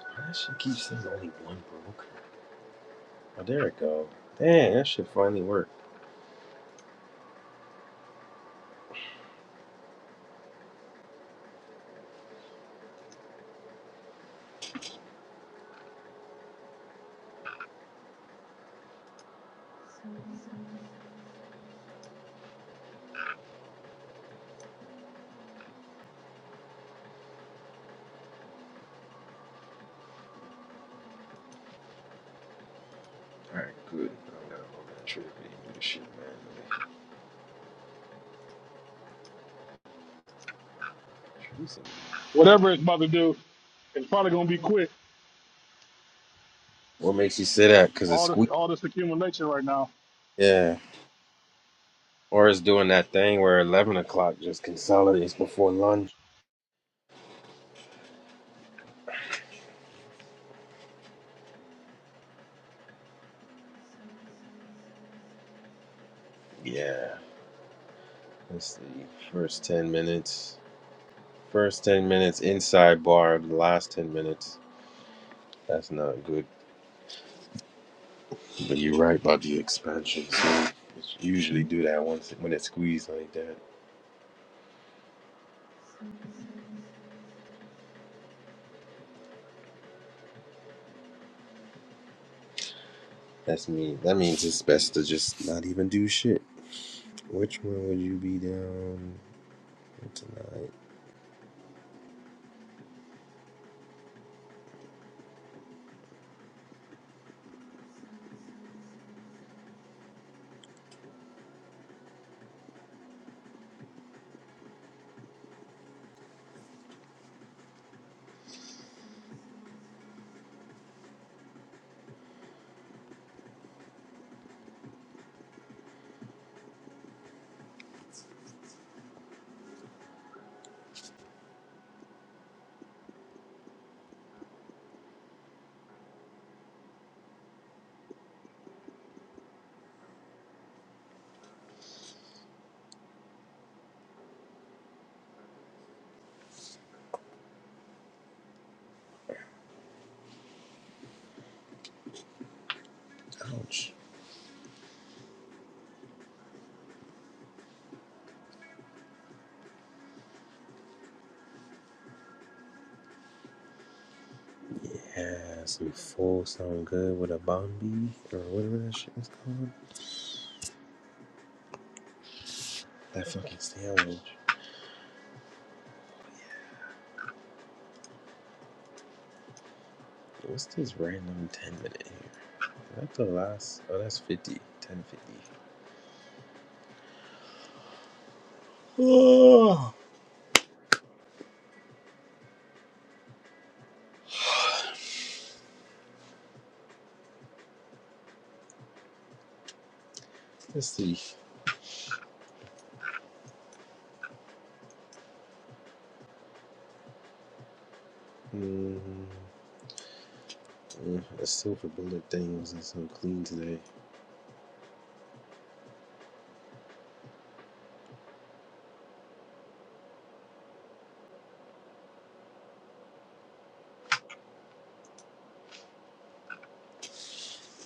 That shit keeps saying only one broke. Oh, there it go. Dang, that shit finally worked. Alright, good. I'm not on that trip anymore. This shit, man. Whatever it's about to do, it's probably gonna be quick. What makes you say that? Because it's All this squeak? all this accumulation right now. Yeah. Or it's doing that thing where 11 o'clock just consolidates before lunch. Yeah. Let's see. First 10 minutes. First 10 minutes inside bar, the last 10 minutes. That's not good. But you're right about the expansion. So it's usually do that once when it's squeezed like that. That's me. That means it's best to just not even do shit. Which one would you be down tonight? Yeah, some full sound good with a bombi or whatever that shit is called. That fucking sandwich. What's this random 10 minute here? That's the last? Oh, that's 50. 1050. Oh, let's see. mm A silver bullet thing wasn't so clean today.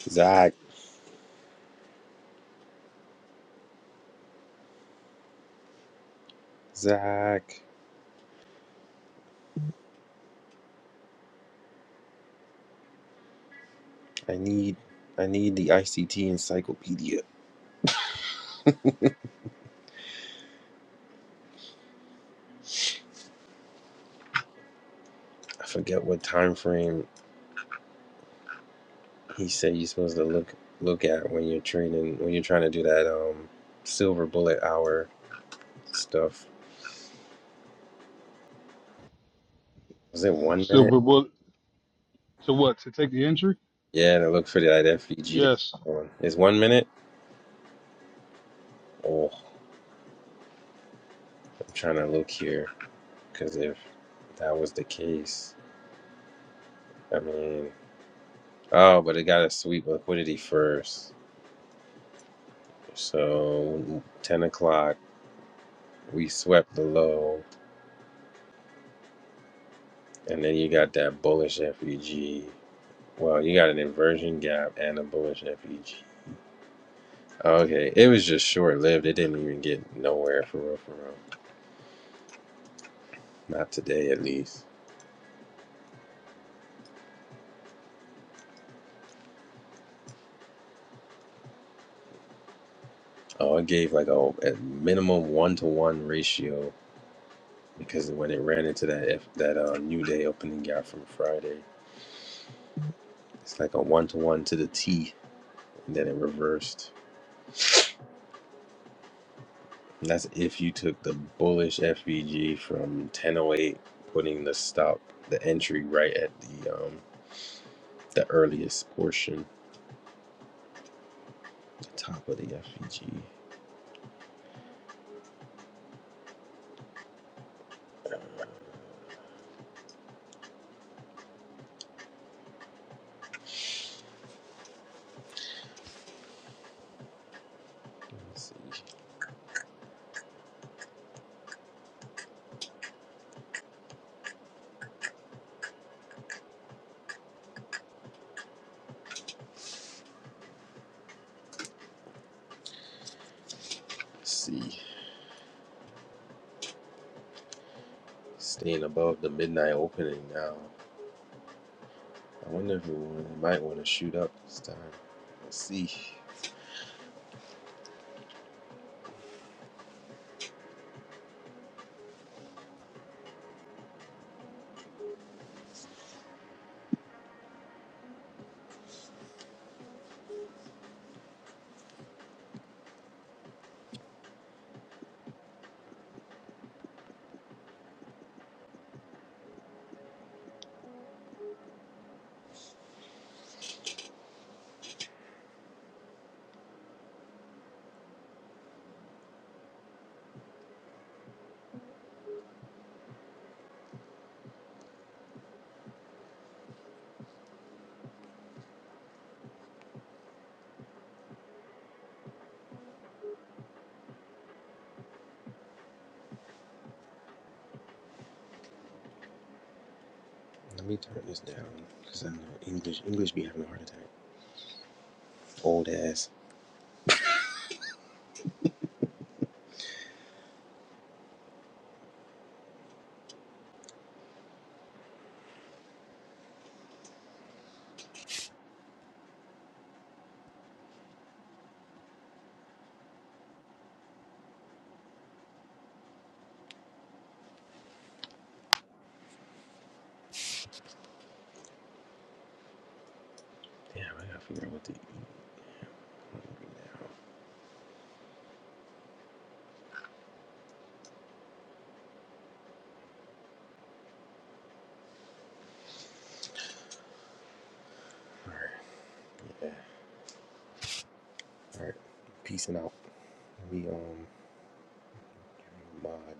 Zach. Zach. I need. I need the ICT encyclopedia. I forget what time frame he said you're supposed to look look at when you're trading when you're trying to do that um silver bullet hour stuff. Was it one minute? Silver bullet to what? To take the entry? Yeah, and I look for that FVG to Yes. one. Is one minute? Oh, I'm trying to look here because if that was the case, I mean, oh, but it got to sweep liquidity first. So ten o'clock, we swept the low, and then you got that bullish FVG. Wow, you got an inversion gap and a bullish FEG. Okay, it was just short lived. It didn't even get nowhere for real, for real. Not today, at least. Oh, it gave like a, a minimum one to one ratio because when it ran into that if that uh, new day opening gap from Friday, it's like a one to one to the T, and then it reversed. And that's if you took the bullish FVG from 1008, putting the stop, the entry right at the um the earliest portion Top of the FEG. Let's see. Let's see. Staying above the midnight opening now. I wonder if we might want to shoot up this time. Let's see. Let me turn this down because I know English English be having a heart attack. Old ass. Damn, I gotta figure out what to eat right now. All right, peacing out. Let me um mod.